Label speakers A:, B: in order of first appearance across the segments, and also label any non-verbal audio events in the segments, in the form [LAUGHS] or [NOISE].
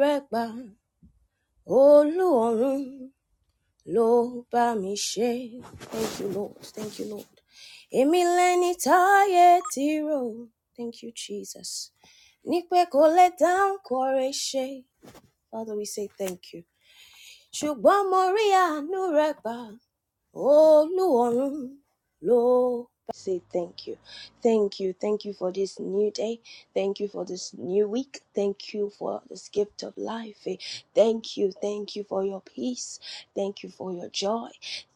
A: rẹ gbà olóòórùn ló bá mi ṣe. thank you lord thank you lord èmi lẹni táyé ti rò thank you jesus ní pé kò lè dáhùn kọrẹ ṣe father we say thank you ṣùgbọ́n mo rí àánú rẹ gbà Olúwarun ló bá say thank you. Thank you. Thank you for this new day. Thank you for this new week. Thank you for this gift of life. Eh, Thank you. Thank you for your peace. Thank you for your joy.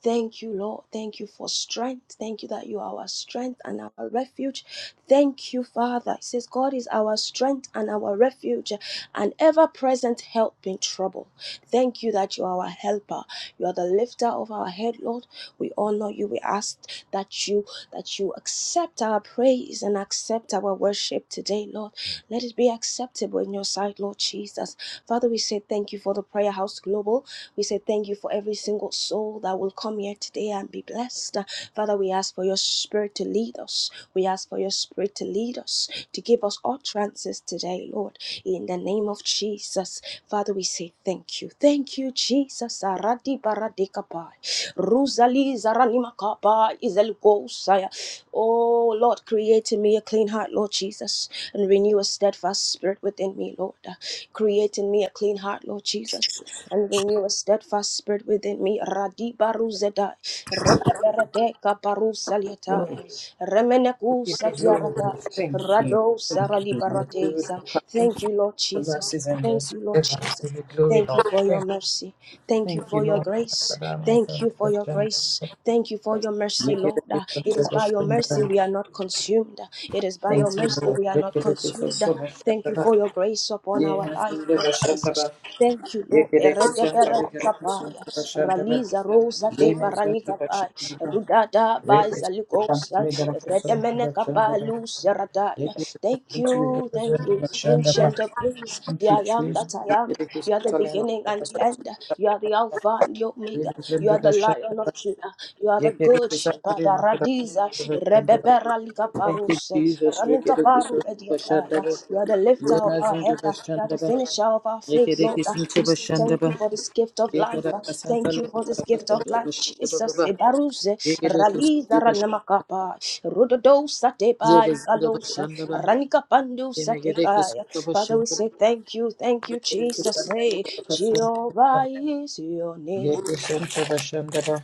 A: Thank you, Lord. Thank you for strength. Thank you that you are our strength and our refuge. Thank you, Father. It says, God is our strength and our refuge and ever present help in trouble. Thank you that you are our helper. You are the lifter of our head, Lord. We honor you. We ask that you that you accept our praise and accept our worship today, Lord. Let it be acceptable in your sight, Lord Jesus. Father, we say thank you for the Prayer House Global. We say thank you for every single soul that will come here today and be blessed. Father, we ask for your spirit to lead us. We ask for your spirit to lead us, to give us utterances today, Lord, in the name of Jesus. Father, we say thank you. Thank you, Jesus. Aradi baradikapai. Ruzali zaranimakapa izelgosaya. Oh, Lord, create in me a clean heart, Lord Jesus, and renew a steadfast spirit within me, Lord. Create in me a clean heart, Lord Jesus, and renew a steadfast spirit within me. Radi baruzedai. Repeperadeka
B: Lord,
A: baruzaliatai.
B: we
A: Remeneku
B: give you glory. Lord.
A: satiaradai.
B: Thank you.
A: Rado
B: Thank
A: sarali
B: you. Your good
A: barateza. Thank you, Lord Jesus.
B: mercies and
A: Thank
B: just
A: you, Lord
B: forever. We
A: Jesus.
B: Give you glory,
A: Thank you
B: Lord.
A: for your
B: Thank
A: mercy. Thank you
B: thank you,
A: for your
B: Lord.
A: grace.
B: Masadama,
A: Thank you for your
B: Sasashan.
A: grace. Thank you for your mercy,
B: Make it a
A: Lord. Uh,
B: gift of
A: It is by your mercy
B: Tobashandaba.
A: we are not consumed. It is by
B: Thank
A: your
B: you,
A: mercy
B: Lord.
A: we are
B: Make
A: not
B: it a gift of
A: consumed. Thank you
B: Sobashandaba.
A: for your grace upon
B: Ye
A: our life,
B: Mazunda
A: Lord
B: Bashandaba.
A: Jesus. Thank you,
B: Ye
A: Lord.
B: Kedekishan Tabigarakushan
A: Eredeberadikapaya,
B: Tabashandaba.
A: Raliza rosa
B: Ye
A: de
B: Mazunda
A: baranikapaya,
B: Bashandaba.
A: Rudada baiza
B: Rekishan
A: Thank
B: Tabigarakushan Tabashandaba. Ye Kedekishan
A: you, thank you,
B: Tabigarakushan Tabashandaba.
A: ancient of days.
B: Thank
A: The
B: you,
A: I am
B: Jesus.
A: that I
B: Thank
A: am. You are the beginning and the end. You are the Alpha and the Omega.
B: you,
A: You are the
B: Jesus.
A: Lion of Judah. You are the good
B: Yegereki
A: shepherd. Radiza, Rebebera Lika Paruse, Ranika Paru Pediataya. You are the lifter of our head, uh, you are the finisher of our faith, Lord. uh, We say thank you for this gift of life. uh, Thank you for this gift of life, Jesus. Ebaruze, Raliza Ranamakapa, Rododo Satebai, Galose, Ranika Pandu Satekaya. Father, we say thank you, thank you, Jesus. say, Jehovah is your name.
B: Yeke shanta ba shanda ba.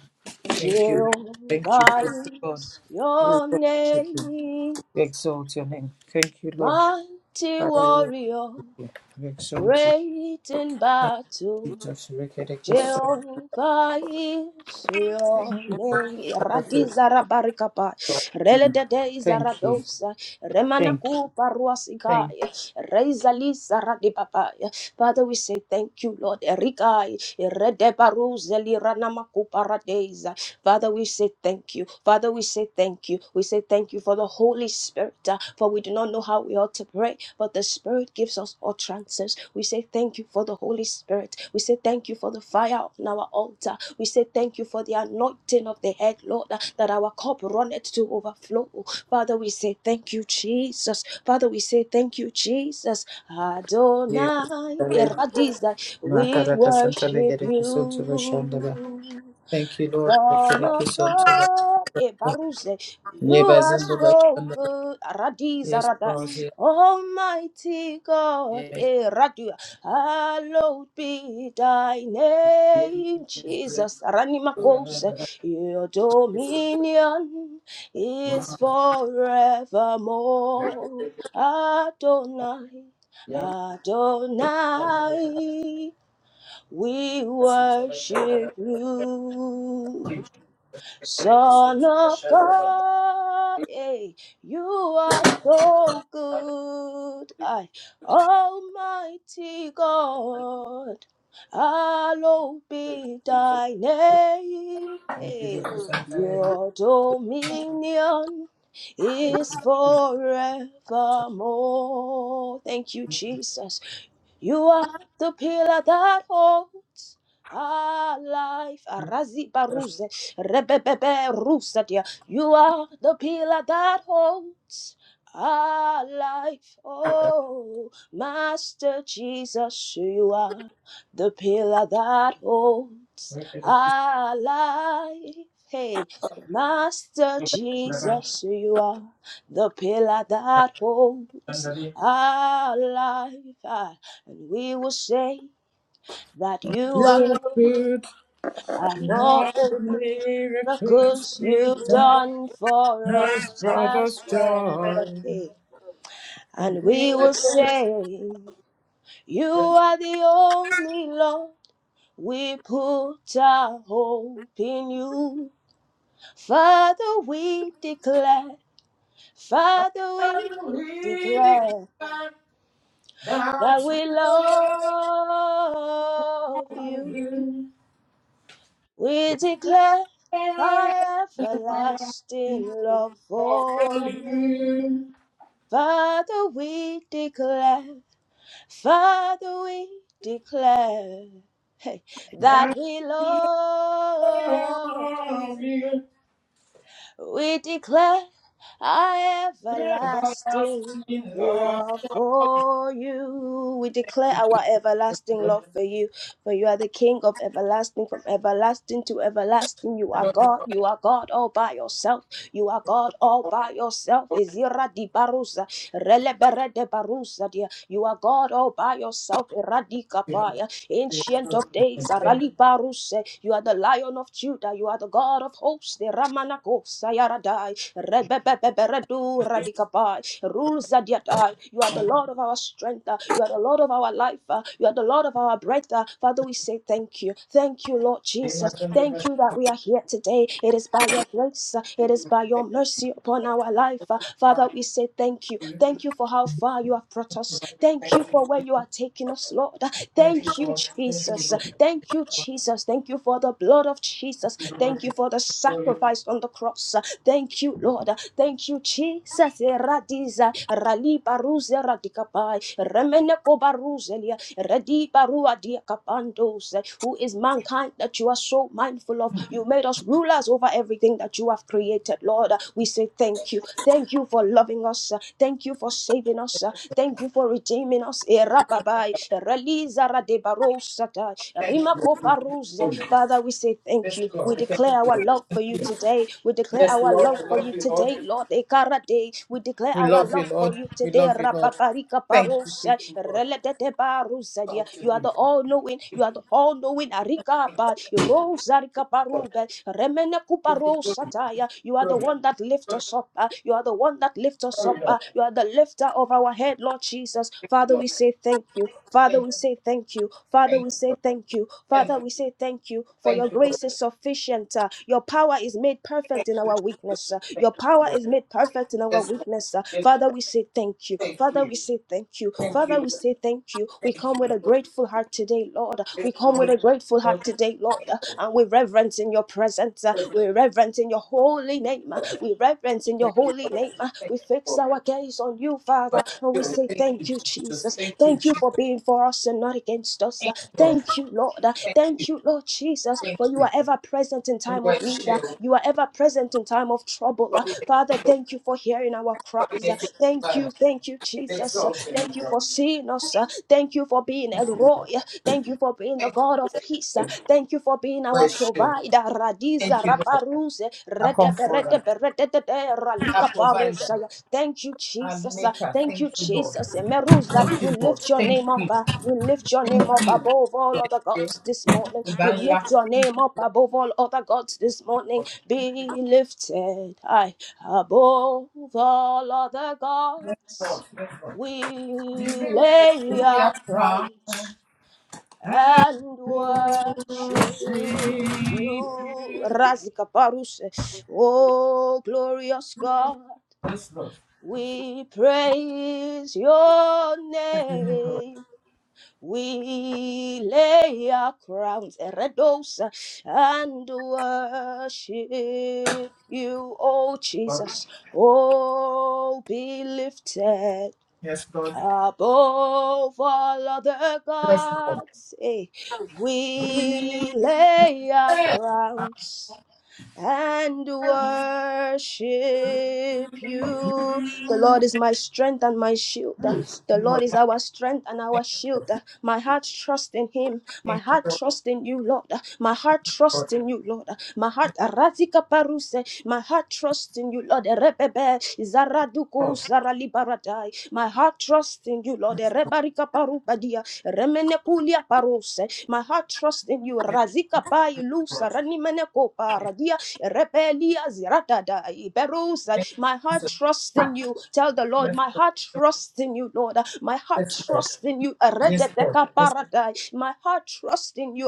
B: Thank you. Lord. Thank you,
A: Jehovah
B: faithful God.
A: is
B: We
A: your
B: worship you.
A: name.
B: We exalt your name. Thank you, Lord.
A: Mighty
B: Father,
A: warrior,
B: we exalt you.
A: great in
B: Thank
A: battle.
B: you, Jesus. Rekerekesu.
A: Jehovah is your
B: Thank you,
A: name.
B: Father. for-
A: Radiza rabarikapa. Rele dede
B: Thank you.
A: izaradosa. Remana
B: Thank you.
A: kupa
B: Thank you.
A: ruasikaya. Reizali lisa radipapaya. Father, we say thank you, Lord. Erikai. Rede baruzeli ranama kupa Father, we say thank you. Father, we say thank you. We say thank you for the Holy Spirit, uh, for we do not know how we ought to pray, but the Spirit gives us utterances. We say thank you for the Holy Spirit. We say thank you for the fire on our altar. We say thank you for the anointing of the head, Lord, uh, that our cup runneth to overflow. Father, we say thank you, Jesus. Father, we say thank you, Jesus. Adonai,
B: Yekesantale.
A: Eradiza, we
B: Makarakasantale
A: worship
B: gerekesuntu ba shanda ba.
A: you.
B: Thank you, Lord.
A: Son of
B: Rekerekesuntu.
A: God, Ebaruse, you are
B: Yebazindu ba
A: so
B: shanda ba.
A: good, Aradiz
B: Yes, Lord.
A: Almighty God,
B: Yes.
A: Eradia, hallowed be thy name, Jesus, Aranimakose, your dominion is forevermore, Adonai,
B: Yes. Yes.
A: Adonai, we
B: You
A: worship
B: are
A: you. Son of God, eh, you are so good. I, Almighty God, hallowed be thy name. eh. Your dominion is forevermore. Thank you, Jesus. You are the pillar that holds our life. Araziba baruze, rebebebe rusadia. You are the pillar that holds our life. Oh, Master Jesus, you are the pillar that holds our life. Hey, Master Jesus, you are the pillar that holds our life. Ah, And we will say that you are good.
B: good
A: And
B: in
A: all
B: all
A: the
B: the miracles
A: miracles
B: you've
A: you've
B: done.
A: done for
B: Has
A: us
B: brought us
A: as well.
B: joy.
A: Hey. And we will say, You are the only Lord. We put our hope in you. Father, we declare, Father, we
B: We
A: declare that we love you. We declare our everlasting love
B: declare
A: for you. Father, we declare, Father, we declare hey, that we love you.
B: of you,
A: We declare our everlasting
B: everlasting love.
A: love for you. We declare our everlasting love for you. For you are the King of everlasting, from everlasting to everlasting. You are God. You are God all by yourself. You are God all by yourself. Izira di barusa, relebere de barusa dia. You are God all by yourself. Eradika paya, ancient of days.
B: Thank
A: Arali baruse. You are the Lion of Judah. You are the God of hosts. The Ramanako sayaradai, rebebebebere du radika pai. Rules that yet, uh, You are the Lord of our strength. uh, You are the Lord of our life. uh, You are the Lord of our breath. Uh, Father, we say thank you. Thank you, Lord
B: you, my
A: Jesus.
B: gentlemen.
A: Thank you that we are here today. It is by your grace, uh, it is by your mercy upon our life. Uh, Father,
B: Thank
A: we say thank you.
B: you,
A: Thank you for how far you have brought us.
B: thank
A: Thank you for where
B: you,
A: you are taking us, Lord. Uh,
B: thank you,
A: Thank you,
B: Lord. Thank you,
A: Jesus. Uh,
B: Lord.
A: Thank you, Jesus. Thank you for the blood of Jesus.
B: Thank you,
A: Thank
B: Lord.
A: you for the sacrifice on the cross. Uh, Thank you, Lord. Uh, Thank you, Jesus. Eradiza, ralibaruze, radikabai, remene who is mankind that you are so mindful of. You made us rulers over everything that you have created, Lord. We say thank you. Thank you for loving us. Thank you for saving us. Thank you for redeeming us.
B: Thank you, Lord.
A: Father, we say thank
B: Thank
A: you.
B: you,
A: We
B: Lord.
A: declare our love for you today. We declare
B: Yes,
A: our
B: Lord,
A: love
B: we
A: for
B: love
A: you
B: you, Lord.
A: today, Lord. Ekarade. We declare
B: We
A: our
B: love you,
A: love for
B: Lord.
A: you
B: We
A: today.
B: love you, Lord.
A: Arika
B: Thank you,
A: Barosa,
B: faithful God.
A: Relatete Barosa, dear.
B: Shout
A: You
B: to
A: are
B: you.
A: the all knowing, you are the all knowing Arika Pa, Rosa Arika Baruga, Remene Kuparosa Taya. You are the
B: Lord,
A: one that lifts us up, ah. you are the one that lifts us up,
B: sorry, Lord.
A: ah. you are the lifter of our head, Lord Jesus. Father,
B: Lord,
A: we say thank you.
B: Thank
A: Father,
B: you,
A: we say thank you. Father, we say thank you.
B: thank you, thank
A: Father,
B: you,
A: we say thank you for your
B: thank you, Lord.
A: grace is sufficient. uh, Your power is made perfect in our weakness. uh, Your power is made perfect in our
B: Yes, Lord.
A: weakness. uh.
B: Yes,
A: Father, we say thank you.
B: thank
A: Father,
B: you.
A: we say thank you.
B: Thank you,
A: Father, we
B: Lord.
A: say thank you. We come with a grateful heart today, Lord.
B: Yes,
A: We come with
B: Lord.
A: a grateful heart
B: Lord,
A: today,
B: thank
A: Lord.
B: you, Lord.
A: And we reverence in your presence. uh,
B: Forever
A: We reverence in your holy name. uh, We reverence in your
B: Thank you,
A: holy
B: Lord.
A: name.
B: Thank
A: uh,
B: you,
A: We fix
B: Lord.
A: our gaze on you, Father.
B: But
A: And we
B: still,
A: say
B: thank
A: thank
B: you,
A: you,
B: Jesus.
A: Jesus.
B: Thank you,
A: Thank
B: Jesus.
A: you for being for us and not against us. uh,
B: Thank you, Lord.
A: Thank you, Lord. uh,
B: Thank you.
A: Thank you, Lord Jesus,
B: Thank
A: for you are ever present in
B: you.
A: time
B: You
A: of
B: are
A: need. uh,
B: sure.
A: You are ever present in time of trouble. uh,
B: Holy,
A: Father, thank you for hearing hearing our
B: holy,
A: cries.
B: faithful
A: Thank
B: God.
A: you, thank you, Jesus. Thank
B: Exalted,
A: you
B: Lord.
A: for seeing us. Thank you for being El Roy. Thank you for being the
B: Thank
A: God of peace. Thank you for being our
B: you, Lord.
A: provider.
B: Thank
A: Radiza
B: you, Lord.
A: Rabaruse.
B: I come
A: redebe,
B: forward.
A: redebe, rededede,
B: our
A: Ralika
B: provider,
A: Barusaya. Thank you,
B: our
A: Jesus.
B: maker.
A: Thank
B: Thank
A: you,
B: you, Lord.
A: Jesus. Emeruza,
B: Thank
A: we
B: you, Lord.
A: lift your
B: Thank
A: name up.
B: you.
A: uh, We lift your name
B: Thank
A: up
B: you.
A: above all other gods this morning.
B: Ọba
A: We lift your
B: Thank
A: name
B: you,
A: up above all other gods this morning. Be lifted. high. Above all other gods, we lay our crowns and worship you. Razika Paruse, oh glorious God, we praise your name. We lay our crowns, Eredosa, and worship you, O
B: Lord.
A: Jesus. Oh, be lifted
B: Yes, Lord.
A: above all other
B: Yes, Lord.
A: gods. Eh, We lay our crowns and worship you. The Lord is my strength and my shield. The
B: Lord.
A: Lord is our strength and our shield. My heart trusts in Him. My
B: Thank you,
A: heart
B: Lord.
A: trusts in you, Lord. My heart
B: Lord.
A: trusts in you, Lord. My heart razika paruse. My heart trusts in you, Lord. Rebebe zaraduku
B: Lord.
A: saralibaradai. My heart trusts in you, Lord. Rebarika parubadia. Remenekulia paruse. My heart trusts in you. Razika pai
B: Lord.
A: lusa ranimeneko paradia. Rebelia ziradada iberusa.
B: Thank
A: My
B: you,
A: heart
B: Lord.
A: trusts in you. Tell the Lord,
B: Yes,
A: my
B: Lord.
A: heart trusts in you, Lord. My heart
B: Yes, Lord.
A: trusts in you.
B: Yes, Lord.
A: Arededeka
B: Yes,
A: paradai. My heart trusts in you.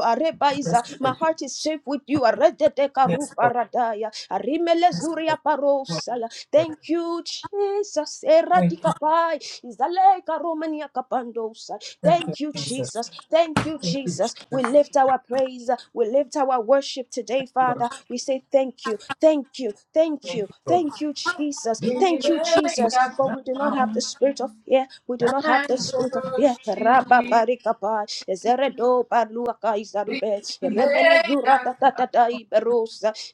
B: yes,
A: Arebaiza. My
B: Lord.
A: heart is safe with you. Arededeka
B: Yes, Lord.
A: ruparadaya. Arimele zuria parosala.
B: Lord.
A: Thank you, Jesus.
B: Thank you,
A: Eradika pai. Izaleka romania kapando.
B: thank you,
A: Thank you,
B: Jesus.
A: Jesus. Thank you,
B: Thank you,
A: Jesus. We
B: Jesus,
A: lift our praise. We lift our worship today,
B: Lord.
A: Father. We say thank you, thank you, thank
B: Thank
A: you,
B: you, Lord.
A: thank you, Jesus.
B: We
A: Thank you,
B: lay
A: Jesus. For
B: down
A: we do not have the spirit of fear. We do not have the
B: and
A: spirit of fear. Rabba
B: worship.
A: ezeredo baluaka
B: We
A: izaribe, remene zura
B: lay
A: tatatata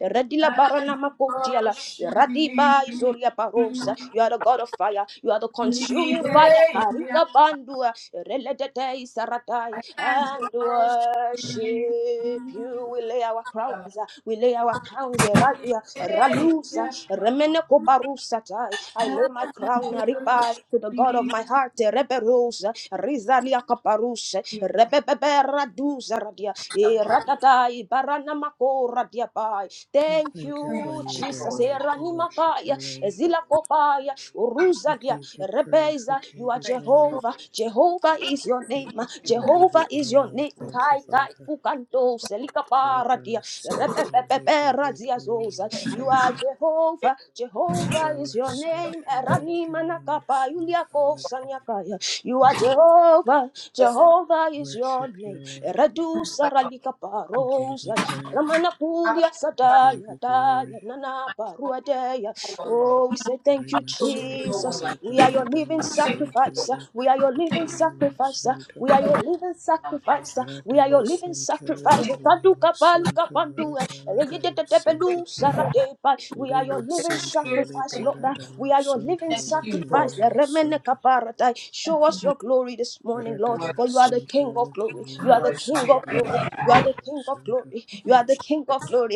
A: redila barana
B: and
A: makotiala,
B: worship
A: radiba Izoria Baro. You are the God of fire. You are the
B: thee,
A: consuming fire. Arika bandua, reledede isaratai,
B: and
A: And
B: worship you.
A: worship you. We lay our
B: God,
A: crowns. We lay our crowns. Eradia, ralusa, remene koparusa tai. I lay my crown Aripa, to the God of my heart. Reberusa, rizalia kaparusa, rebebebe radia, iratata, ibarana kora diabai. Thank
C: thank you for
A: you,
C: me, dear
A: Jesus.
C: Lord. We worship
A: Eranimakaya,
C: your name.
A: Ezilakopaya,
C: We
A: Uruzadia,
C: give you praise. We
A: Rebeza.
C: give
A: You are
C: you glory.
A: Jehovah. Jehovah is your name.
C: We give you
A: Jehovah is your
C: honor. We
A: name.
C: thank you,
A: Kai kai
C: Father.
A: kukanto selikaparadia.
C: Radama Sente Lipe
A: Repepeperadiazosa.
C: Likimima
A: You
C: Santa.
A: are Jehovah. Jehovah is
C: Radama
A: your
C: Sente
A: name.
C: Likimima
A: Eranimanakapa,
C: Santa Likimima.
A: Yuliakosanyakaya. You are Jehovah.
B: bless my
A: Jehovah is your
C: Worship you,
A: name.
C: Lord.
A: Eradu saralika
C: We give you
A: parosa.
C: praise.
A: Ramana kulia
C: We give
A: sadaya
C: you
A: daya
C: glory.
A: nana paruadeya. Oh, we say thank you,
C: Rima Santa
A: Jesus.
C: Lipa
A: We are your living
C: Radama Sente
A: sacrifice. uh. We
C: Lipe
A: are your living sacrifice. uh.
C: Likimima
A: We are your living
B: life.
A: sacrifice. uh. We are your living
C: Radamasente
A: sacrifice.
C: lekemi
A: Tadu kapali
C: masonto
A: kapandu. eh.
C: rebaradamasente
A: Eyedetepelu saradepa. We are your living
B: Thank
C: lemasente
B: you,
A: sacrifice,
B: Thank
A: Lord.
B: you, Lord.
A: We are your
C: lebaradamasonto
A: living
B: Thank you,
C: lekemi
B: Lord.
A: sacrifice.
C: masonto
A: Eremenekaparadai. Show us your glory this morning, Lord, for you are the
C: radamasente
A: King of glory.
C: lekemi
A: You are the King
B: Thank
A: of
C: masonto
A: glory. You are
C: lekemi
A: the King of
C: masonto
A: glory. You
B: you,
A: are the
B: Jesus.
A: King of glory.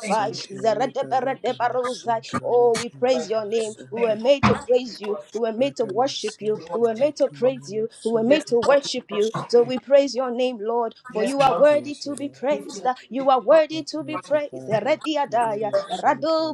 B: Thank you,
A: Zeredeberedebarozai.
C: lebaradamasonto
A: Oh, we
C: lekemi
B: Lord.
A: praise your name. We
C: masonto
B: Thank
A: were
B: you,
A: made to
B: Lord. We
A: praise you. We
B: worship,
A: were made to worship you.
B: we
C: radamasente
A: We were
B: worship.
A: made to
C: lekemi
A: praise you. We were
B: Yes,
A: made
C: masonto
A: to
B: Lord, we
A: worship you.
B: worship
A: So
B: you.
A: we praise your name, Lord, for
B: Yes,
A: you
C: we
A: are
B: Lord,
A: worthy
C: praise you,
A: to be
C: Lord.
B: we need to
A: praised.
B: worship you.
A: You are worthy
C: We
A: worthy to be
C: praise you,
A: praised.
C: Father.
A: Erediadaya,
C: Rema Santo
A: erado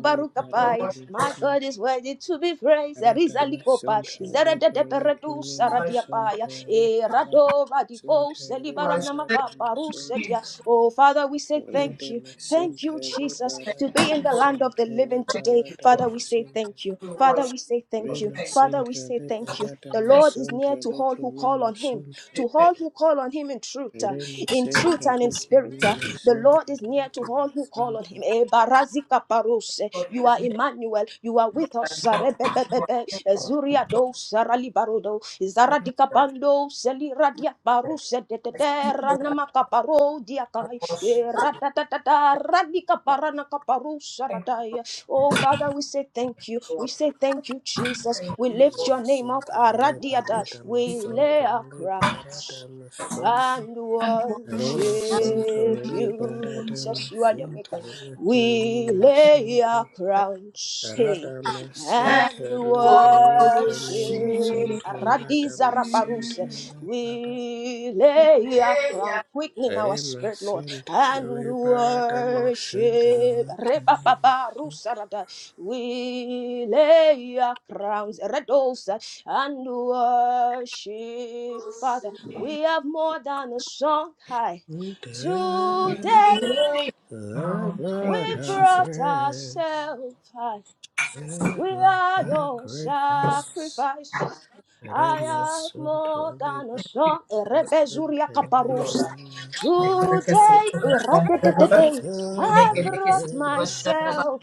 B: Lord, your
A: barukapai.
B: word is
A: My God
C: Liberata
A: is worthy to be praised.
C: Arata
A: Erizalikopa,
C: masonto lepeleke
A: zerededeperedu
C: me
B: like
A: saradiapaya,
C: masonto repalata
A: erado badiko
C: masonto
B: you are
C: repalata masonto
B: Thank
A: selibaranamakaparusetia. Oh, Father, we say
B: you,
C: rete
A: thank you. Thank
C: masente
A: you, Jesus,
B: thank
C: reparata
A: to be in the land of the
C: masonto
A: living
B: thank
A: today.
B: you,
C: reparata
A: Father,
B: Lord.
A: we say
C: masente
A: thank you.
B: We
A: Father,
B: worship.
A: we say
C: re
A: thank you.
B: Thank you.
A: Father,
B: Lord.
A: we
C: masente
A: say thank you.
C: reparata
A: The
B: Thank
A: Lord is
C: masonto
A: near to all
C: leke
A: who
C: me
A: call on him
C: masonto
B: you.
A: to
B: Thank
A: all
B: you
A: who call on him in truth, uh,
C: re
A: in
C: masente
A: truth and in
C: leke me
A: spirit. uh, The
C: masonto
A: Lord is near to
C: rata
A: all who call on
C: masonto
A: him. Eh, barazika parose.
B: for
A: You
B: your
A: are
B: meal.
A: Emmanuel. You are with
B: I
A: us.
B: know
A: Zarebebebebe. Ezuria do sarali barodo. Zaradika bando dia baruse de de de ranama kaparo dia kai
B: we
A: e
B: worship you.
A: radika parana kaparusa
B: Thank
A: radaya. Oh Father, we say thank you. We say thank you, Jesus. We
C: re
A: lift your name up.
C: masente
A: Aradiada.
C: reparata
A: We
C: masonto
A: lay our
C: reparata
A: crowns
C: masonto
A: and
C: Rema Sonto
A: worship you. Jesus,
C: Liberadama
A: you are the
C: Santa
A: maker. We
C: Lekimima
A: lay our
C: Sonto
A: crowns, hey,
C: Radama
A: and
C: Santa Liberlecamima
A: worship.
C: Sonto
A: Radiza
C: Radama Santa
A: raparuse.
C: Liberada
A: We lay Come quicken our
C: Rema
A: spirit, Lord,
C: Santa
A: and
C: Liberadama Santa
A: worship.
C: Lekimima
A: Re-ba-ba-ba,
C: Sonto
A: rusarada. We lay our crowns, redosa, and worship, Father. We have more than a song high. Today
B: you. Um,
A: we
B: Thank you,
C: Liberada
B: Jesus.
A: brought
C: Grace
A: ourselves high.
C: Live
A: We
C: your
A: are your
C: sacrifice
A: sacrifice. I
C: Rema
A: have more than
C: Sonto
A: a song.
C: Blessed
A: Rebezuria
C: Holy
A: kaparusa.
C: King,
B: Make it a kiss of
A: Today,
B: the Shandaba.
A: eradidididi,
C: Lord,
B: Make
A: I
B: it
C: my
B: a kiss of
A: brought
B: the Shandaba.
C: prayers.
A: myself,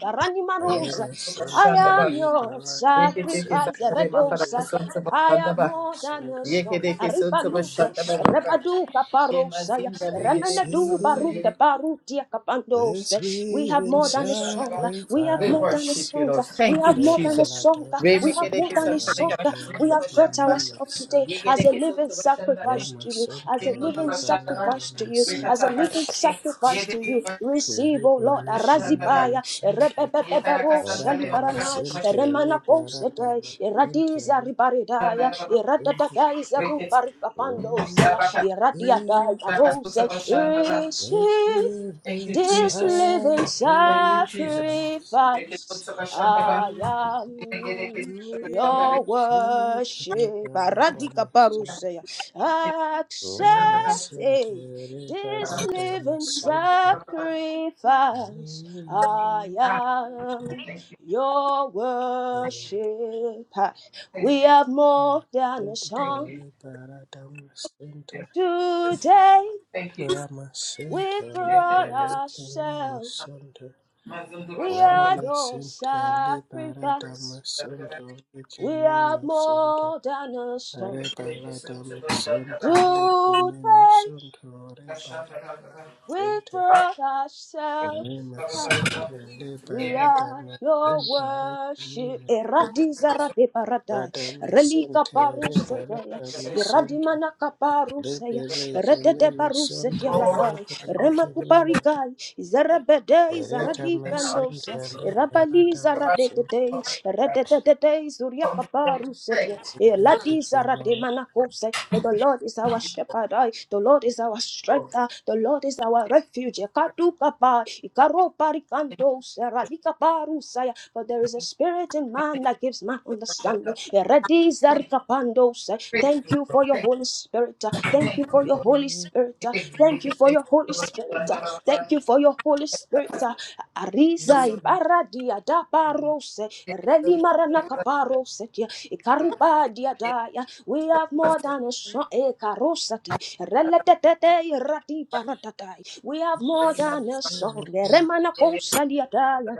B: Make it
C: I
A: Ranimarusa.
B: a
C: bless
B: kiss
A: I
B: of
A: am
B: the Shandaba.
C: Suntari
A: your
B: Make
C: Baladama,
B: it a kiss of
A: sacrifice,
C: Suntari
A: Redosa.
C: Bere
B: the
A: I have
B: Shandaba.
C: Baladama,
A: more than a
B: Make it
A: song.
C: Suntari
B: a kiss of the
C: Baladama,
A: Arribaluze,
B: Shandaba.
C: Suntari.
A: Rebadu
B: Ye
A: Paparosaya,
B: mazinda legere
C: Receive
A: Remenadu Baruke
B: kisuntu
A: Barutia
C: this
A: Kapandose. We have
C: living
A: more than a song. We have
B: We
A: more than a
C: sacrifice.
B: worship you,
A: song.
B: Lord.
A: We
B: Thank you,
A: have more than a
B: Jesus.
A: song.
C: Rebaladama,
B: We
A: We
B: make
A: have
B: a a
A: more
B: kiss
A: than
B: of
C: Suntari
B: the
A: enough. We
C: Bere
A: have brought
B: Shamba.
C: Kimima,
A: ourselves today
B: You
C: Santa.
B: get
A: as
B: a
A: a
B: kiss of
A: living
B: the Shamba.
A: sacrifice
C: Roma,
A: to you, as a
B: In the Remekedeke santeleka kasuntu bashandaba. Yegedeke suntu bashandare. Yesuntu
C: Suntari
A: living
B: bashandaba.
A: sacrifice to
C: Baladama,
A: you, as a
C: Suntari.
B: Rekataka
A: living
B: suntu.
A: sacrifice to
B: Yebeke
A: you. Receive, O Lord, a
B: bashandaba.
A: razibaya,
C: Liberia
A: a
C: Center,
A: rebebebero,
B: Yetaraka santeleka
C: Baradama
A: salibaranai, a
B: kasuntu
C: Center,
A: remanapos, a day,
C: Liberadama Center,
A: ribaridaya, a
B: bashandaba.
C: Center.
A: radadadais, a
B: Reket.
A: ruparikapando, zela,
B: Yabaka
A: a
B: taraka
A: rose,
B: suntu bashandaba.
C: Let's
A: receive.
C: live
B: Thank you,
C: in
A: This
B: Jesus.
A: living
C: sacrifice.
B: Thank you, Jesus. We get a Reket
A: sacrifice,
B: suntu bashandaba.
A: I am
B: of the
A: your
C: Liberadama
A: worship. Aradika
C: Center,
A: parousia. Accept
C: Lima
B: bashandare.
A: it.
C: Center,
B: Ah,
A: This
C: Liberadama
A: living
C: Center.
A: sacrifice, I
C: Lima
A: am
B: Thank you.
A: your worship. We
B: Thank you.
A: have
C: Center,
A: more than a
B: Thank you. Thank you.
A: song
C: Liberadama Center.
A: today.
B: Thank you. Thank you.
C: Ramasente
A: We've brought
C: liberate
A: ourselves.
C: mimasonto.
A: We are your
C: Ramasente liberata
A: sacrifice.
C: masonto leke
A: We are
C: mimasonto.
A: more than a song.
C: Rebalata masonto leke
A: Today
C: mimasonto rebalasente.
A: we brought ourselves high.
C: Mimasente
A: We
C: liberata
A: are your
C: masonto leke
A: worship.
C: mimasonto.
A: Eradizara de paradai. Relika
C: Ramasente
A: parusataya.
C: rebalata masonto.
A: Iradimana
C: Lebe leke
A: Retete paruset
C: mimasonto
A: yaladai.
C: rebe leke
A: Remakuparikai. Zerebedei
C: Ereta masente
A: zaradikandosai. Rabali
C: liberata maso.
A: zaradetei. Retetei zuriakaparuset Eladi
C: Thank you, Lord.
A: zarademanakosa. For the Lord is our shepherd. I. The Lord is our strength. ah. The Lord is our refuge. Katukapa. Ikaroparikandosa. Radikaparusaya. For there is a spirit in man that gives man understanding. Arikapandos. Thank you for your Holy Spirit. Thank you for your Holy Spirit. Thank you for your Holy Spirit. Thank you for your Holy Spirit. Ariza ibaradia da parose. Reli marana kaparose. Ikaruba dia daya. We have more than a song. Ekarosata. Reletete irati paratatai. We have more
B: Thank
A: than a song. Remana kosa dia daya.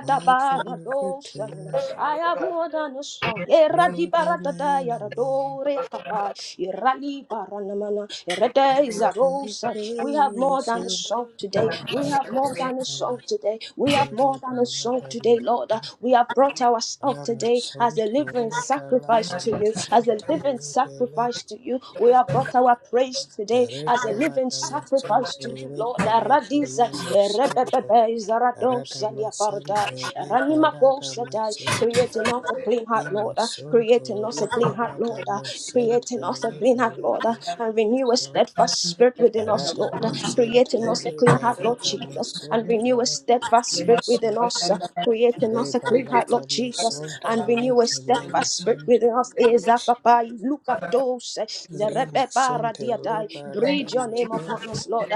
C: Fight for my victory.
A: I have more than a song.
C: Throw
A: Eradi
C: down the
A: baratata
C: enemy.
A: yaradore akapai. Irali baranamana. Erede
C: Out of
A: izarosa. We have
C: the
A: more than a
C: sent.
A: song today. We have more than a song today. We have
C: Emasore
A: more than a song
C: balada
A: today, Lord.
C: masin.
A: We have brought ourselves today as a
C: Ramasonto
A: living sacrifice
C: liberata
A: to you, as a
C: masente
A: living sacrifice
C: libeleke
A: to you. We have brought our praise today as a living
C: Rebalata masonto
A: sacrifice to you, Lord.
C: rebeleke
A: Aradiza
C: me masonto
A: Erebebe Zaradosa
C: Paradamacentre
A: Diapardai,
C: re paradamacentre
A: creating us a clean
C: re
A: heart, Lord, uh,
C: masonto
A: creating us
C: re
A: a clean heart, Lord, uh,
C: paradamacentre
A: creating us a
C: re
A: clean heart, Lord,
C: beleke
A: uh, and renew a
C: masonto
A: steadfast spirit within us, Lord, uh,
C: paradamacentre
A: creating us a
C: re
A: clean heart, Lord Jesus, and
C: paradamacentre
A: renew a steadfast
C: re
A: spirit
C: masonto
A: within us, uh, creating
C: re
A: us a clean heart, Lord Jesus,
C: paradamacentre
A: and
C: re
A: renew a
C: kene
A: steadfast spirit
C: masonto
A: within us. Ezakapai, Lukatos,
C: re masente
A: Zerebeba
C: re
A: Yadai. Breathe your name upon
C: paradamacentre
A: us, Lord.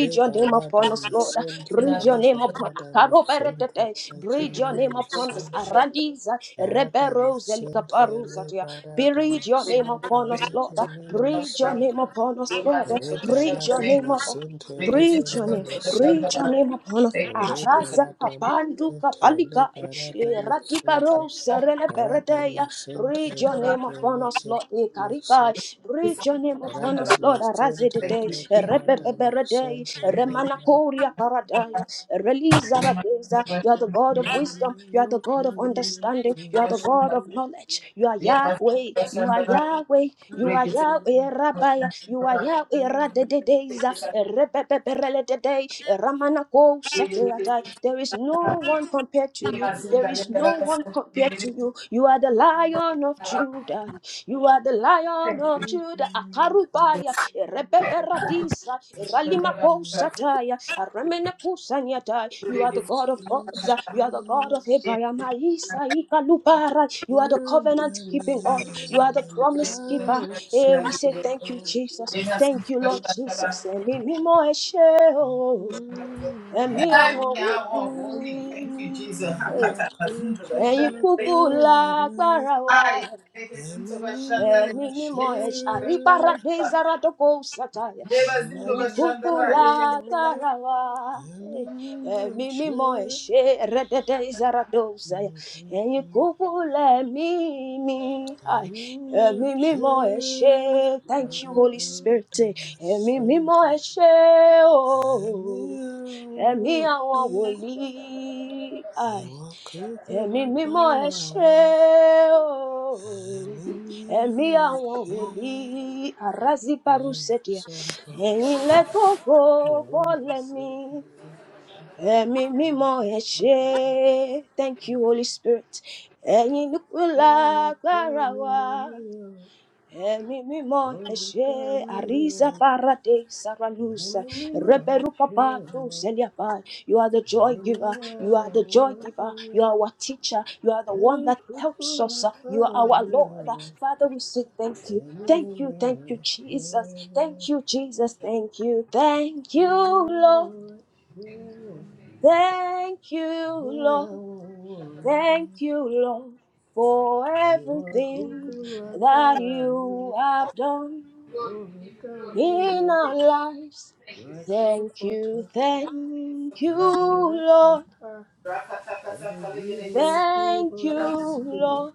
C: re
A: your name upon us, Lord.
C: paradamacentre
A: Breathe
C: re
A: your name upon
C: paradamacentre
A: Akaroberetete.
C: re
A: Breathe your
C: kene
A: name upon
B: you,
A: us.
C: masonto
B: Jesus.
A: Arandiza.
C: Paradama
A: Reberos
C: Santa Le
A: elikaparuzatia.
C: Paradama
A: Breathe your
B: Thank you,
A: name
C: Santa
B: Jesus.
A: upon us,
C: Lake
A: Lord.
C: Mimi
A: Breathe your
C: Santa
A: name upon us, Lord.
C: Re
A: Breathe your name
C: Paladama
A: upon us.
C: Santa Lake
A: Preach your name,
C: Mimi
A: Preach
C: Santa
A: your name upon us.
B: Thank you,
C: Re
B: Jesus.
A: Araza
C: Paladama
A: kapandu
C: Santa Le
A: kapalikai.
C: Paradama
A: Irakiparo
C: Santa
A: serele pereteya.
C: Paradama
A: Preach
C: Santa
A: your
C: Lake
A: name upon us,
C: Lake
A: Lord.
C: Mimi
A: Ikarikai.
C: Santa
A: Preach your name upon us,
C: Paradama
A: Lord. Araze de
C: Santa
B: Thank
A: day.
C: Le Paradama
A: Repepeperetei.
C: Santa
A: Remanakoria paradaya. Release Aradeza. You are the God of wisdom. You are. You are the God of understanding. You are
C: Le
A: the God of knowledge. You are Yahweh. You are Yahweh. You are Yahweh Rabbiah. You are Yahweh Radedeza. Erebebebereledede. Eramanakosateatai. There is no one compared to you. There is no one compared to you. You are the Lion of Judah. You are the Lion of Judah,
C: Paradama
A: Akarubaya, Rebeberadisa, Ralimakosataya, Remenekusanyata. You are the
C: Precious
A: God of gods, you are the God of
C: Spirit,
A: Abraham,
B: you.
A: Isa Lubara. You are the
C: learn
A: covenant
C: my
A: keeping
B: Every
A: God, you
C: name
A: are the
C: and
A: promise keeper. Eh, we
C: galaxies
A: say thank you,
C: apart.
A: Jesus. Thank you, Lord Jesus. Emi mimo eshe o, emi awon
C: mm
B: hour, holy. Thank you, Jesus.
C: You
A: obi. Eh,
C: are
B: Hakata mazunda
C: cuckoo
A: Ẹ̀yin
C: like
B: bashandare.
A: kúkú
C: Barami,
A: lágbára wa,
C: and made me Mimino
B: bashandare.
A: Eninimo eshari
C: Asher.
A: paradeza ratoko sataya.
C: Mimino
A: Ikukula
C: Barawa,
A: karawa.
C: and Mimino
A: Eminimo
C: Asher.
A: eshe rededeza ratosaya.
C: Mimino
A: Ikukule mimi. Ay. Eminimo eshe.
C: Asher,
A: Thank you,
C: Ready
A: Holy Spirit. Eminimo
C: Paradama
A: eshe. Oh. Emi awon woli
C: Ìwà kúkú
A: ẹ̀mí mímọ́ ẹ
C: lágbára
A: ṣé
C: wa,
A: o ẹ̀mí àwọn wòlíì arazibarusekia ẹ̀yin lẹ́gbọ̀gbọ̀ fọ́lẹ̀ mi ẹ̀mí mímọ́ ẹ ṣé thank you holy spirit ẹ̀yin lùkùlà agbára wa Emi mimo eshe ariza parate saralusa reperuka patu zeliapai. You are the joy giver. You are the joy giver. You are our teacher. You are the one that helps us. You are our
C: i
A: Lord.
C: eri
A: Father, we say thank you.
C: Eh, me,
A: Thank you. Thank you,
C: me, no, eh,
A: Jesus.
C: yeah.
A: Thank you, Jesus. Thank you. Thank you,
C: Me, me,
A: Lord.
C: no, eh, yeah.
A: Thank you,
C: Ẹ̀mí
A: Lord.
C: àwọn
A: Thank
C: wọ̀nyí,
A: you, Lord, for
C: ìwọ
A: everything
C: kúkú
A: that
C: lágbára mi,
A: you have done
B: Glory, we give you glory, we give you
A: in our lives.
B: thank you,
C: my
B: Jesus.
A: Thank you,
C: comforter,
A: thank you,
C: you direct my
A: Lord.
C: path,
B: Rakata
C: it is you and you
A: Thank you,
C: Holy Spirit,
A: Lord.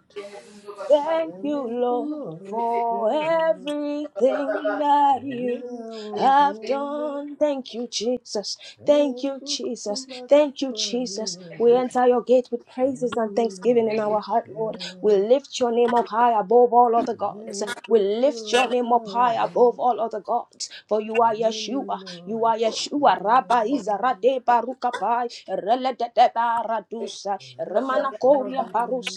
A: Thank you,
C: ẹ̀mí
A: Lord,
C: mímọ́ ẹ ṣé
A: for
C: o.
A: everything that
C: Ẹ̀mí
A: you
C: àwọn
B: Thank
A: have
C: wọ̀nyí,
A: done. Thank you, Jesus. Thank
C: ẹ̀yin
A: you,
C: kúkú
A: Jesus. Thank you,
C: lágbára mi
A: Jesus. We
C: o,
A: enter your gate with
C: I'm
A: praises and
C: trading
A: thanksgiving in our
B: you,
A: heart, Lord. We lift your name up high above all other gods. We lift your name up high above all other gods. For you are Yeshua. You are Yeshua Rabba Izarade Barukapai Reledeba Radusa Remana
B: Lord.
A: Koria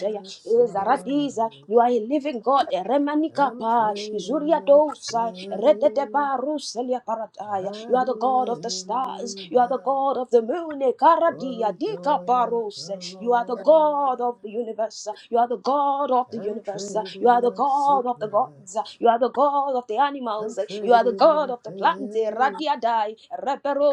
C: my
A: Izaradiza.
C: sorrows.
A: You are a living God Remanika
C: I'm
A: Pai
C: trading
A: Izuria
C: my
A: Dosa
C: shame.
A: Rededeba Ruselia Parataya. You are
C: I'm
A: the God of the
C: laying
A: stars.
C: them
A: You are the
C: down
A: God of the moon
C: for the
A: Karadia Dika
C: joy of the
A: Parose. You are the God
C: Lord.
A: of the universe. You are the God of the
C: I'm
A: universe. You are
C: trading
A: the
C: my
A: God of the gods.
C: sickness.
A: You are the God of the
C: I'm
A: animals. You are the
C: trading
A: God
C: my
A: of the
C: pain.
A: plants. Shaddai,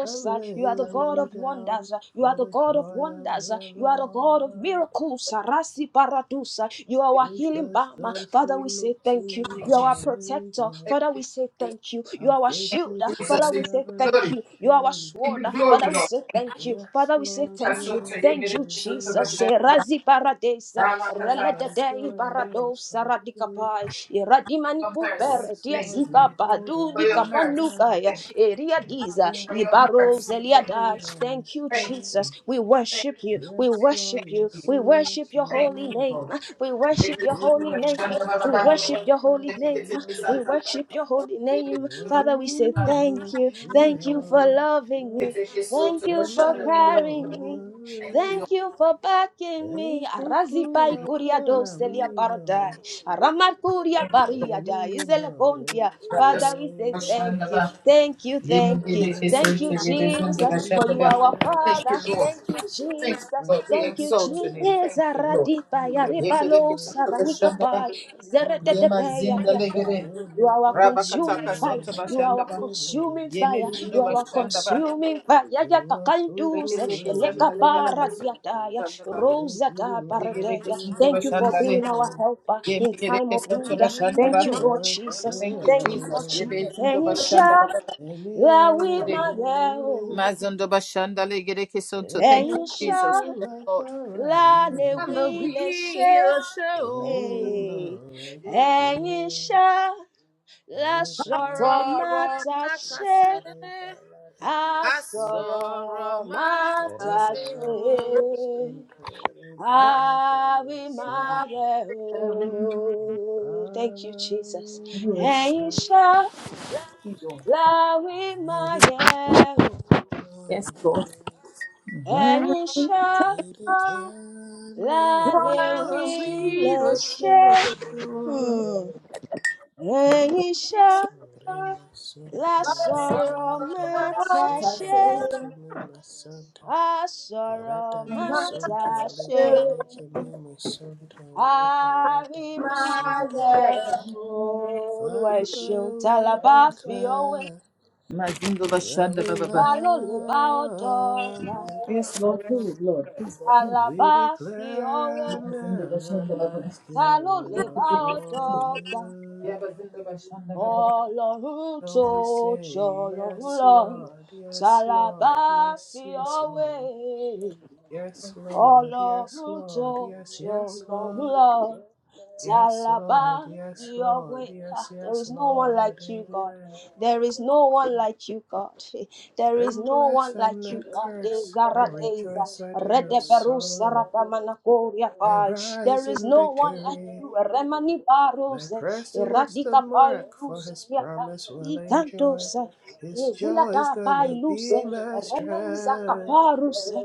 C: I'm
A: You are the
C: laying
A: God
C: them
A: of
C: down
A: wonders. You are
C: for
A: the
C: the
A: God of
C: joy of
A: wonders.
C: the
A: You are the God of
C: Lord.
A: miracles. Rasi Paradusa. You are our healing
C: Because
A: balm.
C: those
A: Father,
C: who
A: we
C: look
A: say
C: to
A: thank you.
B: Thank you,
A: You
C: you
A: are our
C: are
B: Jesus.
A: protector.
C: radiant.
B: Thank
A: Father,
B: you,
A: we say
B: Jesus.
A: thank you. You
C: Our
A: are our shield.
C: faces shall
B: Jesus,
A: Father,
B: we
A: we
B: give
A: say
B: you
C: never
A: thank
B: glory.
C: be
A: you. You are our
C: shamed.
B: We give
A: sword.
B: you glory,
A: Father, we
B: Lord.
A: say
B: Thank
A: thank
B: you.
A: you.
C: Yes,
A: Father, we say
C: Lord,
A: thank
C: you
A: you.
B: Kasoto
C: were for
A: Thank
B: yegere
A: you,
C: the
B: kisoto
C: weary.
A: Jesus.
B: bashanda.
A: Razi Paradesa.
C: Yes,
B: Rama
C: Lord,
B: kata
C: our
B: kasoto
A: Reledadei
C: joy in
B: bashanda.
C: you is
A: Baradosa
C: complete.
A: Radikapai. Iradimani Cooper.
B: mercy.
C: Yes,
B: Thank
C: Lord,
B: you.
C: you
A: Diasika
C: hold
A: Padu
B: For your
C: our
B: mercy.
C: hand.
A: Dikapanukaya.
B: Thank you.
A: Eria Diza,
B: For
C: Yes,
B: your
C: the
A: Ibaro
B: mercy.
C: divine
B: Thank
A: Zeliada.
B: you.
C: healer
A: Thank
C: is
A: you,
B: Thank
C: here.
A: Jesus.
B: you.
A: We
B: Thank
A: worship you. We
C: Yes,
A: worship
C: Lord, you
A: you.
B: you.
A: We
C: see us,
A: worship your
C: you
B: Thank
A: holy
B: you,
C: know
A: name.
B: Lord.
C: us.
A: We worship
B: Yegere
A: your
B: kisoto
A: holy
C: Even the
A: name.
B: bashanda
C: hairs
A: We
C: on
B: bababa.
A: worship
C: our
A: your holy
C: heads are
A: name.
B: Yegere kisoto
A: We
C: numbered.
B: bashanda
A: worship your holy name.
B: bababa.
C: Really,
A: Father, we
C: we
A: say
C: know
A: thank you.
C: it's
A: Thank you for
C: you.
A: loving me.
B: Yegere
A: Thank
B: kisoto
A: you for
C: Èmi
B: bashanda bababa.
C: àwọn
A: carrying me.
C: wọlé.
A: Thank you for backing
C: Ẹ̀yin
A: me.
C: kúkú
A: Arazi pai kuria
C: lágbára
A: doselia
C: mi o.
A: paradai. Aramar kuria paria
C: Ẹ̀mí
A: dai.
C: mi
A: Izele
C: mọ̀ ẹ́
A: kontia.
C: ṣe.
A: Father, we say thank you. Thank Thank you, thank you,
C: Ìwọ
A: thank you,
C: nìkan ni mo
A: Jesus, for
C: ní
A: you are
C: o.
A: our
B: Thank you,
A: Father.
B: Lord.
A: Thank you,
B: Thank you,
A: Jesus,
C: My
B: Lord. We
A: thank you,
B: exalt your
C: comforter,
B: name.
A: Jesus.
B: Thank you, Lord.
C: you
A: Radipa ya
C: direct
A: ripalo
C: my path.
A: sabanika
B: Yekerekesotobashandaba.
A: pa, zeretetepe ya
C: Olùlùfẹ́ mi,
A: riata.
B: Yemazindalegere.
A: You are our
C: olùdá mi,
A: consuming fire.
C: ìwọ
A: You are our
B: Rabakatakasotobashandaba.
C: títí lè
A: consuming fire. You are
C: mí.
A: our
B: Yemezindobashandaba.
A: consuming fire. Ya
C: You are who
A: kakandu se
C: could
A: eleka para
C: me.
A: diata ya
B: Reketekesantalegarakasotobashandaba.
C: I need
A: rosa
C: you
A: da
C: and
A: paradeya.
C: you,
A: Thank you
C: Holy
A: for
B: Yegerekesotobashandale.
A: being our
C: Spirit.
A: helper in time of need.
C: Ẹ̀mí
B: Yemegerekesotobashandaba.
A: Thank you,
C: mímọ́
A: Lord
C: ẹ ṣé
A: Jesus.
B: Thank you,
C: o.
A: Thank you,
B: Jesus.
A: Lord Jesus. Elisha
C: Ẹ̀mí
A: la wí
C: àwọn
A: má yẹ o
C: wòlíì.
B: Mazondo bashanda legere kesonto. Thank
C: Ẹ̀yin
B: you,
A: ẹ̀yin ṣá
C: kúkú
B: Jesus. Yes, Lord.
C: lágbára
A: la
C: mi
A: lè
C: o.
B: And
A: wí
B: the
A: lè ṣe
B: wheel
A: é.
C: Ẹ̀mí
B: show.
C: mímọ́ ẹ ṣé.
A: ẹ̀yin ṣá
C: Ore
A: la
C: balada
A: sọ̀rọ̀ má
B: Sorrow
A: ta
C: masundo,
A: ṣe
B: matase.
C: ore balada
A: a
C: masente.
B: Asoro
A: sọ̀rọ̀ má
C: Ore
A: ta
B: matase.
C: balada
A: ṣe
C: masundo, ore
B: I
C: balada
A: a wí má
C: masente.
A: yẹ
B: am
C: I
A: o. Thank you, Jesus.
C: will
B: worship.
A: Ẹ̀yin
C: declare,
A: ṣá la wí
C: I
A: má
C: will
A: yẹ o.
B: Yes, Lord.
C: declare,
A: Ẹ̀yin ṣá.
C: we declare an
A: lálẹ́
B: And
A: wí
B: the
C: everlasting
B: wheel
C: love
A: she,
C: for
B: show.
C: you.
A: um, ẹ̀yin ṣá
C: Rema
A: la
C: Santo
B: I
A: sọ̀rọ̀
B: Sorrow
A: má
C: Liberata
A: ta
C: Masunto
A: ṣe
B: matase.
C: Lekimi Masanta
A: a sọ̀rọ̀
C: Arata
A: má
B: My,
A: ta
C: Masunto
A: ṣe
C: Libelekimi Masunto Liberata
A: àrí máa
C: Masunto
B: yeah.
A: lẹ̀ o. olúwa ẹ
C: Father
A: ṣeun
C: we
A: ta la bá fi ọwé
C: declare
B: Mazindo
C: that
B: bashanda
C: we
A: ta
B: baba.
A: ló lè bá ọ
C: love
A: dọ́gba
C: you
B: Yes, Lord, who is Lord? Who is Lord?
A: ta
B: Who is Lord?
A: la
C: We
A: bá fi ọwé
C: declare an
B: Zindu bashanda baba.
A: ta ló
C: everlasting
A: lè
C: love
A: bá ọ
C: for
A: dọ́gba
C: you.
B: Yaba zindu bashanda baba.
A: Ọlọ́run tó
C: And we say,
A: jọ̀lọ́run
C: Yes,
A: lọ,
C: Lord,
A: tá
C: yes,
A: la bá
C: Lord, yes,
A: fi ọ́
C: yes,
A: wé?
C: Lord. Yes, Lord, yes,
A: Lord,
C: Lord, yes, yes, Lord. Yes, Lord,
A: Talaba,
C: yes,
A: your
C: Lord,
A: way.
C: yes,
A: Ah, There
C: yes,
A: is no one
C: Lord.
A: like you, God.
C: Amen.
A: There is no one like you, God. [LAUGHS] There is
C: I'm
A: no one
C: blessed, I'm
A: like you,
C: not
A: God. Eh,
C: cursed. I
A: Zara, eh, Za-
C: rejoice, I do not
A: Rede Beru,
C: sorrow.
A: Sara, Damana, Korea,
C: I
A: Pai. There
C: rise
A: is
C: in
A: no one like
C: victory.
A: you. Remani
C: And I
A: Baros,
C: press towards the
A: Eradika Pai,
C: mark, for his
A: Lucia, Pai
C: promise will enjoy.
A: ikandosa
C: His joy
A: ezilada
C: is gonna
A: pailuse
C: be my
A: remeiza
C: strength.
A: kaparuse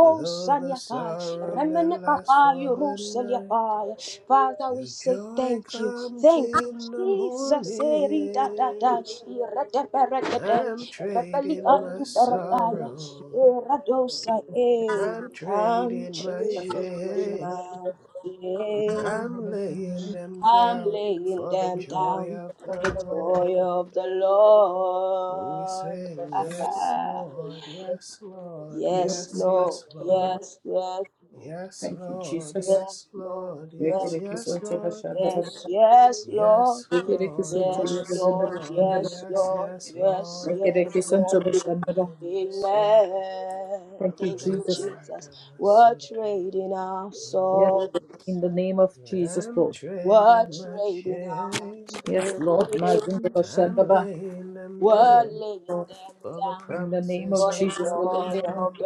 C: Though the
A: pai
C: sorrow may
A: remene
C: last
A: kapayo
C: for the
A: ruselia
C: night,
A: pai Father we
C: your
A: say
C: joy
A: thank you
C: comes
A: thank you
C: in the
A: Jesus erida da da
C: morning.
A: irete perete
C: I'm trading my
A: peretaya
C: sorrow,
A: eradosa e
B: Zindu
C: I'm
A: I'm
C: trading
A: to
C: my
B: bashanda
A: the
B: bashanda
C: shame.
B: baba.
A: mountain
B: Zindu
C: I'm laying
B: bashanda
C: them
A: I'm
C: down
A: laying
C: for the
A: them
C: joy
A: down
C: of
A: for
C: the
A: the
B: baba
A: joy of
C: Lord.
A: the
C: We
A: Lord.
C: sing,
A: [LAUGHS]
B: bashanda.
C: Yes,
A: Ah,
C: Lord, yes, Lord,
B: Yena
A: yes,
C: yes,
B: zindu
A: Lord.
C: yes,
B: bashanda
C: Lord.
B: baba.
A: Yes, yes,
C: Yes,
B: Thank you,
C: Lord,
B: Jesus.
A: yes,
C: yes,
A: Lord.
C: Lord,
A: Yes,
C: yes,
B: Yekere
C: yes,
B: kisonto
A: Lord.
C: Lord.
B: bashanda baba.
A: Yes, yes, Lord.
C: Yes,
B: Yekere
C: Lord,
A: Yes,
C: yes,
A: Lord.
C: Lord,
A: Yes,
C: yes,
A: Lord.
C: yes,
A: Yes,
C: Lord.
A: yes, Lord.
C: Amen. Amasunto.
A: Amen.
B: Thank you,
A: Thank you,
B: Jesus.
A: Jesus.
C: Lebarata
A: We're
C: masunto.
A: trading our
B: Yes,
A: soul.
B: in the name of Jesus,
C: I'm
B: Lord.
A: We're
C: trading my
A: trading our
C: chain.
B: Yes, Lord. Ma zindu
A: soul.
B: bashanda
C: I'm
B: baba.
C: laying them
A: We're
C: down
A: laying them
C: for the
A: down
B: In the name
C: promises
B: of
A: for
C: of
A: the
B: Jesus,
C: the
B: we give
A: joy
B: them
A: of
C: Lord.
A: the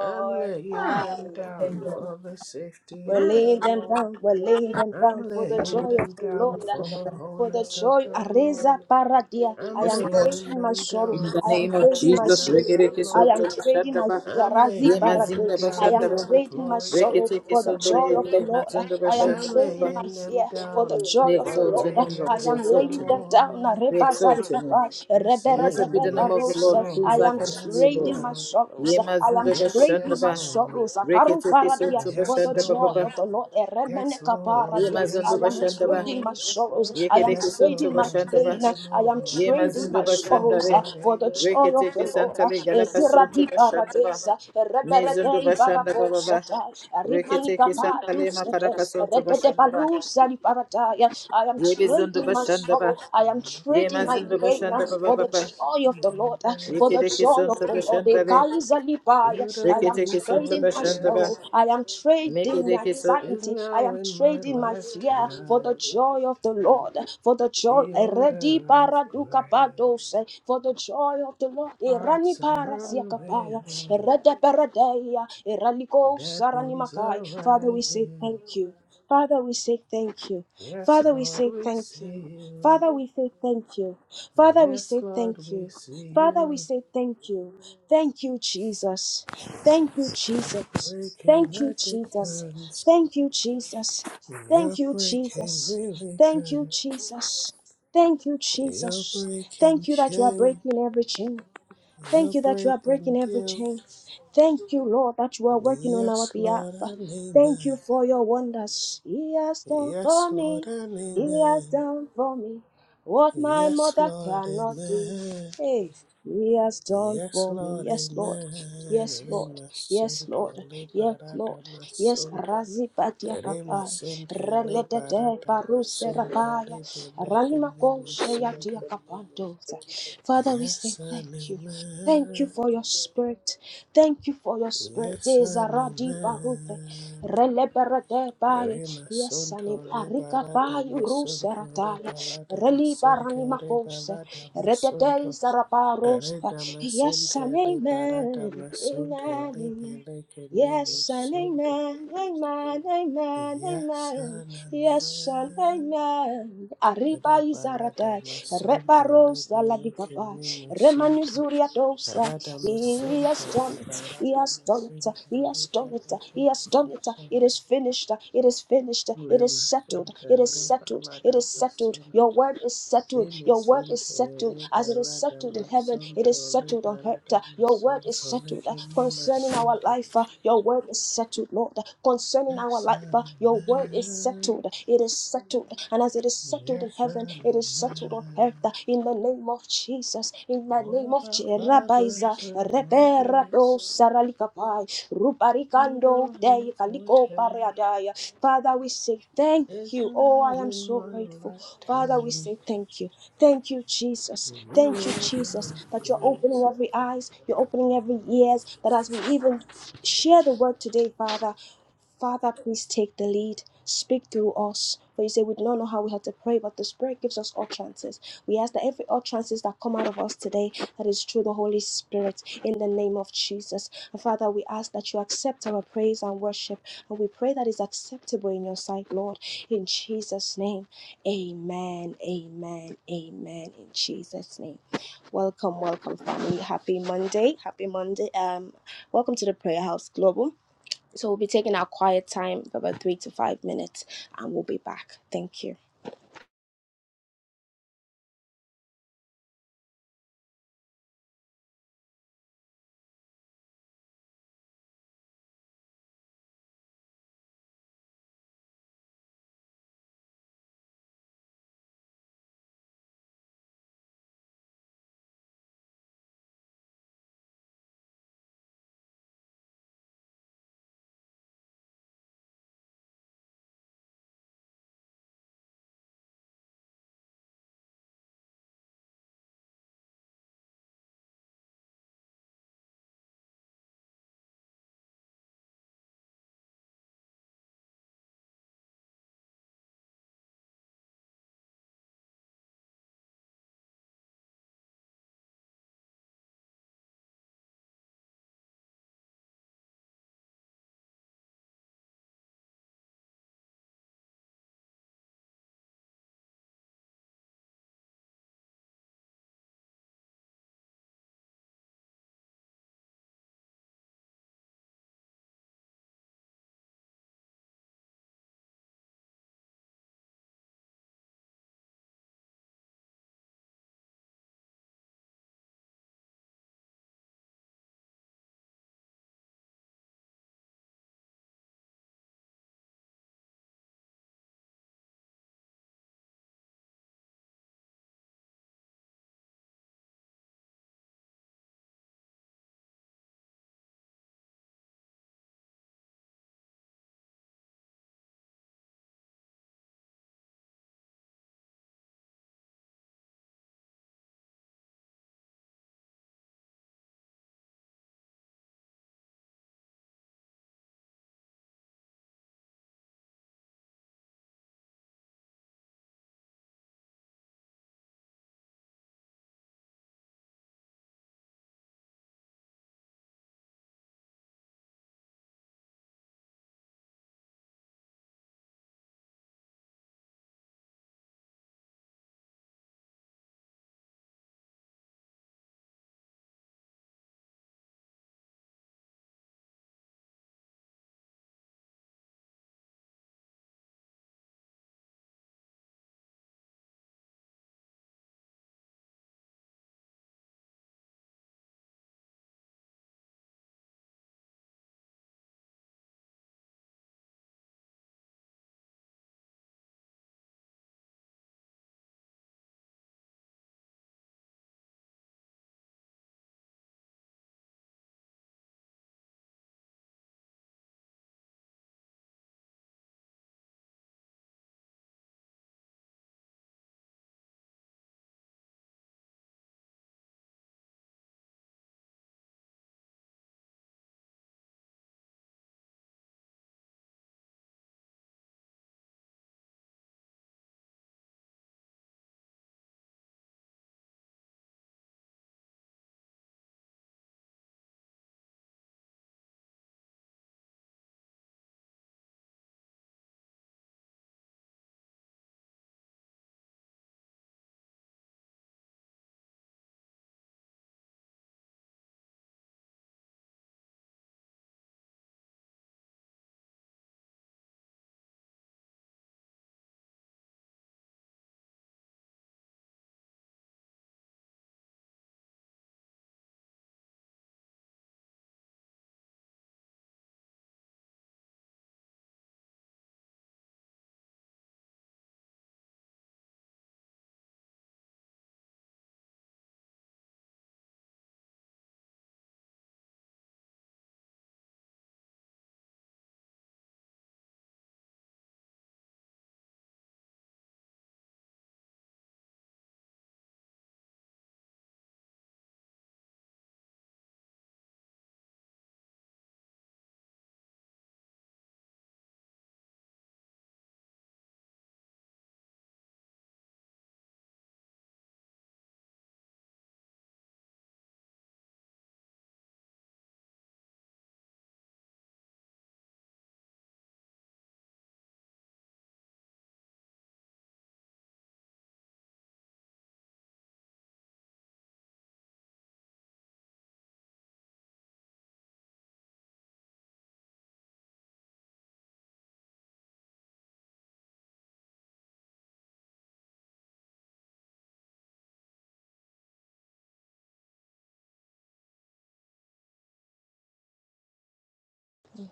C: I'm laying them
A: Aye.
B: the name
C: down for the safety
A: We're
C: of the
A: laid and
C: Lord.
A: bound, we're laid and bound
C: I'm
A: for the
C: laying
A: joy of
C: them
A: the Lord.
C: down for the
B: of-
A: For the
C: wholeness of
A: joy,
C: the
A: Areza
C: Lord.
A: Paradia. I
C: I'm
B: Yes,
A: am
B: Lord.
C: laying
A: trading my
C: them
A: sorrow.
B: In
C: down
B: the
A: I
C: for
A: am
B: name
C: the
B: of
A: trading my
C: peace
B: Jesus,
C: of
A: shame.
C: the
B: Regereke
A: I
B: Sonto
C: Lord.
A: am trading my
B: Bashandaba,
C: I'm
A: Razi
C: laying
B: Yema
C: them
B: Zinda
A: Paradia. I
C: down
A: am
C: for
B: Bashandaba,
C: the
A: trading my
C: flourishing
A: sorrow
C: of
B: Reketeke
A: for
C: the
A: the
B: Sonto
A: joy of
C: Lord.
A: the
B: Yegre
A: Lord.
B: Mazunda
A: I
C: And
A: am
C: I'm
B: Bashandaba.
A: trading
B: Baba.
A: my
C: laying them
A: fear for the
C: down
B: We
A: joy of
C: for
A: the
C: the
B: exalt
A: Lord.
B: your name, Lord.
A: I
C: radiance
B: We
A: am
C: of the
B: exalt
A: laying
B: your name.
A: them down.
C: Lord.
B: We
A: Reba
B: exalt your name.
C: We
A: Zarikapa,
B: Blessed be
C: sing,
B: the name of the
C: Yes,
B: Lord, who
A: I
B: is
C: Lord,
B: like
A: am
B: unto
C: yes,
B: you, Lord.
A: trading my
C: Lord,
A: sorrows.
B: Yema
A: I am
B: Zinda
C: yes,
A: trading
C: yes,
A: my
B: Bashandaba,
C: Lord,
A: sorrows. Akaru
B: Reketeke
A: paradia
B: Sonto
A: for
C: yes,
A: the
B: Bashandaba.
A: joy
C: Lord.
B: Baba.
A: of the Lord. Eremene
C: Yes, Lord.
A: kaparadia.
B: Yema
A: I
C: Yes,
B: Zondo
A: am
C: yes,
B: Bashandaba,
A: trading my
C: Lord.
A: sorrows. I am
B: Yekereke
C: Yes,
B: Sonto
A: trading my
C: Lord.
B: Bashandaba.
A: pain.
C: Yes,
A: I am
C: Lord.
B: Ye
C: Yes,
A: trading
B: mazindo
A: my
C: yes,
A: sorrows
B: bashandare.
A: uh,
C: Lord.
A: for the joy of
C: Amen.
B: Reketeke
A: the Lord. uh,
B: santale gadaka
A: Ezira
B: sonto
A: di
B: bashandaba.
A: paradesa.
B: Mezondo
A: Reperete
B: bashanda baba ba.
A: barakosa. Rimani
B: Reketeke santale
A: kapatu. I
B: makaraka sonto bashandaba.
A: am
B: Ye bezondo
A: trading my
B: bashandaba.
A: sorrow. I am
B: Ye
A: trading
C: God
A: my
B: mazindo
C: our
A: pain uh,
B: bashanda baba
A: for the
B: baba.
C: fathers
A: joy of
C: and
A: the Lord. uh, For the
C: mothers,
B: Yekedeke
A: joy
B: sonto
A: of the Lord.
B: bashandare.
C: who
A: Ekaizalibai. I am
C: only
B: Reketeke sonto
A: trading my
C: foretell
B: bashandaba.
A: sorrow. I am trading my
B: Mekedeke sonto.
C: is
A: anxiety. I
C: now
A: am
C: in my
A: trading my fear for the
C: lifetime
A: joy of the Lord. For the joy.
C: the
A: Eredi
C: order of grace.
A: Eredibaradukabadose, For the joy of of the Lord. Irani
C: Hearts are
A: parasia kapaya.
C: unveiling,
A: Erede peredeia. Iraliko
C: dead
A: sarani
C: bones
A: makai.
C: are
A: Father, we say
C: rising.
A: thank you. Father, we say thank you.
C: Yes,
A: Father, we
C: Lord,
A: say
C: we
A: thank you.
C: see you.
A: Father, we say thank you. Father, we
C: Yes,
A: say
C: Lord,
A: thank
C: we
A: you.
C: see
A: Father, we
C: you
A: say thank you. Thank you, Jesus. Thank you, Jesus.
C: breaking
A: Thank you, Jesus.
C: addictions.
A: Thank you, Jesus.
C: You're
A: Thank you,
C: breaking
A: Jesus. Thank you,
C: religion.
A: Jesus. Thank you,
C: You're
A: Jesus.
C: breaking
A: Thank you that you are
C: shame.
A: breaking every chain. Thank
C: You're
A: you that you are
C: breaking
A: breaking every chain.
C: guilt.
A: Thank you, Lord, that you are working on our
C: Yes,
A: behalf.
C: Lord, and
A: Thank
C: amen.
A: you for your wonders. He has done
C: Yes,
A: for
C: Lord,
A: me.
C: and
A: He has
C: amen.
A: done for me what my
C: Yes,
A: mother
C: Lord,
A: cannot do.
C: amen.
A: Hey, He has done
C: Yes,
A: for me.
C: Lord,
A: Yes, Lord.
C: amen.
A: Yes, Lord. Yes,
C: Remasunto,
A: Lord. Yes,
C: liberata
A: Lord. Yes,
C: masunto.
A: Razi Patia
C: Rima
A: Papai.
C: sente
A: Reledede
C: liberata
A: Baruse
C: masonto
A: Rapaya.
C: le libele
A: Ranima
C: kumi
A: Koshe
C: masonto.
A: Yatia Kapandosa. Father, we say
C: Yes,
A: thank
C: an
A: you. Thank you
C: amen.
A: for your spirit. Thank you for your spirit.
C: Yes, an
A: Ezaradi barute.
C: amen.
A: Releberede baye.
C: Rima
A: Yes, ani
C: sonto
A: arika
C: liberata
A: baye
C: masonto
A: ruserataya.
C: liberata
A: Reli
C: masente
A: barani makose.
C: liberata
A: Redede
C: masonto.
A: zarabarosta.
C: Areta
A: Yes, and
C: masente liberata
A: amen. Amen.
C: masonto le
A: Amen.
C: libele kumi
A: Yes and
C: masonto.
A: amen, amen, amen,
C: Yes,
A: amen.
C: an
A: Yes and
C: amen.
A: amen. Arriba
C: Rebalada
A: izarata,
C: masonto
A: reparos
C: lebele
A: aladigaba,
C: kimi masonto
A: remanuzuria dosa.
C: rada
A: He
C: masonto
A: has
C: le
A: done it, he
C: rebalada
A: has done it,
C: masonto le
A: he has done it,
C: lebele
A: he
C: kimi
A: has done it. It
C: masonto
A: is finished, it is finished,
C: le
A: it is settled,
C: masonto
A: it
C: le
A: is settled, it
C: rebalada
A: is settled.
C: masonto
A: Your word is
C: le
A: settled, your word is
C: masonto le
A: settled. As it is
C: rebalada
A: settled in heaven, it
C: masonto
A: is
C: le
A: settled on
C: rebalada
A: earth. Your word is
C: masonto le
A: settled uh,
C: kimi
A: concerning our
C: masonto
A: life. uh, Your word is settled, Lord, uh, concerning our
C: yes
A: life.
C: I'm
A: uh,
C: a
A: Your word is
C: man
A: settled. It is settled. And as it is settled in
C: yes
A: heaven,
C: I'm a
A: it is settled on
C: man
A: earth. uh, In the name of Jesus, in the name
C: all
A: of
C: our
A: Jerabaiza,
C: fathers and mothers
A: Reberado Saralikapai,
C: Who
A: Rubarikando
C: live
A: Dei
C: for
A: Kaliko
C: terror
A: Pareadaya. Father, we say thank
C: is
A: you. Oh,
C: now
A: I am
C: in
A: so
C: my
A: grateful. Father, we
C: lifetime.
A: say thank you. Thank you, Jesus.
C: The
A: Thank you, Jesus, that you're opening
C: Christ.
A: every eyes, you're opening every ears, that as we even share the word today, Father, Father, please take the lead. Speak through us. For you say we do not know how we have to pray, but the Spirit gives us utterances. We ask that every utterances that come out of us today, that is through the Holy Spirit, in the name of Jesus. And Father, we ask that you accept our praise and worship, and we pray that is acceptable in your sight, Lord, in Jesus' name. Amen, amen, amen. In Jesus' name, welcome, welcome, family. Happy Monday, happy Monday. Um, welcome to the Prayer House Global. So we'll be taking our quiet time, about three to five minutes, and we'll be back. Thank you.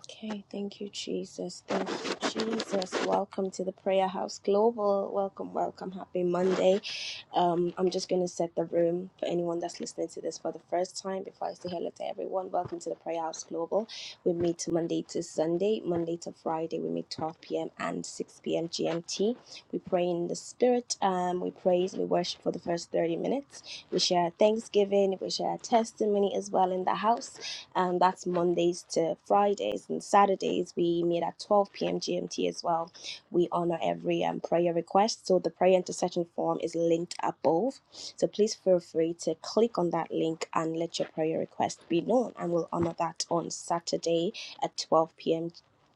A: Okay, thank you, Jesus. Thank you, Jesus. Welcome to the Prayer House Global. Welcome, welcome. Happy Monday. Um, I'm just going to set the room for anyone that's listening to this for the first time before I say hello to everyone. Welcome to the Prayer House Global. We meet Monday to Sunday, Monday to Friday. We meet 12 p.m. and 6 p.m. GMT. We pray in the Spirit. Um, we praise, we worship for the first 30 minutes. We share thanksgiving. We share testimony as well in the house. Um, that's Mondays to Fridays and Saturdays. We meet at 12 p.m. GMT as well. We honor every um, prayer request. So the prayer intercession form is linked above. So please feel free to click on that link and let your prayer request be known. And we'll honor that on Saturday at 12 p.m.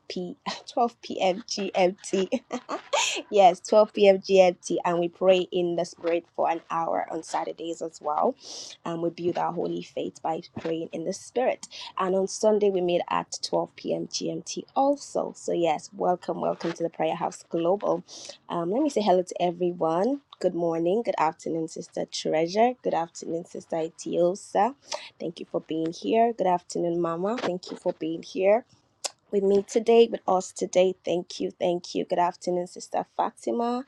A: P [LAUGHS] 12 p.m. GMT. [LAUGHS] yes, 12 p.m. GMT, and we pray in the spirit for an hour on Saturdays as well. And we build our holy faith by praying in the spirit. And on Sunday, we meet at 12 p.m. GMT also. So, yes, welcome, welcome to the Prayer House Global. Um, let me say hello to everyone. Good morning, good afternoon, Sister Treasure. Good afternoon, Sister Itiosa. Thank you for being here. Good afternoon, Mama. Thank you for being here with me today, with us today. Thank you, thank you. Good afternoon, Sister Fatima.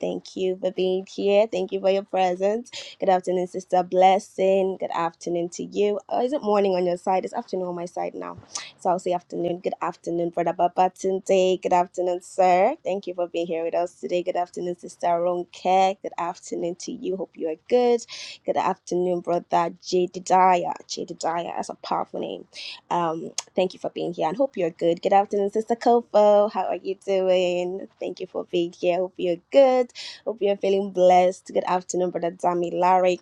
A: Thank you for being here. Thank you for your presence. Good afternoon, Sister Blessing. Good afternoon to you. Oh, is it morning on your side? It's afternoon on my side now. So I'll say afternoon. Good afternoon, Brother Baba today. Good afternoon, sir. Thank you for being here with us today. Good afternoon, Sister Ronke. Good afternoon to you. Hope you are good. Good afternoon, Brother Jedidiah. Jedidiah, that's a powerful name. Um. Thank you for being here and hope you're good. Good afternoon, Sister Kofo. How are you doing? Thank you for being here. Hope you're good. Hope you're feeling blessed. Good afternoon, Brother Dami Larry.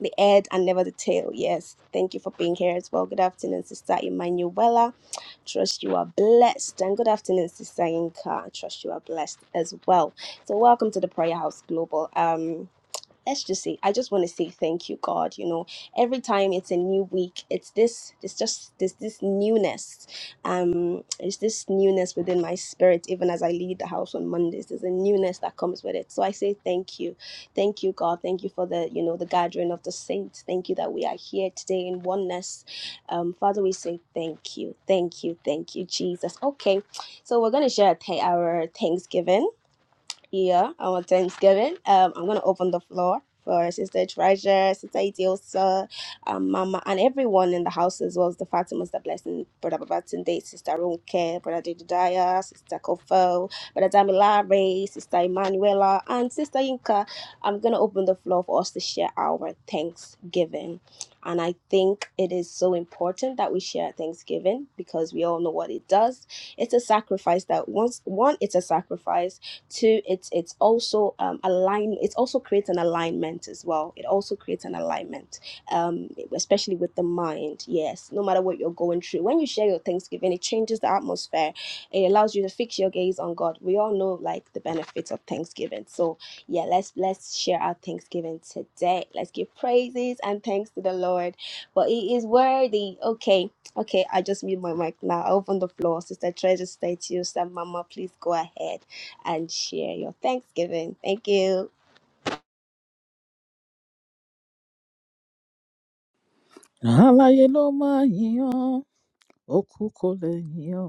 A: The head and never the tail. Yes. Thank you for being here as well. Good afternoon, Sister Emanuela. Trust you are blessed. And good afternoon, Sister Inka. Trust you are blessed as well. So welcome to the Prayer House Global. Um let's just say i just want to say thank you god you know every time it's a new week it's this it's just this this newness um it's this newness within my spirit even as i lead the house on mondays there's a newness that comes with it so i say thank you thank you god thank you for the you know the gathering of the saints thank you that we are here today in oneness um father we say thank you thank you thank you jesus okay so we're going to share a th- our thanksgiving yeah, our Thanksgiving. Um, I'm gonna open the floor for Sister Treasure, Sister Itiosa, um, Mama, and everyone in the house as well as the Fatimas, the Blessing, Brother Babatunde, Sister Ronke, Brother Jedediah, Sister Kofo, Brother Damilare, Sister Emanuela, and Sister Yinka. I'm gonna open the floor for us to share our Thanksgiving. And I think it is so important that we share Thanksgiving because we all know what it does. It's a sacrifice that once one, it's a sacrifice Two, it's it's also um, align. It also creates an alignment as well. It also creates an alignment, um, especially with the mind. Yes, no matter what you're going through, when you share your Thanksgiving, it changes the atmosphere. It allows you to fix your gaze on God. We all know like the benefits of Thanksgiving. So yeah, let's let's share our Thanksgiving today. Let's give praises and thanks to the Lord, but He is worthy. Okay. Okay, I just mute my mic now. I open the floor. Sister Treasure, stay to you. Sister Mama, please go ahead and share your Thanksgiving. Thank you.
B: Alaye lo ma yiyan. Okuko le yiyan.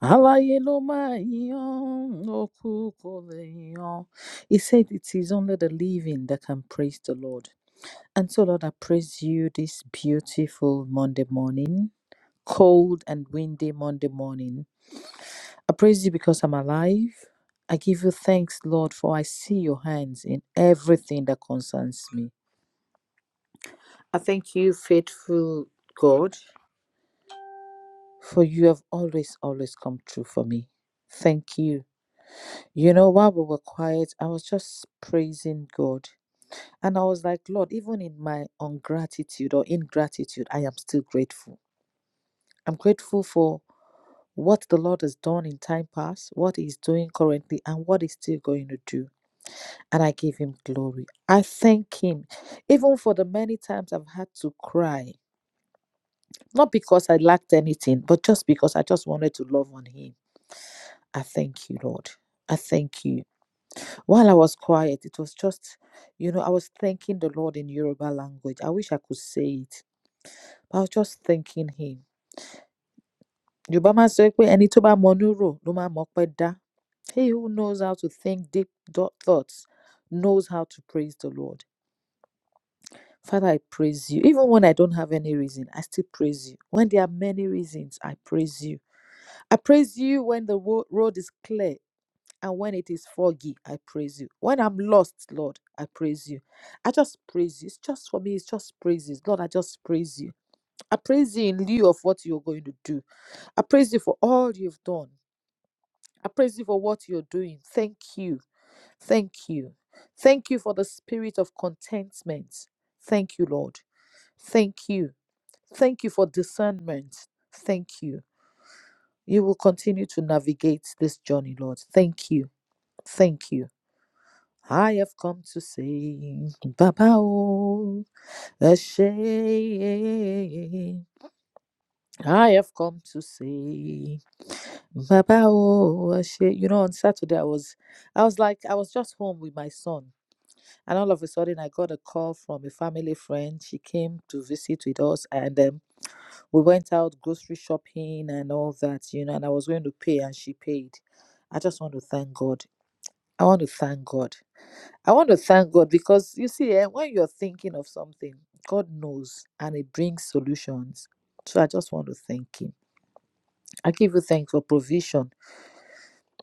B: Alaye ló máa yan, òkú kò lè yan. He said, It is only the living that can praise the Lord. And so, Lord, I praise you this beautiful Monday morning, cold and windy Monday morning. I praise you because I'm alive. I give you thanks, Lord, for I see your hands in everything that concerns me. I thank you, faithful God, for you have always, always come true for me. Thank you. You know, while we were quiet, I was just praising God. And I was like, Lord, even in my ungratitude or ingratitude, I am still grateful. I'm grateful for what the Lord has done in time past, what He's doing currently, and what He's still going to do. And I give Him glory. I thank Him, even for the many times I've had to cry, not because I lacked anything, but just because I just wanted to love on Him. I thank you, Lord. I thank you. While I was quiet, it was just, you know, I was thanking the Lord in Yoruba language. I wish I could say it, but I was just thanking Him. Yorùbá máa ń sọ pé ẹni tó bá mọ inú rò ló máa mọ ọpẹ́ dá. He who knows how to think deep thoughts knows how to praise the Lord. Father, I praise you. Even when I don't have any reason, I still praise you. When there are many reasons, I praise you. I praise you when the road is clear And when it is foggy, I praise you. When I'm lost, Lord, I praise you. I just praise you. It's just for me, it's just praises. Lord, I just praise you. I praise you in lieu of what you're going to do. I praise you for all you've done. I praise you for what you're doing. Thank you. Thank you. Thank you for the spirit of contentment. Thank you, Lord. Thank you. Thank you for discernment. Thank you. You will continue to navigate this journey, Lord. Thank you. Thank you. I have come to say, Baba, O Ashe. I have come to say, Baba, O Ashe. You know, on Saturday I was, I was like, I was just home with my son, and all of a sudden I got a call from a family friend. She came to visit with us, and um, we went out grocery shopping and all that, you know. And I was going to pay, and she paid. I just want to thank God. I want to thank God. I want to thank God because you see, eh, when you're thinking of something, God knows and He brings solutions. So I just want to thank Him. I give you thanks for provision.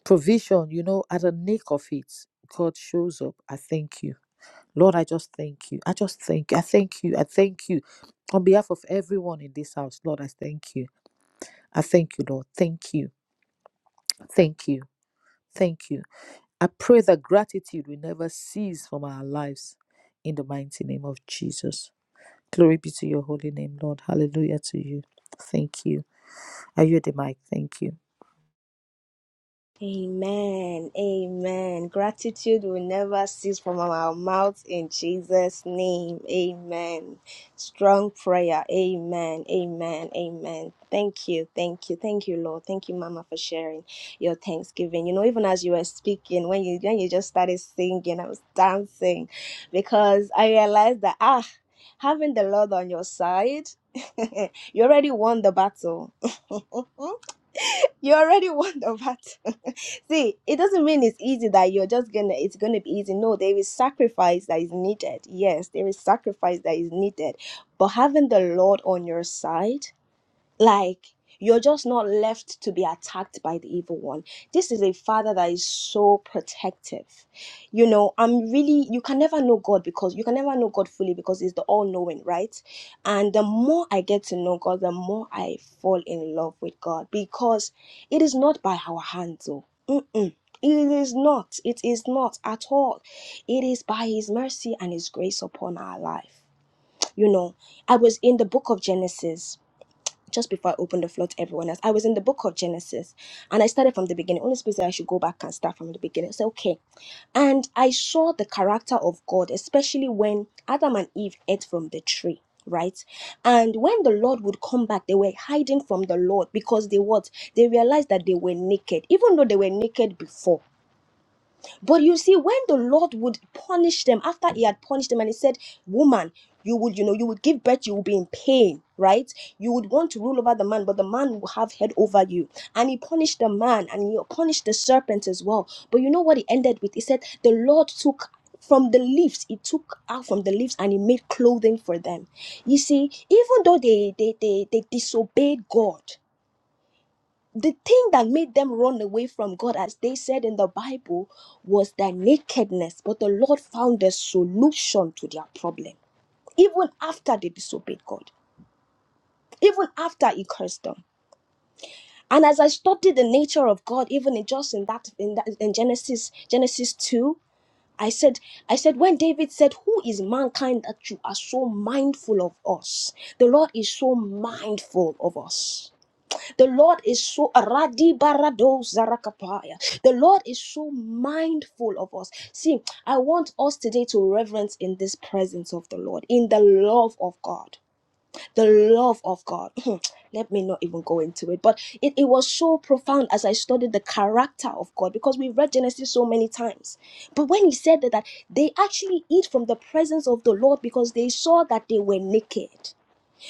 B: Provision, you know, at the nick of it, God shows up. I thank you. Lord, I just thank you. I just thank you. I thank you. I thank you. On behalf of everyone in this house, Lord, I thank you. I thank you, Lord. Thank you. Thank you. Thank you. I pray that gratitude will never cease from our lives in the mighty name of Jesus. Glory be to your holy name, Lord. Hallelujah to you. Thank you. Are you at the mic? Thank you.
A: Amen. Amen. Gratitude will never cease from our mouths in Jesus' name. Amen. Strong prayer. Amen. Amen. Amen. Thank you. Thank you. Thank you, Lord. Thank you, Mama, for sharing your thanksgiving. You know, even as you were speaking, when you when you just started singing, I was dancing because I realized that ah, having the Lord on your side, [LAUGHS] you already won the battle. [LAUGHS] you already won the battle. [LAUGHS] See, it doesn't mean it's easy that you're just gonna, it's gonna be easy. No, there is sacrifice that is needed. Yes, there is sacrifice that is needed. But having the Lord on your side, like, you're just not left to be attacked by the evil one. This is a father that is so protective. You know, I'm really, you can never know God because you can never know God fully because he's the all knowing, right? And the more I get to know God, the more I fall in love with God because it is not by our hands, oh. Mm-mm. It is not. It is not at all. It is by His mercy and His grace upon our life. You know, I was in the book of Genesis just before I open the floor to everyone else, I was in the book of Genesis and I started from the beginning. Only space that I should go back and start from the beginning. So, okay. And I saw the character of God, especially when Adam and Eve ate from the tree, right? And when the Lord would come back, they were hiding from the Lord because they what? They realized that they were naked, even though they were naked before. But you see, when the Lord would punish them after he had punished them and he said, Woman, you would, you know, you would give birth, you will be in pain, right? You would want to rule over the man, but the man will have head over you. And he punished the man and he punished the serpent as well. But you know what he ended with? He said, The Lord took from the leaves, he took out from the leaves and he made clothing for them. You see, even though they they they, they disobeyed God, the thing that made them run away from God, as they said in the Bible, was their nakedness. But the Lord found a solution to their problem, even after they disobeyed God, even after He cursed them. And as I studied the nature of God, even in just in that in that in Genesis Genesis two, I said I said when David said, "Who is mankind that you are so mindful of us?" The Lord is so mindful of us. The Lord is so radibarado zarakapaya. The Lord is so mindful of us. See, I want us today to reverence in this presence of the Lord, in the love of God. The love of God. [CLEARS THROAT] Let me not even go into it, but it, it was so profound as I studied the character of God because we've read Genesis so many times. But when he said that, that they actually eat from the presence of the Lord because they saw that they were naked.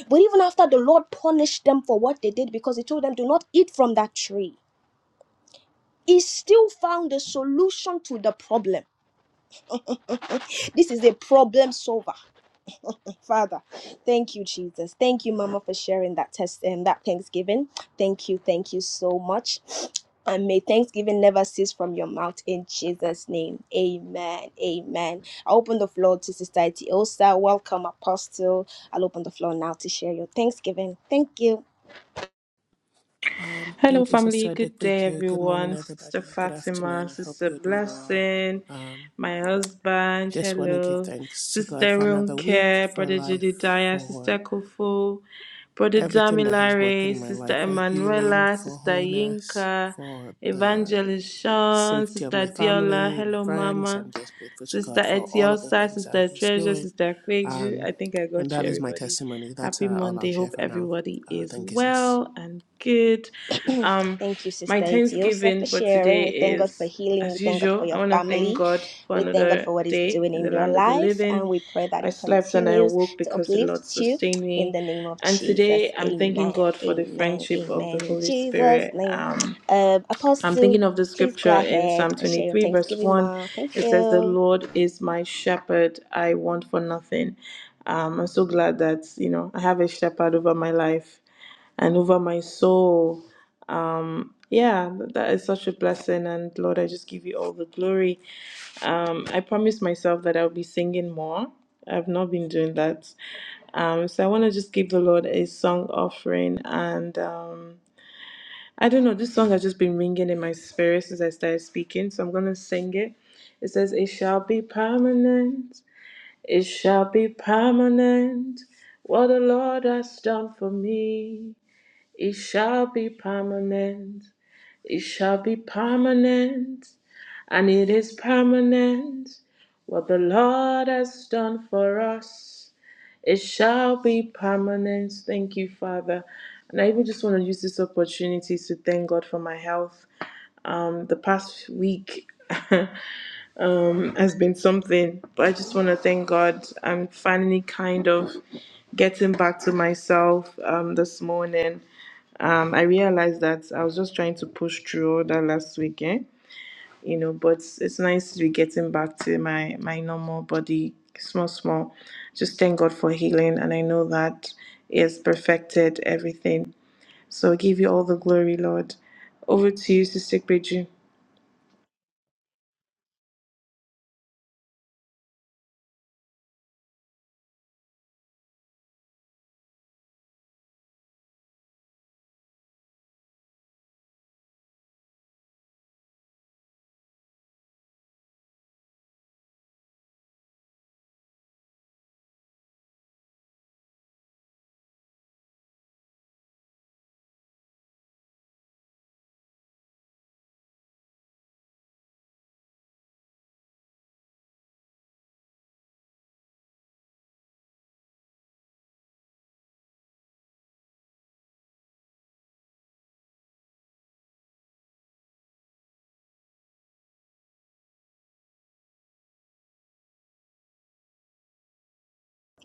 A: But even after the Lord punished them for what they did because he told them, do not eat from that tree, he still found a solution to the problem. This is a problem solver. Father, thank you, Jesus. Thank you, Mama, for sharing that test and that Thanksgiving. Thank you. Thank you so much. And may thanksgiving never cease from your mouth in Jesus' name. Amen. Amen. I open the floor to Sister Etiosa. Welcome, Apostle. I'll open the floor now to share your thanksgiving. Thank you,
C: Um,
D: Hello,
C: thank you,
D: family.
C: Sister
D: Good day,
C: Dekpeju. Good morning,
D: everyone. Sister
C: everybody. Good
D: Fatima,
C: afternoon. I hope
D: Sister
C: you're doing well.
D: Blessing,
C: Um,
D: my husband.
C: just want to give
D: Hello,
C: thanks to God
D: Sister
C: for another week,
D: Runke,
C: for
D: Brother
C: life,
D: Jedediah, Sister
C: for
D: Kofu, Brother
C: everything that He's working
D: Damilare,
C: in my
D: Sister
C: life, for healing,
D: Emanuela,
C: for
D: Sister
C: wholeness,
D: Yinka,
C: for the
D: Evangelist Shawn,
C: safety of
D: Sister
C: my
D: Diola.
C: family, my
D: Hello,
C: friends.
D: Mama.
C: I'm just grateful to
D: Sister
C: God for all of the
D: Etiosa,
C: things that
D: Sister
C: He's
D: Treasure,
C: doing
D: Sister Kweju.
C: Um,
D: I think I
C: and
D: got you,
C: that is my
D: everybody.
C: testimony. That's
D: Happy
C: uh, all I'll
D: Monday.
C: share
D: Hope
C: for now.
D: everybody
C: Uh,
D: is
C: thank you, sis.
D: well and good.
A: Thank
D: Um,
A: you,
D: my
A: Sister
D: Thanksgiving for
A: sharing.
D: today
A: We thank God
D: is,
A: for healing. We
D: as
A: thank God for
D: usual, I
A: your
D: want to thank
A: family.
D: God for
A: We thank God
D: another
A: for what He's
D: day
A: doing
D: in the
A: in your
D: land of the
A: life.
D: living.
A: Pray that
D: I
A: it
D: slept and I
A: continues,
D: awoke because the Lord
A: uplifts you
D: sustained
A: in
D: me.
A: the name of
D: And
A: Jesus.
D: today I'm thanking God for the friendship of the Holy
A: Jesus,
D: Spirit. Um,
A: um,
D: I'm
A: Apostle,
D: thinking of the
A: go
D: scripture in
A: ahead.
D: Psalm 23, verse 1.
A: Thank
D: It says, The
A: you.
D: Lord is my shepherd, I want for nothing. Um, I'm so glad that, you know, I have a shepherd over my life and over my soul. Um, Yeah, th- that is such a blessing. And Lord, I just give you all the glory. Um, I promised myself that I'll be singing more. I've not been doing that. Um, so I want to just give the Lord a song offering and. Um, I don't know. This song has just been ringing in my spirit since I started speaking, so I'm gonna sing it. It says, "It shall be permanent. It shall be permanent. What the Lord has done for me, it shall be permanent. It shall be permanent, and it is permanent. What the Lord has done for us." It shall be permanent. Thank you, Father. And I even just want to use this opportunity to thank God for my health. Um, the past week [LAUGHS] has been something, but I just want to thank God. I'm finally kind of getting back to myself um, this morning. Um, I realized that I was just trying to push through all that last weekend you know but it's nice to be getting back to my my normal body small small just thank god for healing and i know that he has perfected everything so I give you all the glory lord over to you sister Bridget.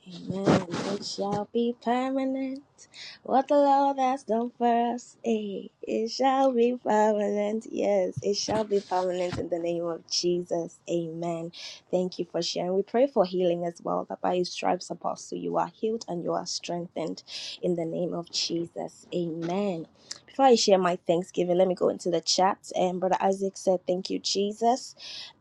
A: Amen. It shall be permanent. What the Lord has done for us, eh? It shall be permanent. Yes, it shall be permanent in the name of Jesus. Amen. Thank you for sharing. We pray for healing as well. That by His stripes, Apostle, you are healed and you are strengthened in the name of Jesus. Amen. Before I share my thanksgiving, let me go into the chat. And Brother Isaac said, "Thank you, Jesus."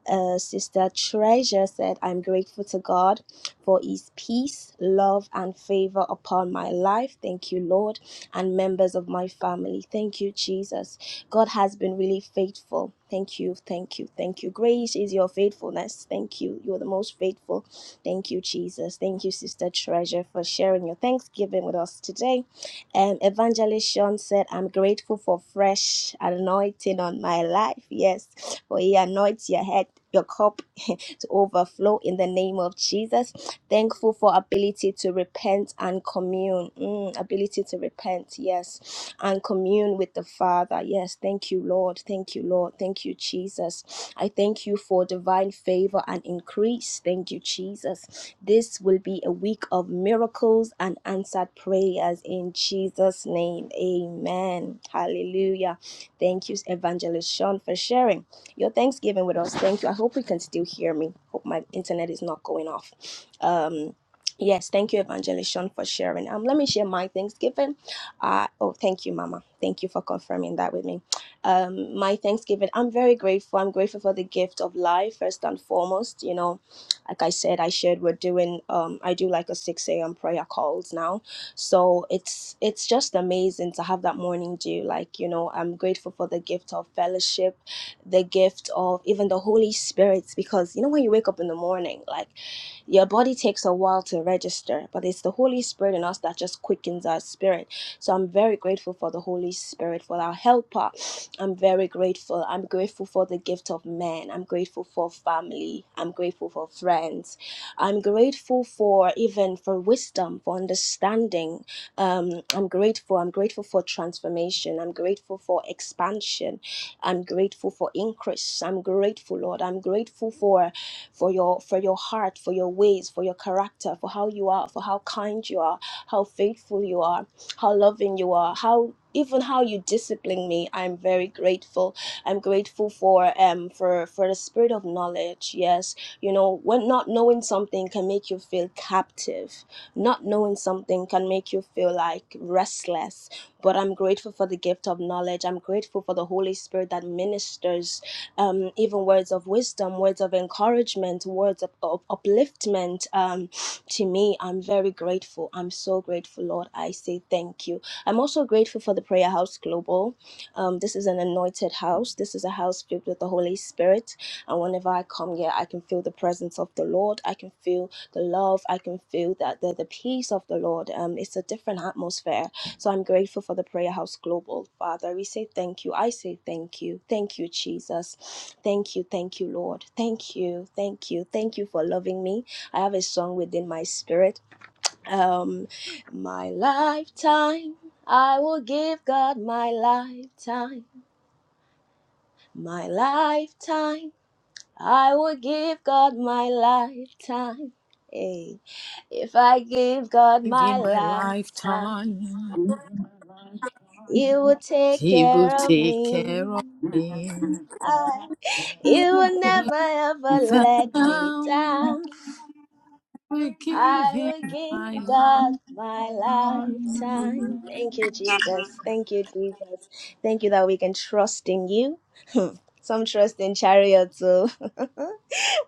A: Uh, Sister Treasure said, "I'm grateful to God." for his peace, love, and favor upon my life. Thank you, Lord, and members of my family. Thank you, Jesus. God has been really faithful. Thank you, thank you, thank you. Grace is your faithfulness. Thank you. You're the most faithful. Thank you, Jesus. Thank you, Sister Treasure, for sharing your thanksgiving with us today. And Evangelist Sean said, I'm grateful for fresh anointing on my life. Yes, for he anoints your head, your cup [LAUGHS] to overflow in the name of Jesus. Thankful for ability to repent and commune. Mm, ability to repent, yes and commune with the Father. Yes, thank you, Lord. Thank you, Lord. Thank you, Jesus. I thank you for divine favor and increase. Thank you, Jesus. This will be a week of miracles and answered prayers in Jesus' name. Amen. Hallelujah. Thank you, Evangelist Sean, for sharing your Thanksgiving with us. Thank you. I hope you can still hear me. Hope my internet is not going off. Um, Yes, thank you, Evangelist Sean, for sharing. Um, let me share my Thanksgiving. Uh, oh, thank you, Mama. Thank you for confirming that with me. Um, my Thanksgiving, I'm very grateful. I'm grateful for the gift of life, first and foremost. You know, like I said, I shared we're doing, um, I do like a 6 a.m. prayer calls now. So it's it's just amazing to have that morning dew. Like, you know, I'm grateful for the gift of fellowship, the gift of even the Holy Spirit, because you know when you wake up in the morning, like your body takes a while to register, but it's the Holy Spirit in us that just quickens our spirit. So I'm very grateful for the Holy Spirit, for our helper. I'm very grateful. I'm grateful for the gift of men. I'm grateful for family. I'm grateful for friends. I'm grateful for even for wisdom, for understanding. Um, I'm grateful. I'm grateful for transformation. I'm grateful for expansion. I'm grateful for increase. I'm grateful, Lord. I'm grateful for for your for your heart, for your ways, for your character, for how you are, for how kind you are, how faithful you are, how loving you are, how even how you discipline me, I'm very grateful. I'm grateful for um for for the spirit of knowledge. Yes, you know when not knowing something can make you feel captive. Not knowing something can make you feel like restless. But I'm grateful for the gift of knowledge. I'm grateful for the Holy Spirit that ministers um, even words of wisdom, words of encouragement, words of, of upliftment um, to me. I'm very grateful. I'm so grateful, Lord. I say thank you. I'm also grateful for the Prayer House Global. Um, this is an anointed house. This is a house filled with the Holy Spirit. And whenever I come here, I can feel the presence of the Lord. I can feel the love. I can feel that the, the peace of the Lord. Um, it's a different atmosphere. So I'm grateful for the Prayer House Global. Father, we say thank you. I say thank you. Thank you, Jesus. Thank you. Thank you, Lord. Thank you. Thank you. Thank you for loving me. I have a song within my spirit. Um, my lifetime. I will give God my lifetime. My lifetime. I will give God my lifetime. Hey, if I give God
B: If
A: my
B: in my
A: lifetime.
B: lifetime,
A: You will take
B: He will
A: care of
B: take
A: me.
B: care of me.
A: I, you will never ever
B: If I
A: let me down.
B: will give
A: I
B: Him
A: will
B: my
A: give
B: life.
A: God my lifetime. Thank you, Jesus. Thank you, Jesus. Thank you that we can trust in you. [LAUGHS] Some trust in chariots. too. [LAUGHS]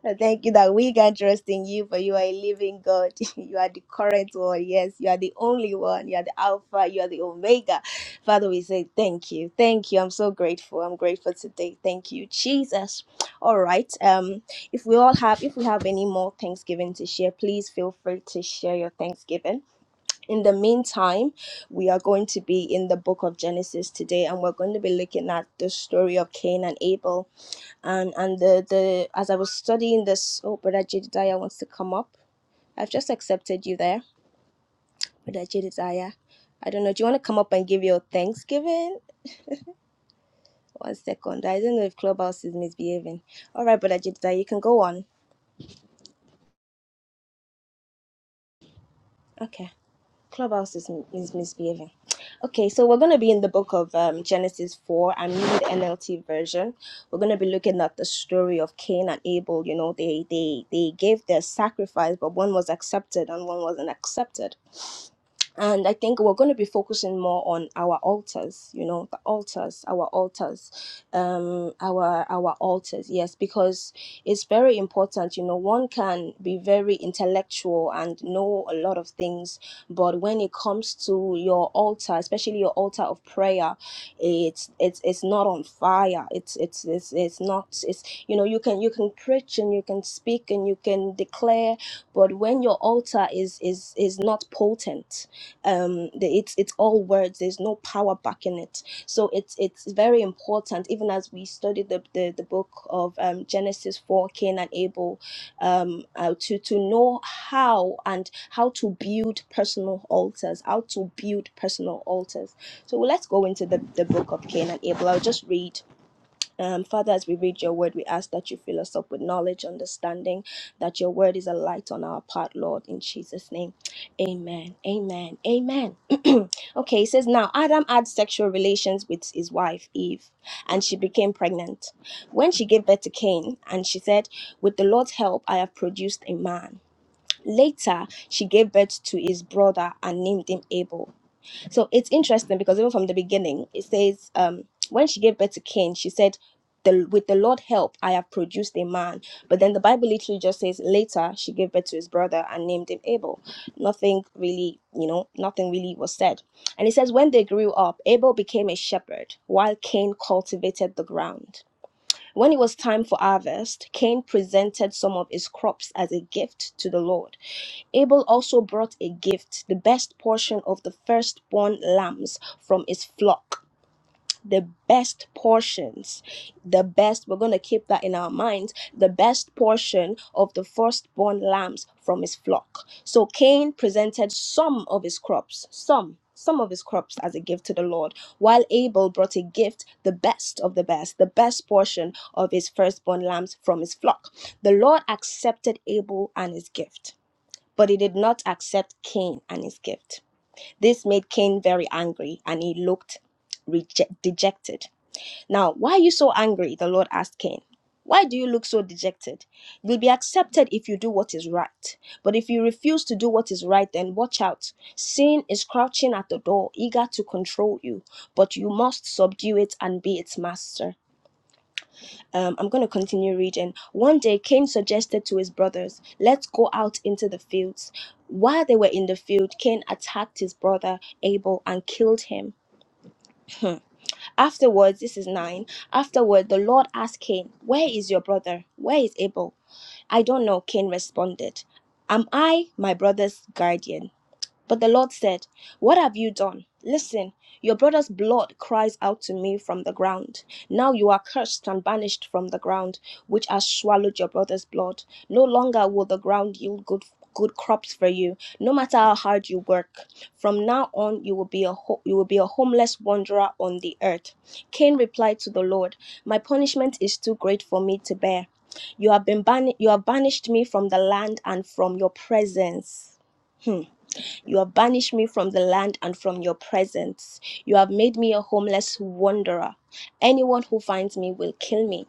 A: I Thank you that we can trust in you, for you are a living God. [LAUGHS] You are the current one. Yes, you are the only one. You are the Alpha. You are the Omega. Father, we say thank you. Thank you. I'm so grateful. I'm grateful today. Thank you, Jesus. All right. Um, if we all have, if we have any more Thanksgiving to share, please feel free to share your Thanksgiving. In the meantime, we are going to be in the book of Genesis today, and we're going to be looking at the story of Cain and Abel and and the the as I was studying this, oh, Brother Jedediah wants to come up. I've just accepted you there, Brother Jedediah. I don't know. Do you want to come up and give your Thanksgiving? One second. I don't know if Clubhouse is misbehaving. All right, Brother Jedediah, you can go on. Okay, Clubhouse is, is misbehaving. Okay, so we're going to be in the book of um, Genesis 4. I'm using the NLT version. We're going to be looking at the story of Cain and Abel. You know, they, they, they gave their sacrifice, but one was accepted and one wasn't accepted and I think we're going to be focusing more on our altars, you know, the altars, our altars, um, our our altars. Yes, because it's very important. You know, one can be very intellectual and know a lot of things, but when it comes to your altar, especially your altar of prayer, it's it's it's not on fire. It's it's it's it's not. It's you know, you can you can preach and you can speak and you can declare, but when your altar is is is not potent um the, it's it's all words there's no power back in it so it's it's very important even as we studied the the, the book of um, genesis 4 cain and abel um uh, to to know how and how to build personal altars how to build personal altars so let's go into the, the book of cain and abel i'll just read um, Father, as we read your word, we ask that you fill us up with knowledge, understanding, that your word is a light on our path, Lord, in Jesus' name. Amen. Amen. Amen. [CLEARS THROAT] okay, it says, Now Adam had sexual relations with his wife, Eve, and she became pregnant. When she gave birth to Cain, and she said, With the Lord's help, I have produced a man. Later, she gave birth to his brother and named him Abel. So it's interesting because even from the beginning, it says, um, when she gave birth to Cain, she said, the, with the Lord's help, I have produced a man. But then the Bible literally just says later she gave birth to his brother and named him Abel. Nothing really, you know, nothing really was said. And it says, when they grew up, Abel became a shepherd while Cain cultivated the ground. When it was time for harvest, Cain presented some of his crops as a gift to the Lord. Abel also brought a gift, the best portion of the firstborn lambs from his flock the best portions the best we're going to keep that in our minds the best portion of the firstborn lambs from his flock so cain presented some of his crops some some of his crops as a gift to the lord while abel brought a gift the best of the best the best portion of his firstborn lambs from his flock the lord accepted abel and his gift but he did not accept cain and his gift this made cain very angry and he looked reject- dejected now, why are you so angry? The Lord asked Cain. Why do you look so dejected? You'll be accepted if you do what is right. But if you refuse to do what is right, then watch out. Sin is crouching at the door, eager to control you, but you must subdue it and be its master. Um, I'm going to continue reading. One day, Cain suggested to his brothers, Let's go out into the fields. While they were in the field, Cain attacked his brother Abel and killed him. [LAUGHS] Afterwards, this is nine. Afterward, the Lord asked Cain, Where is your brother? Where is Abel? I don't know, Cain responded. Am I my brother's guardian? But the Lord said, What have you done? Listen, your brother's blood cries out to me from the ground. Now you are cursed and banished from the ground, which has swallowed your brother's blood. No longer will the ground yield good good crops for you, no matter how hard you work. From now on you will be a ho- you will be a homeless wanderer on the earth. Cain replied to the Lord, My punishment is too great for me to bear. You have been ban- you have banished me from the land and from your presence. Hmm. You have banished me from the land and from your presence. You have made me a homeless wanderer. Anyone who finds me will kill me.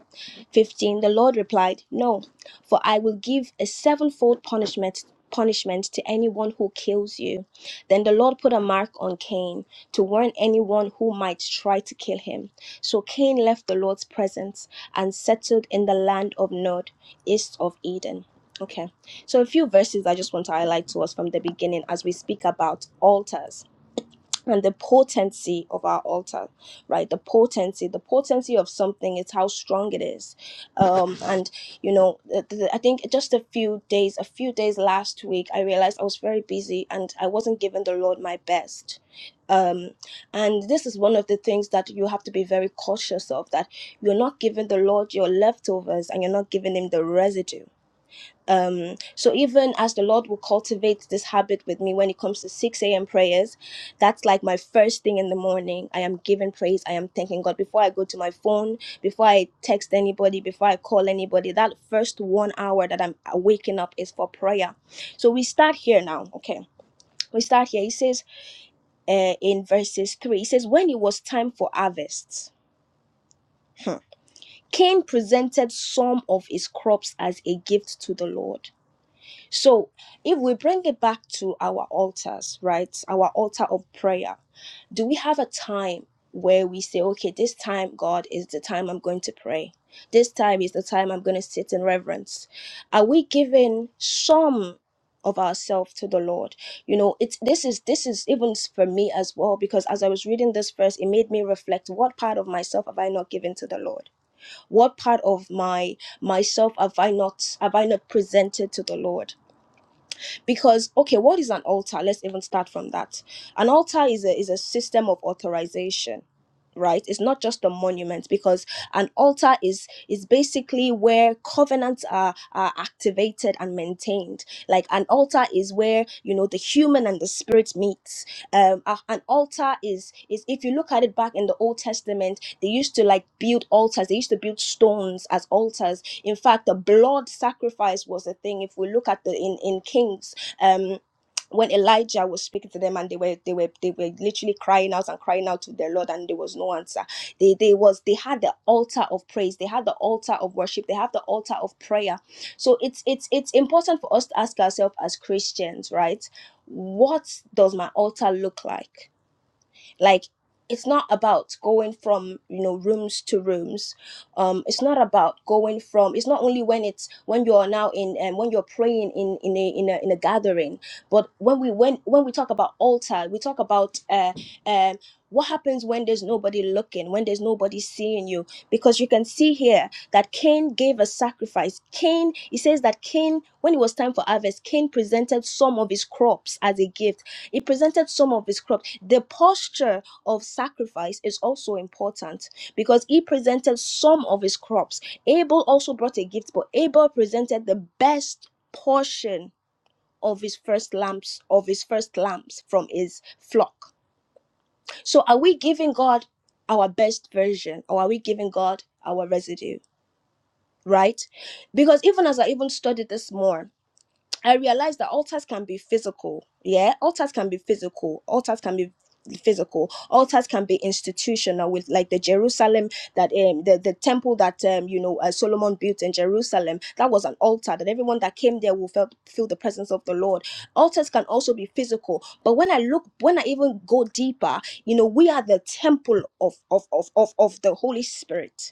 A: 15 The Lord replied, No, for I will give a sevenfold punishment punishment to anyone who kills you. Then the Lord put a mark on Cain to warn anyone who might try to kill him. So Cain left the Lord's presence and settled in the land of Nod, east of Eden. Okay. So a few verses I just want to highlight to us from the beginning as we speak about altars and the potency of our altar right the potency the potency of something is how strong it is um and you know th- th- i think just a few days a few days last week i realized i was very busy and i wasn't giving the lord my best um and this is one of the things that you have to be very cautious of that you're not giving the lord your leftovers and you're not giving him the residue um so even as the lord will cultivate this habit with me when it comes to 6 a.m prayers that's like my first thing in the morning i am giving praise i am thanking god before i go to my phone before i text anybody before i call anybody that first one hour that i'm waking up is for prayer so we start here now okay we start here he says uh, in verses 3 he says when it was time for harvest hmm, cain presented some of his crops as a gift to the lord So, if we bring it back to our altars, right, our altar of prayer, do we have a time where we say, okay, this time, God, is the time I'm going to pray? This time is the time I'm going to sit in reverence? Are we giving some? of ourselves to the lord you know it's this is this is even for me as well because as i was reading this verse it made me reflect what part of myself have i not given to the lord what part of my myself have i not have i not presented to the lord because okay what is an altar let's even start from that an altar is a is a system of authorization right it's not just a monument because an altar is is basically where covenants are are activated and maintained like an altar is where you know the human and the spirit meets um a- an altar is is if you look at it back in the old testament they used to like build altars they used to build stones as altars in fact the blood sacrifice was a thing if we look at the in in kings um when Elijah was speaking to them and they were they were they were literally crying out and crying out to their Lord and there was no answer. They they was they had the altar of praise, they had the altar of worship, they have the altar of prayer. So it's it's it's important for us to ask ourselves as Christians, right? What does my altar look like? like it's not about going from you know rooms to rooms um it's not about going from it's not only when it's when you're now in um, when you're praying in in a, in a in a gathering but when we when when we talk about altar we talk about uh um what happens when there's nobody looking when there's nobody seeing you because you can see here that cain gave a sacrifice cain he says that cain when it was time for harvest cain presented some of his crops as a gift he presented some of his crops. The posture of sacrifice is also important because he presented some of his crops. Abel also brought a gift, but Abel presented the best portion of his first lambs, of his first lambs from his flock. So are we giving God our best version or are we giving God our residue? Right? Because even as I even studied this more, I realized that altars can be physical. Yeah, altars can be physical. Altars can be physical. Altars can be institutional, with like the Jerusalem that um the, the temple that um you know uh, Solomon built in Jerusalem. That was an altar that everyone that came there will felt feel the presence of the Lord. Altars can also be physical. But when I look, when I even go deeper, you know, we are the temple of of of of, of the Holy Spirit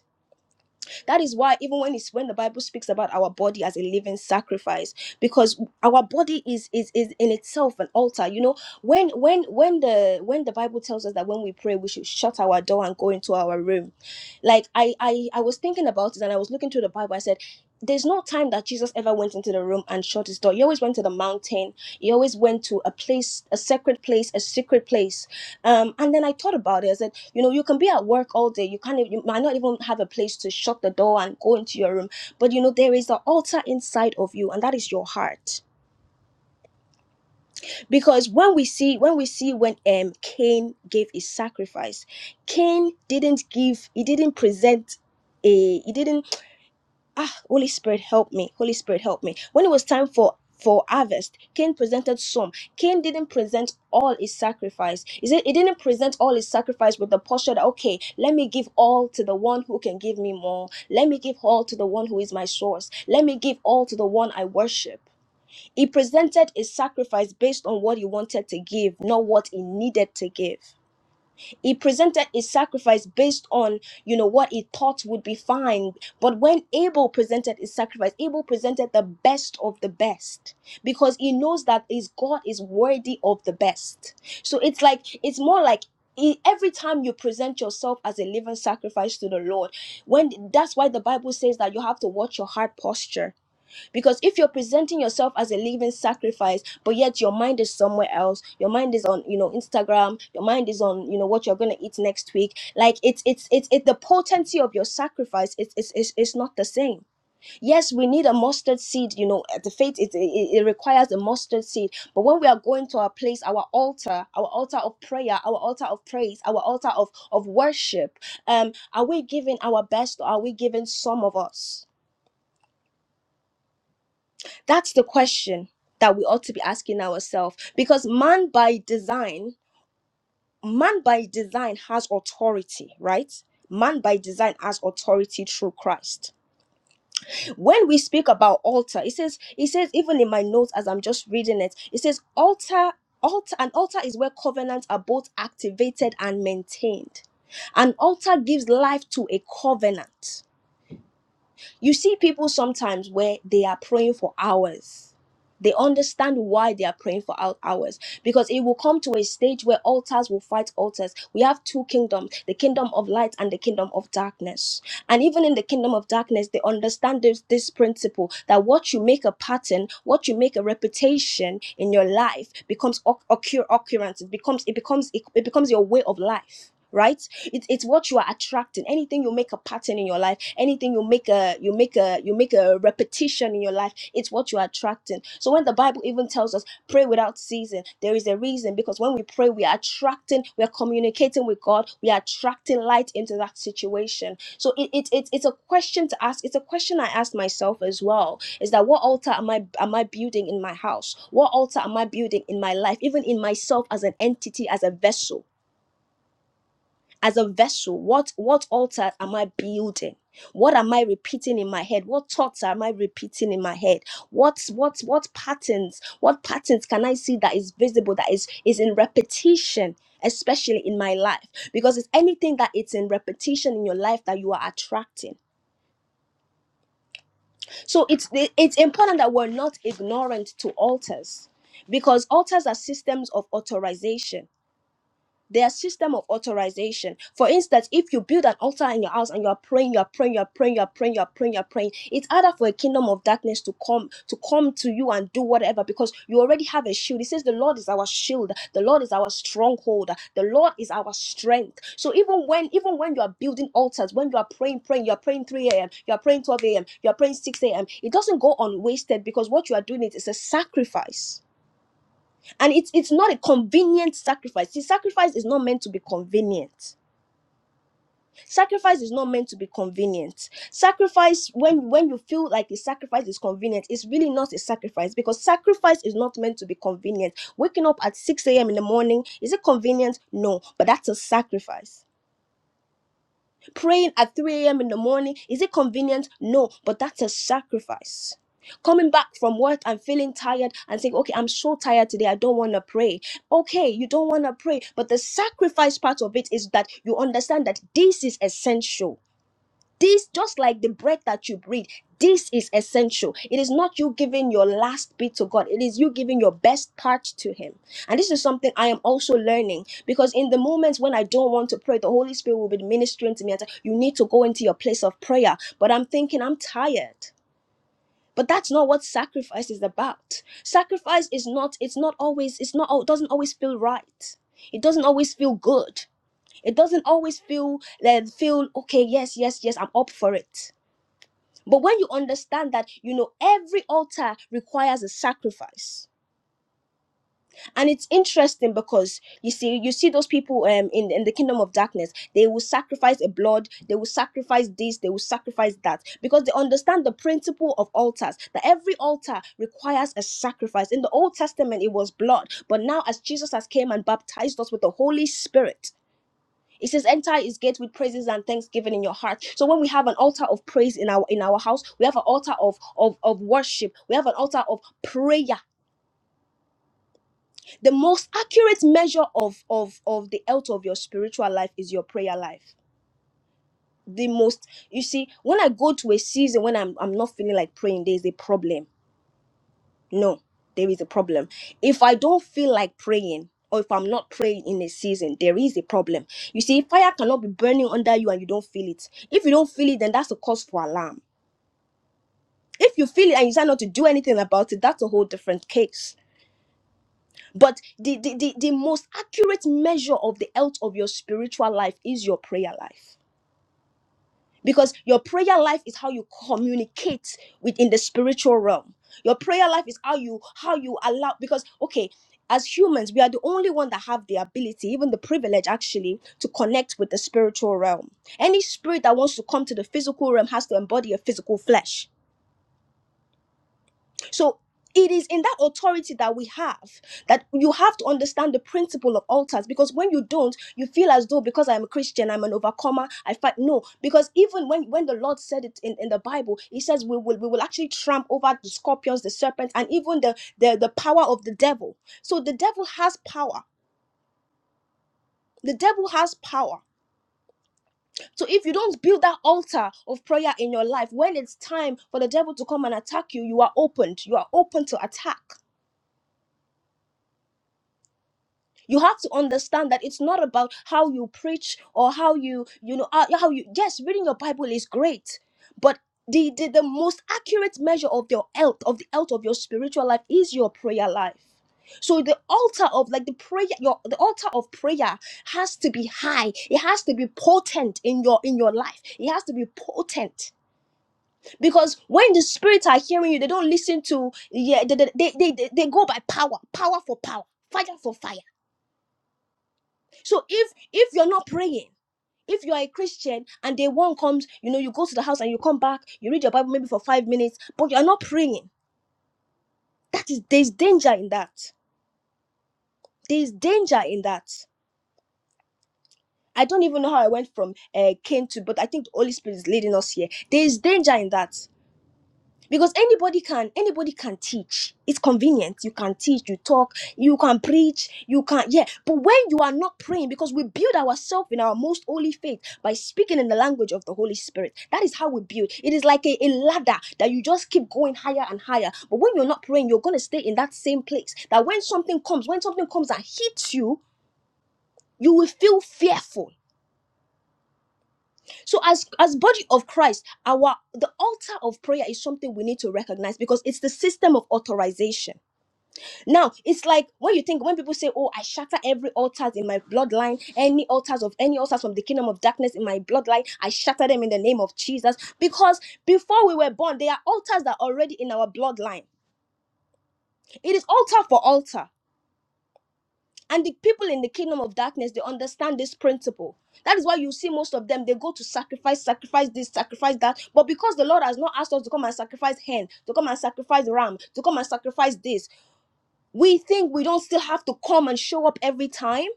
A: that is why even when it's when the Bible speaks about our body as a living sacrifice, because our body is is is in itself an altar. You know, when when when the when the Bible tells us that when we pray, we should shut our door and go into our room. Like I I I was thinking about it and I was looking through the Bible. I said. There's no time that Jesus ever went into the room and shut his door. He always went to the mountain. He always went to a place, a sacred place, a secret place. Um, and then I thought about it. I said you know, you can be at work all day. You can't. You might not even have a place to shut the door and go into your room. But you know, there is an altar inside of you, and that is your heart. Because when we see, when we see, when um Cain gave his sacrifice, Cain didn't give. He didn't present. A, he didn't ah holy spirit help me holy spirit help me when it was time for for harvest cain presented some cain didn't present all his sacrifice he said he didn't present all his sacrifice with the posture that okay let me give all to the one who can give me more let me give all to the one who is my source let me give all to the one i worship he presented a sacrifice based on what he wanted to give not what he needed to give he presented his sacrifice based on, you know, what he thought would be fine. But when Abel presented his sacrifice, Abel presented the best of the best because he knows that his God is worthy of the best. So it's like, it's more like e- every time you present yourself as a living sacrifice to the Lord, when that's why the Bible says that you have to watch your heart posture because if you're presenting yourself as a living sacrifice, but yet your mind is somewhere else, your mind is on, you know, Instagram, your mind is on, you know, what you're gonna eat next week. Like it's it's it's it the potency of your sacrifice is is is is not the same. Yes, we need a mustard seed, you know, at the faith it, it it requires a mustard seed. But when we are going to our place, our altar, our altar of prayer, our altar of praise, our altar of of worship, um, are we giving our best or are we giving some of us? That's the question that we ought to be asking ourselves because man by design, man by design has authority, right? Man by design has authority through Christ. When we speak about altar, it says, it says, even in my notes as I'm just reading it, it says, altar, altar, an altar is where covenants are both activated and maintained. An altar gives life to a covenant You see people sometimes where they are praying for hours. They understand why they are praying for hou- hours because it will come to a stage where altars will fight altars. We have two kingdoms the kingdom of light and the kingdom of darkness. And even in the kingdom of darkness, they understand this, this principle that what you make a pattern, what you make a reputation in your life becomes oc- occur occurrence. It becomes it becomes it, it becomes your way of life. Right? It's it's what you are attracting. Anything you make a pattern in your life, anything you make a you make a you make a repetition in your life, it's what you are attracting. So when the Bible even tells us pray without ceasing, there is a reason because when we pray, we are attracting, we are communicating with God, we are attracting light into that situation. So it, it, it it's a question to ask. It's a question I asked myself as well. Is that what altar am I am I building in my house? What altar am I building in my life? Even in myself as an entity, as a vessel as a vessel what what altar am i building what am i repeating in my head what thoughts am i repeating in my head what what what patterns what patterns can i see that is visible that is is in repetition especially in my life because it's anything that it's in repetition in your life that you are attracting so it's it's important that we're not ignorant to altars because altars are systems of authorization their system of authorization. For instance, if you build an altar in your house and you're praying, you're praying, you're praying, you're praying, you're praying, you're praying, it's harder for a kingdom of darkness to come to come to you and do whatever because you already have a shield. It says the Lord is our shield, the Lord is our stronghold, the Lord is our strength. So even when even when you are building altars, when you are praying, praying, you're praying 3 a.m., you're praying 12 a.m., you're praying 6 a.m., it doesn't go unwasted because what you are doing it is a sacrifice and it's it's not a convenient sacrifice see sacrifice is not meant to be convenient sacrifice is not meant to be convenient sacrifice when when you feel like a sacrifice is convenient it's really not a sacrifice because sacrifice is not meant to be convenient waking up at 6 a.m in the morning is it convenient no but that's a sacrifice Praying at 3 a.m. in the morning, is it convenient? No, but that's a sacrifice. Coming back from work and feeling tired and saying, okay, I'm so tired today, I don't want to pray. Okay, you don't want to pray, but the sacrifice part of it is that you understand that this is essential. This, just like the bread that you breathe, this is essential. It is not you giving your last bit to God, it is you giving your best part to Him. And this is something I am also learning because in the moments when I don't want to pray, the Holy Spirit will be ministering to me and say, You need to go into your place of prayer. But I'm thinking, I'm tired. But that's not what sacrifice is about. Sacrifice is not, it's not always, it's not, it doesn't always feel right. It doesn't always feel good. It doesn't always feel, uh, feel, okay, yes, yes, yes, I'm up for it but when you understand that, you know, every altar requires a sacrifice. And it's interesting because you see, you see those people um, in, in the kingdom of darkness, they will sacrifice a blood, they will sacrifice this, they will sacrifice that, because they understand the principle of altars, that every altar requires a sacrifice. In the Old Testament, it was blood, but now as Jesus has came and baptized us with the Holy Spirit, it says, "Enter his gate with praises and thanksgiving in your heart." So when we have an altar of praise in our in our house, we have an altar of of of worship. We have an altar of prayer. The most accurate measure of of of the health of your spiritual life is your prayer life. The most you see, when I go to a season when I'm I'm not feeling like praying, there is a problem No, there is a problem. If I don't feel like praying, or if I'm not praying in a season, there is a problem. You see, fire cannot be burning under you and you don't feel it. If you don't feel it, then that's a cause for alarm. If you feel it and you decide not to do anything about it, that's a whole different case. But the, the, the, the most accurate measure of the health of your spiritual life is your prayer life. because your prayer life is how you communicate within the spiritual realm your prayer life is how you how you allow because okay as humans we are the only one that have the ability even the privilege actually to connect with the spiritual realm any spirit that wants to come to the physical realm has to embody a physical flesh so it is in that authority that we have that you have to understand the principle of altars because when you don't, you feel as though because I'm a Christian, I'm an overcomer, I fight. No, because even when, when the Lord said it in, in the Bible, He says we will we will actually tramp over the scorpions, the serpents, and even the, the, the power of the devil. So the devil has power. The devil has power. So if you don't build that altar of prayer in your life, when it's time for the devil to come and attack you, you are opened. You are open to attack. you have to understand that it's not about how you preach or how you you know uh, how you yes reading your bible is great but the, the the most accurate measure of your health of the health of your spiritual life is your prayer life so the altar of like the prayer your the altar of prayer has to be high it has to be potent in your in your life it has to be potent because when the spirits are hearing you they don't listen to yeah they they, they, they, they go by power power for power fire for fire so if if you're not praying, if you are a Christian and day one comes, you know, you go to the house and you come back, you read your Bible maybe for five minutes, but you're not praying. That is there's danger in that. There's danger in that. I don't even know how I went from uh, Cain to, but I think the Holy Spirit is leading us here. There is danger in that. because anybody can anybody can teach it's convenient you can teach you talk you can preach you can yeah but when you are not praying because we build ourselves in our most holy faith by speaking in the language of the holy spirit that is how we build it is like a, a ladder that you just keep going higher and higher but when you're not praying you're going to stay in that same place that when something comes when something comes and hits you you will feel fearful so as as body of christ our the altar of prayer is something we need to recognize because it's the system of authorization now it's like when you think when people say oh i shatter every altars in my bloodline any altars of any altars from the kingdom of darkness in my bloodline i shatter them in the name of jesus because before we were born there are altars that are already in our bloodline it is altar for altar And the people in the kingdom of darkness, they understand this principle. That is why you see most of them, they go to sacrifice, sacrifice this, sacrifice that. But because the Lord has not asked us to come and sacrifice hen, to come and sacrifice ram, to come and sacrifice this, we think we don't still have to come and show up every time.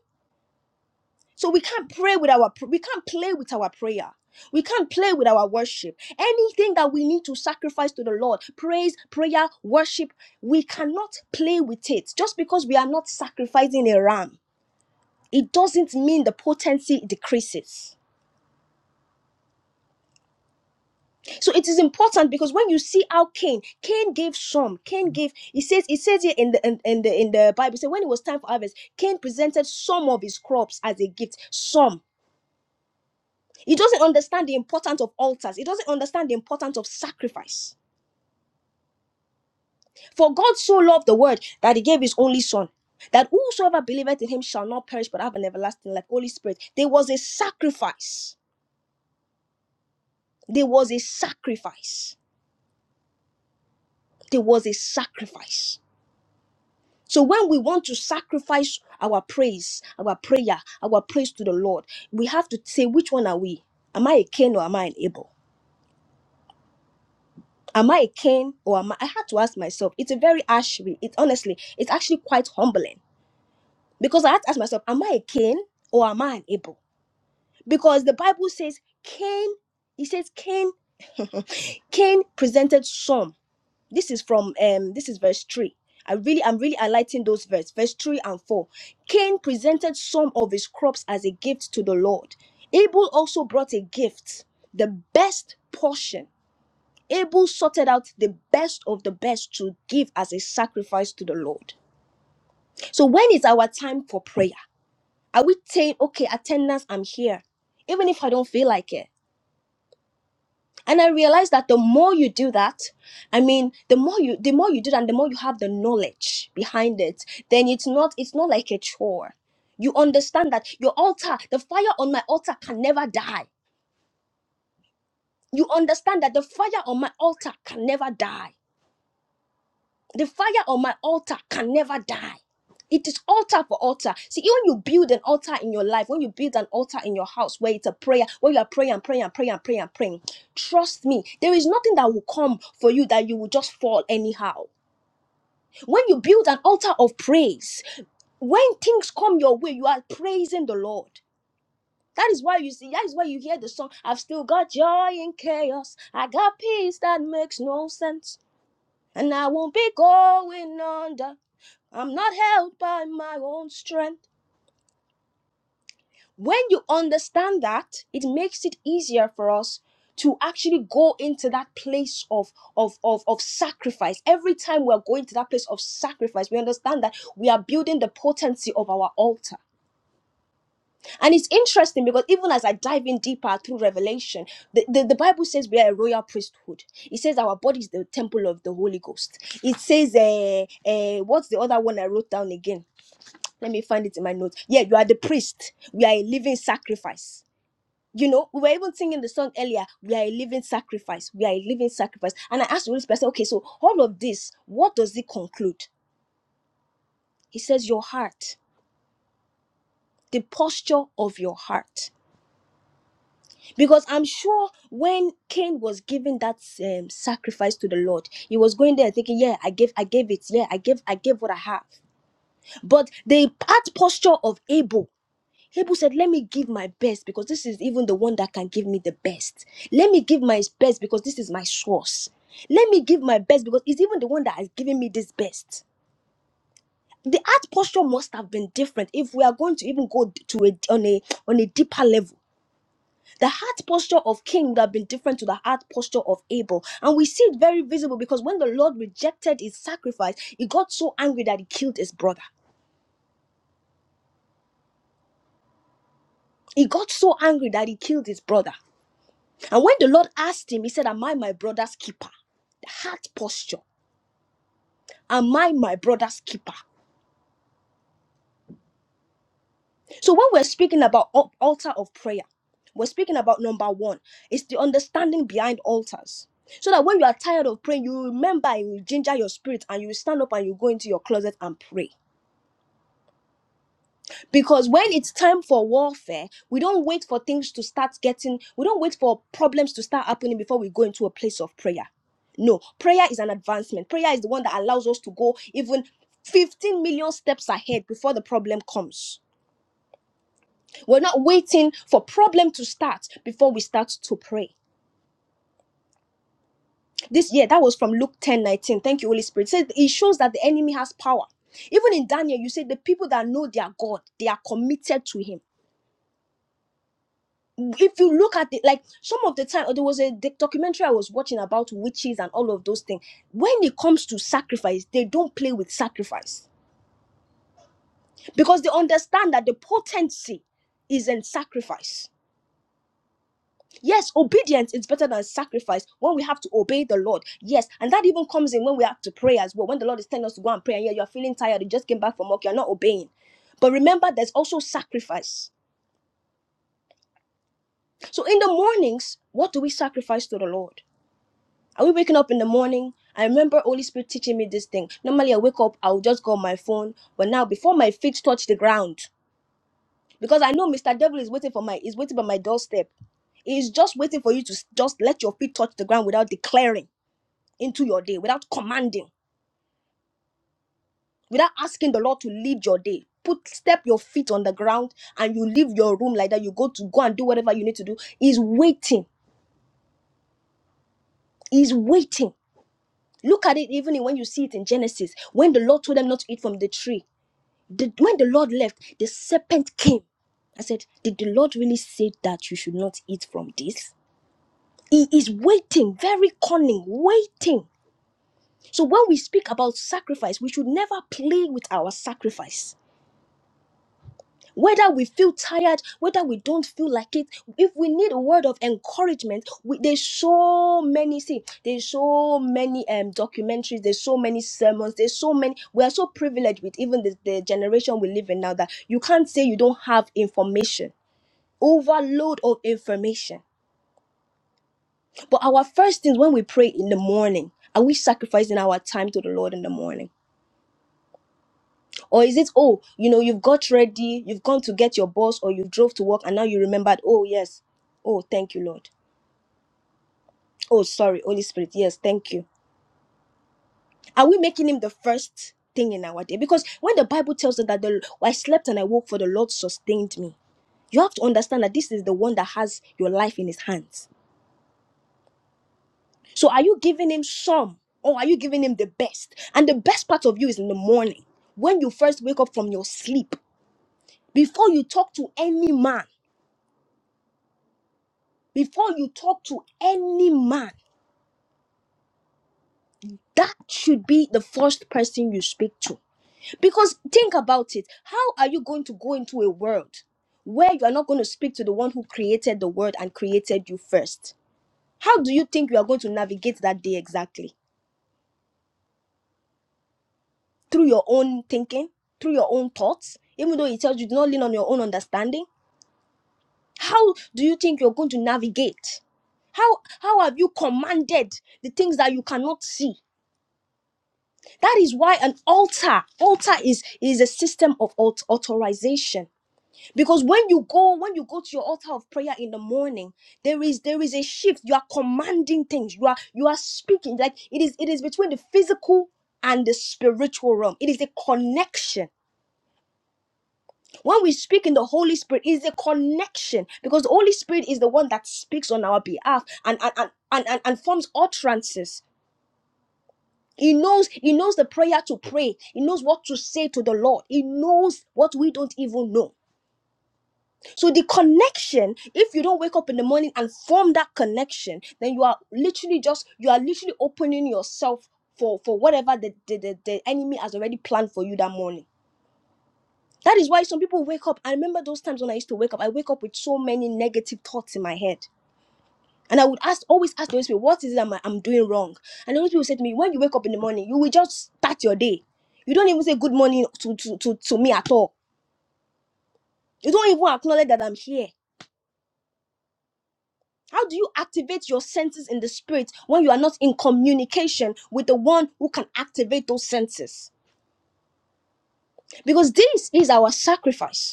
A: So we can't pray with our, we can't play with our prayer. We can't play with our worship. Anything that we need to sacrifice to the Lord, praise, prayer, worship, we cannot play with it just because we are not sacrificing a ram it doesn't mean the potency decreases. So it is important because when you see how Cain, Cain gave some, Cain gave. It says it says here in the in, in the in the Bible, say when it was time for harvest, Cain presented some of his crops as a gift. Some. He doesn't understand the importance of altars. He doesn't understand the importance of sacrifice. For God so loved the world that He gave His only Son, that whosoever believeth in Him shall not perish but have an everlasting life. Holy Spirit, there was a sacrifice. There was a sacrifice There was a sacrifice. So when we want to sacrifice our praise, our prayer, our praise to the Lord, we have to say, which one are we? Am I a Cain or am I an Abel? Am I a Cain or am I? I had to ask myself. It's a very ash. It honestly, it's actually quite humbling because I had to ask myself, am I a Cain or am I an Abel? Because the Bible says Cain. He says Cain. Cain presented some. this is from um this is verse 3 i really i'm really highlighting those verse verse 3 and 4 cain presented some of his crops as a gift to the lord abel also brought a gift the best portion abel sorted out the best of the best to give as a sacrifice to the lord so when is our time for prayer are we saying okay attendance i'm here even if i don't feel like it and i realized that the more you do that i mean the more you the more you do that and the more you have the knowledge behind it then it's not it's not like a chore you understand that your altar the fire on my altar can never die you understand that the fire on my altar can never die The fire on my altar can never die. It is altar for altar. See, when you build an altar in your life, when you build an altar in your house where it's a prayer, where you are praying and praying and praying and praying and praying, trust me, there is nothing that will come for you that you will just fall anyhow. When you build an altar of praise, when things come your way, you are praising the Lord. That is why you see, that is why you hear the song, I've still got joy in chaos. I got peace that makes no sense. And I won't be going under. I'm not held by my own strength. When you understand that, it makes it easier for us to actually go into that place of, of, of, of sacrifice. Every time we are going to that place of sacrifice, we understand that we are building the potency of our altar. And it's interesting because even as I dive in deeper through Revelation, the, the, the Bible says we are a royal priesthood. It says our body is the temple of the Holy Ghost. It says, uh, uh, what's the other one I wrote down again? let me find it in my notes. Yeah, you are the priest. We are a living sacrifice. You know, we were even singing the song earlier. We are a living sacrifice. We are a living sacrifice. And I asked the Holy Spirit, I said, okay, so all of this, what does it conclude? He says, your heart, the posture of your heart. Because I'm sure when Cain was giving that um, sacrifice to the Lord, he was going there thinking, yeah, I gave, I gave it. Yeah, I gave, I gave what I have. But the heart posture of Abel Abel said, Let me give my best because this is even the one that can give me the best. Let me give my best because this is my source. Let me give my best because it's even the one that has given me this best. The heart posture must have been different if we are going to even go to a on a on a deeper level. The heart posture of King would have been different to the heart posture of Abel, and we see it very visible because when the Lord rejected his sacrifice, he got so angry that he killed his brother. He got so angry that he killed his brother. And when the Lord asked him, he said, Am I my brother's keeper? The heart posture. Am I my brother's keeper? So when we're speaking about al- altar of prayer, we're speaking about number one, it's the understanding behind altars. So that when you are tired of praying, you remember, you will ginger your spirit, and you will stand up and you go into your closet and pray. Because when it's time for warfare, we don't wait for things to start getting, we don't wait for problems to start happening before we go into a place of prayer. No, prayer is an advancement. Prayer is the one that allows us to go even 15 million steps ahead before the problem comes. We're not waiting for problem to start before we start to pray. This year, that was from Luke 10 19. Thank you, Holy Spirit. It says it shows that the enemy has power. Even in Daniel, you say the people that know their God, they are committed to him. if you look at it like some of the time oh, there was a doc- documentary i was watching about witches and all of those things when it comes to sacrifice they don't play with sacrifice because they understand that the potency is in sacrifice yes obedience is better than sacrifice when we have to obey the lord yes and that even comes in when we have to pray as well when the lord is telling us to go and pray and yeah you're feeling tired you just came back from work you're not obeying but remember there's also sacrifice so in the mornings what do we sacrifice to the lord Are we waking up in the morning? I remember Holy Spirit teaching me this thing. Normally, I wake up, I'll just go on my phone. But now, before my feet touch the ground, because I know Mr. Devil is waiting for my, is waiting by my doorstep. He is just waiting for you to s- just let your feet touch the ground without declaring into your day, without commanding, without asking the Lord to lead your day. Put step your feet on the ground and you leave your room like that. You go to go and do whatever you need to do. He's waiting. He's waiting. Look at it even when you see it in Genesis, when the Lord told them not to eat from the tree. The- when the Lord left, the serpent came. I said, Did the Lord really say that you should not eat from this? He is waiting, very cunning, waiting. So when we speak about sacrifice, we should never play with our sacrifice whether we feel tired whether we don't feel like it if we need a word of encouragement we, there's so many see there's so many um documentaries there's so many sermons there's so many we are so privileged with even the, the generation we live in now that you can't say you don't have information overload of information but our first things when we pray in the morning are we sacrificing our time to the lord in the morning Or is it, oh, you know, you've got ready, you've gone to get your boss, or you drove to work, and now you remembered, oh, yes, oh, thank you, Lord. Oh, sorry, Holy Spirit, yes, thank you. Are we making Him the first thing in our day? Because when the Bible tells us that the, I slept and I woke, for the Lord sustained me, you have to understand that this is the one that has your life in His hands. So are you giving Him some, or are you giving Him the best? And the best part of you is in the morning when you first wake up from your sleep, before you talk to any man. Before you talk to any man, that should be the first person you speak to. Because think about it how are you going to go into a world where you are not going to speak to the one who created the world and created you first? How do you think you are going to navigate that day exactly? Through your own thinking, through your own thoughts, even though it tells you do not lean on your own understanding? How do you think you're going to navigate? How how have you commanded the things that you cannot see? That is why an altar, altar is, is a system of aut- authorization. Because when you go, when you go to your altar of prayer in the morning, there is there is a shift. You are commanding things. You are you are speaking. Like it is it is between the physical and the spiritual realm. It is a connection. When we speak in the Holy Spirit, it is a connection because the Holy Spirit is the one that speaks on our behalf and and, and, and, and, and forms utterances He knows, he knows the prayer to pray. He knows what to say to the Lord. He knows what we don't even know. So the connection, if you don't wake up in the morning and form that connection, then you are literally just, you are literally opening yourself for, for whatever the, the, the, the enemy has already planned for you that morning. That is why some people wake up. I remember those times when I used to wake up. I wake up with so many negative thoughts in my head. And I would ask, always ask the Holy Spirit, what is it that I'm, I'm doing wrong? And the Holy Spirit would say to me, when you wake up in the morning, you will just start your day. You don't even say good morning to, to, to, to me at all. You don't even acknowledge that I'm here. How do you activate your senses in the spirit when you are not in communication with the one who can activate those senses? Because this is our sacrifice.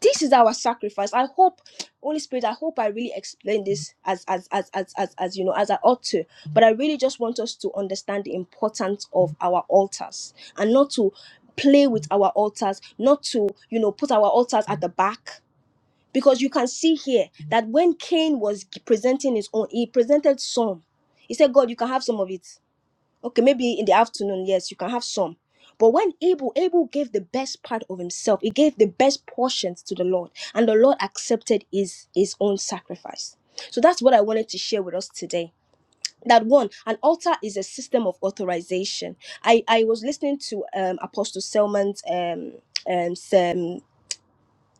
A: this is our sacrifice i hope holy spirit i hope i really explain this as as as as as, as you know as i ought to but i really just want us to understand the importance of our altars and not to play with our altars not to you know put our altars at the back because you can see here that when cain was presenting his own he presented some he said god you can have some of it Okay, maybe in the afternoon, yes, you can have some. But when Abel, Abel gave the best part of himself, he gave the best portions to the Lord, and the Lord accepted his, his own sacrifice. So that's what I wanted to share with us today. That one, an altar is a system of authorization. I, I was listening to um, Apostle Selman's um, um,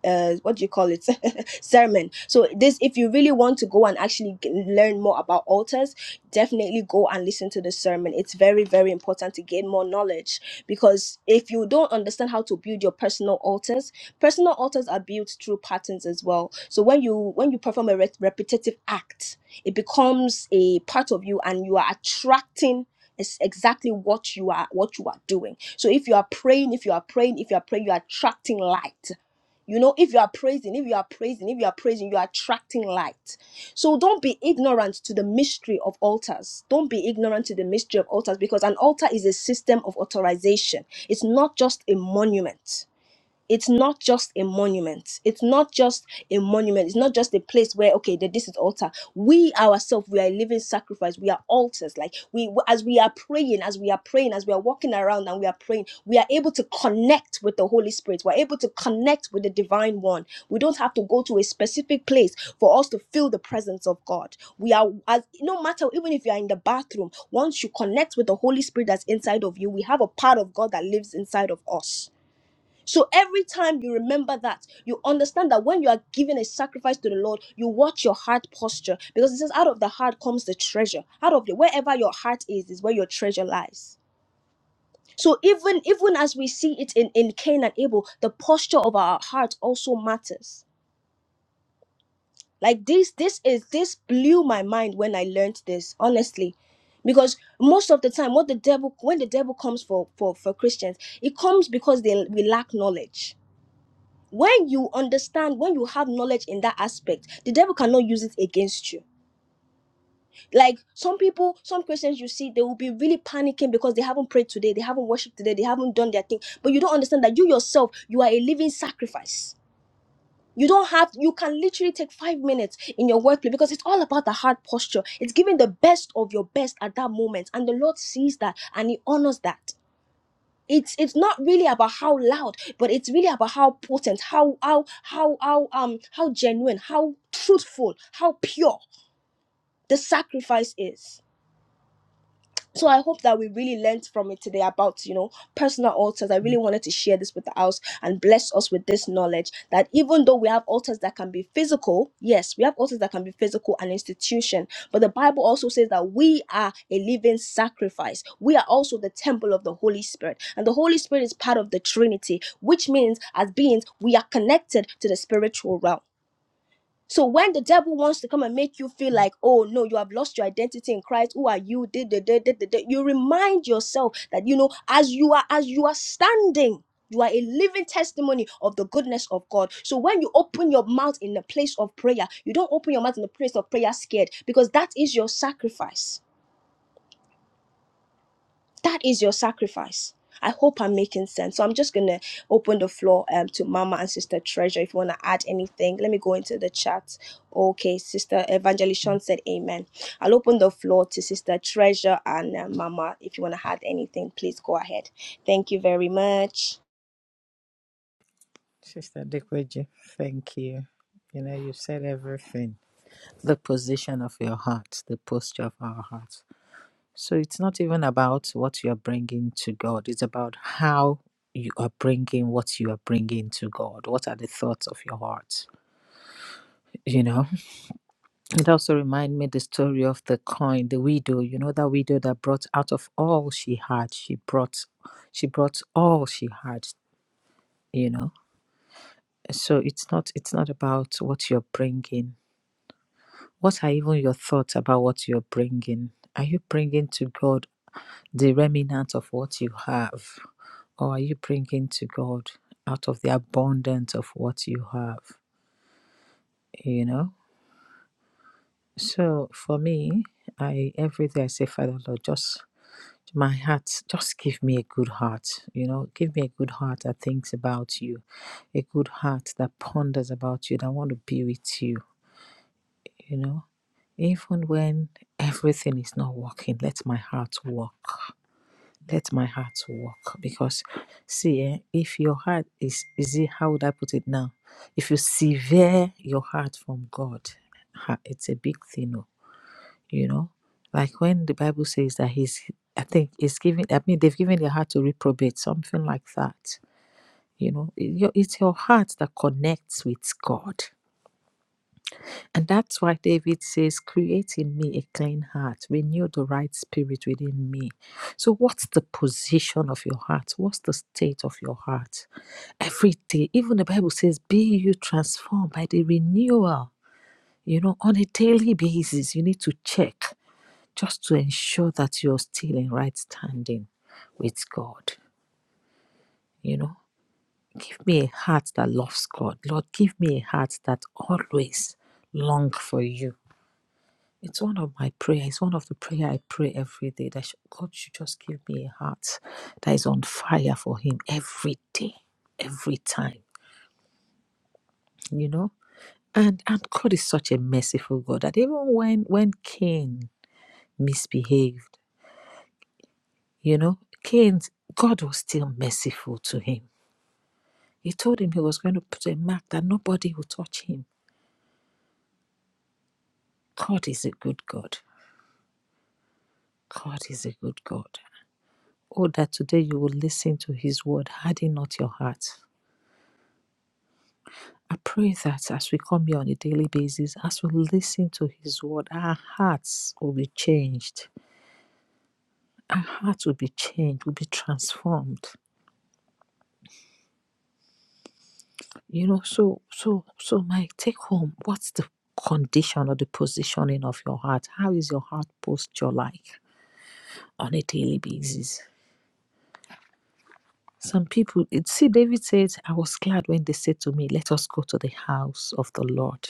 A: uh, what do you call it [LAUGHS] sermon so this if you really want to go and actually g- learn more about altars definitely go and listen to the sermon it's very very important to gain more knowledge because if you don't understand how to build your personal altars personal altars are built through patterns as well so when you when you perform a re- repetitive act it becomes a part of you and you are attracting is exactly what you are what you are doing so if you are praying if you are praying if you are praying you are attracting light you know, if you are praising, if you are praising, if you are praising, you are attracting light. So don't be ignorant to the mystery of altars. Don't be ignorant to the mystery of altars because an altar is a system of authorization. It's not just a monument it's not just a monument it's not just a monument it's not just a place where okay that this is altar we ourselves we are a living sacrifice we are altars like we as we are praying as we are praying as we are walking around and we are praying we are able to connect with the holy spirit we're able to connect with the divine one we don't have to go to a specific place for us to feel the presence of god we are as no matter even if you are in the bathroom once you connect with the holy spirit that's inside of you we have a part of god that lives inside of us so every time you remember that, you understand that when you are giving a sacrifice to the Lord, you watch your heart posture because it says, out of the heart comes the treasure. Out of the wherever your heart is, is where your treasure lies. So even even as we see it in, in Cain and Abel, the posture of our heart also matters. Like this, this is this blew my mind when I learned this, honestly. Because most of the time, what the devil when the devil comes for for, for Christians, it comes because they we lack knowledge when you understand when you have knowledge in that aspect the devil cannot use it against you like some people some christians you see they will be really panicking because they haven't prayed today they haven't worshiped today they haven't done their thing but you don't understand that you yourself you are a living sacrifice you don't have you can literally take five minutes in your workplace because it's all about the heart posture it's giving the best of your best at that moment and the lord sees that and he honors that it's it's not really about how loud but it's really about how potent how how how how um how genuine how truthful how pure the sacrifice is so I hope that we really learned from it today about, you know, personal altars. I really wanted to share this with the house and bless us with this knowledge that even though we have altars that can be physical, yes, we have altars that can be physical and institution, but the Bible also says that we are a living sacrifice. We are also the temple of the Holy Spirit. And the Holy Spirit is part of the Trinity, which means as beings, we are connected to the spiritual realm. So when the devil wants to come and make you feel like, oh no, you have lost your identity in Christ. Who are you? Did did did did did- did," You remind yourself that you know, as you are as you are standing. You are a living testimony of the goodness of God. So when you open your mouth in the place of prayer, you don't open your mouth in the place of prayer scared because that is your sacrifice. That is your sacrifice. I hope I'm making sense. So I'm just gonna open the floor um to Mama and Sister Treasure. If you wanna add anything, let me go into the chat. Okay, Sister Evangelishon said Amen. I'll open the floor to Sister Treasure and uh, Mama. If you wanna add anything, please go ahead. Thank you very much.
B: Sister Dekweji, thank you. You know, you said everything. The position of your heart, the posture of our heart. So it's not even about what you are bringing to God, it's about how you are bringing what you are bringing to God. What are the thoughts of your heart? You know, it also reminds me the story of the coin, the widow, you know, that widow that brought out of all she had, she brought, she brought all she had, you know. So it's not, it's not about what you're bringing. What are even your thoughts about what you're bringing? Are you bringing to God? the remnant of what you have? Or are you bringing to God out of the abundance of what you have? You know? So for me, I every day I say, Father Lord, just my heart, just give me a good heart. You know, give me a good heart that thinks about you, a good heart that ponders about you, that want to be with you, you know. Even when everything is not working, let my heart work let my heart work because see eh, if your heart is is it how would i put it now if you sever your heart from god ha, it's a big thing oh, you know like when the bible says that he's i think it's giving i mean they've given their heart to reprobate something like that you know It- your- it's your heart that connects with god and that's why David says, Create in me a clean heart, renew the right spirit within me. So, what's the position of your heart? What's the state of your heart? Every day, even the Bible says, Be you transformed by the renewal. You know, on a daily basis, you need to check just to ensure that you're still in right standing with God. You know, give me a heart that loves God. Lord, give me a heart that always longs for you It's one of my prayer. It's one of the prayer I pray every day that God should just give me a heart that is on fire for Him every day, every time. You know, and and God is such a merciful God that even when when Cain misbehaved, you know, Cain God was still merciful to him. He told him he was going to put a mark that nobody would touch him. God is a good God. God is a good God. Oh, that today you will listen to His word, harden not your heart I pray that as we come here on a daily basis, as we listen to His word, our hearts will be changed. Our hearts will be changed, will be transformed. You know, so so so my take home, what's the condition or the positioning of your heart? How is your heart posture like on a daily basis? Some people it- see David says, I was glad when they said to me, Let us go to the house of the Lord.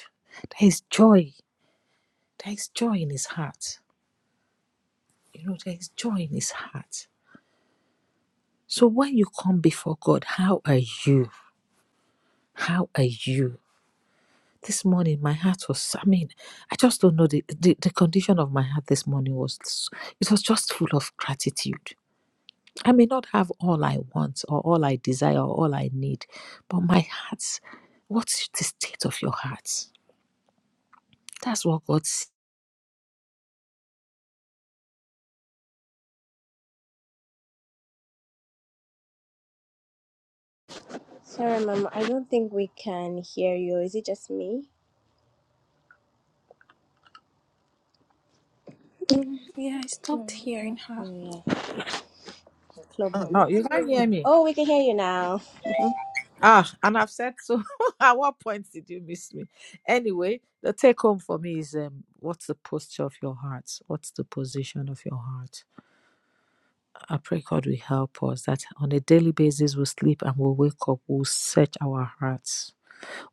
B: There is joy. There is joy in his heart. You know, there is joy in his heart So when you come before God, how are you? How are you? This morning, my heart was, I mean, I just don't know. The, the, the condition of my heart this morning was, it was just full of gratitude. I may not have all I want or all I desire or all I need, but my heart, what's the state of your heart? That's what God sees.
A: Sorry, Mama, I don't think we can hear you. Is it just me?
E: Yeah, I stopped hearing her.
A: Yeah, club.
B: Oh, you can't hear me.
A: Oh, we can hear you now.
B: Ah, and I've said so. [LAUGHS] At what point did you miss me? Anyway, the take home for me is um, what's the posture of your heart? What's the position of your heart? I pray God will help us that on a daily basis we'll sleep and we'll wake up, we'll search our hearts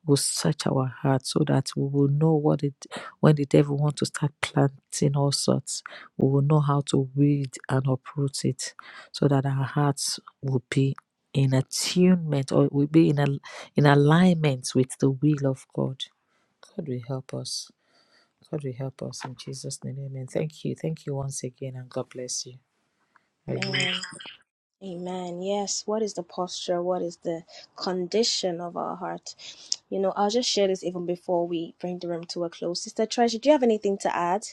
B: will search our hearts so that we will know what it when the devil wants to start planting all sorts, we will know how to weed and uproot it so that our hearts will be in attunement or will be in a in alignment with the will of God. God will help us. God will help us in Jesus' name. Amen. Thank you. Thank you once again and God bless you. I yield.
A: Amen. Amen. Yes. What is the posture? What is the condition of our heart? You know, I'll just share this even before we bring the room to a close. Sister Treasure, do you have anything to add?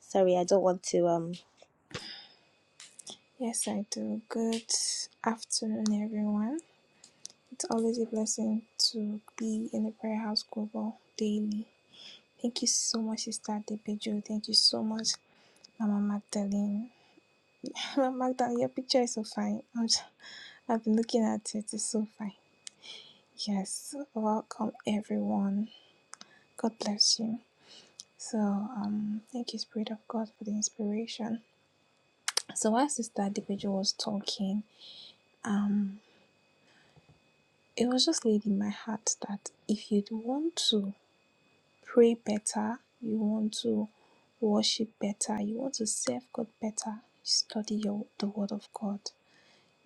A: Sorry, I don't want to. Um.
E: Yes, I do. Good afternoon, everyone. It's always a blessing to be in the Prayer House Global daily. Thank you so much, Sister Depejo. Thank you so much, Mama Magdalene. [LAUGHS] Mama Magdalene, your picture is so fine. I'm just, I've been looking at it. It's so fine. Yes, welcome, everyone. God bless you. So, um, thank you, Spirit of God, for the inspiration. So, while Sister Depejo was talking, um. it was just laid in my heart that if you want to pray better, you want to worship better, you want to serve God better, study your, the Word of God.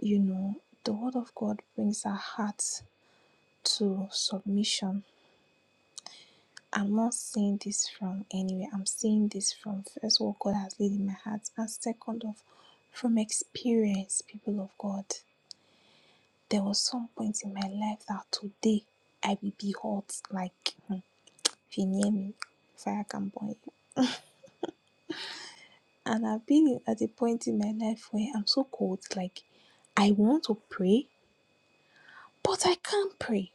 E: You know, the Word of God brings our hearts to submission. I'm not saying this from anywhere. I'm saying this from first what God has laid in my heart, and second of from experience, people of God. There was some point in my life that today I will be hot like if you near me, fire can burn you. And I've been at a point in my life where I'm so cold, like I want to pray, but I can't pray,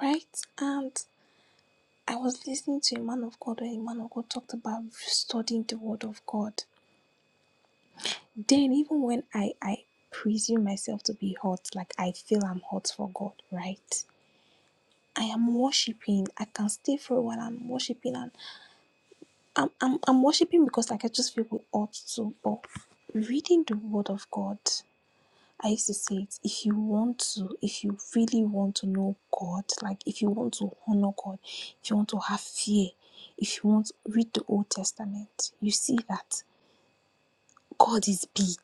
E: right? And I was listening to a man of God where a man of God talked about studying the word of God. Then even when I I presume myself to be hot, like I feel I'm hot for God, right? I am worshiping. I can stay for a while. I'm worshiping, and I'm, I'm, I'm worshiping because like I just feel we ought to, but reading the word of God, I used to say it, if you want to, if you really want to know God, like if you want to honor God, if you want to have fear, if you want to read the Old Testament, you see that God is big,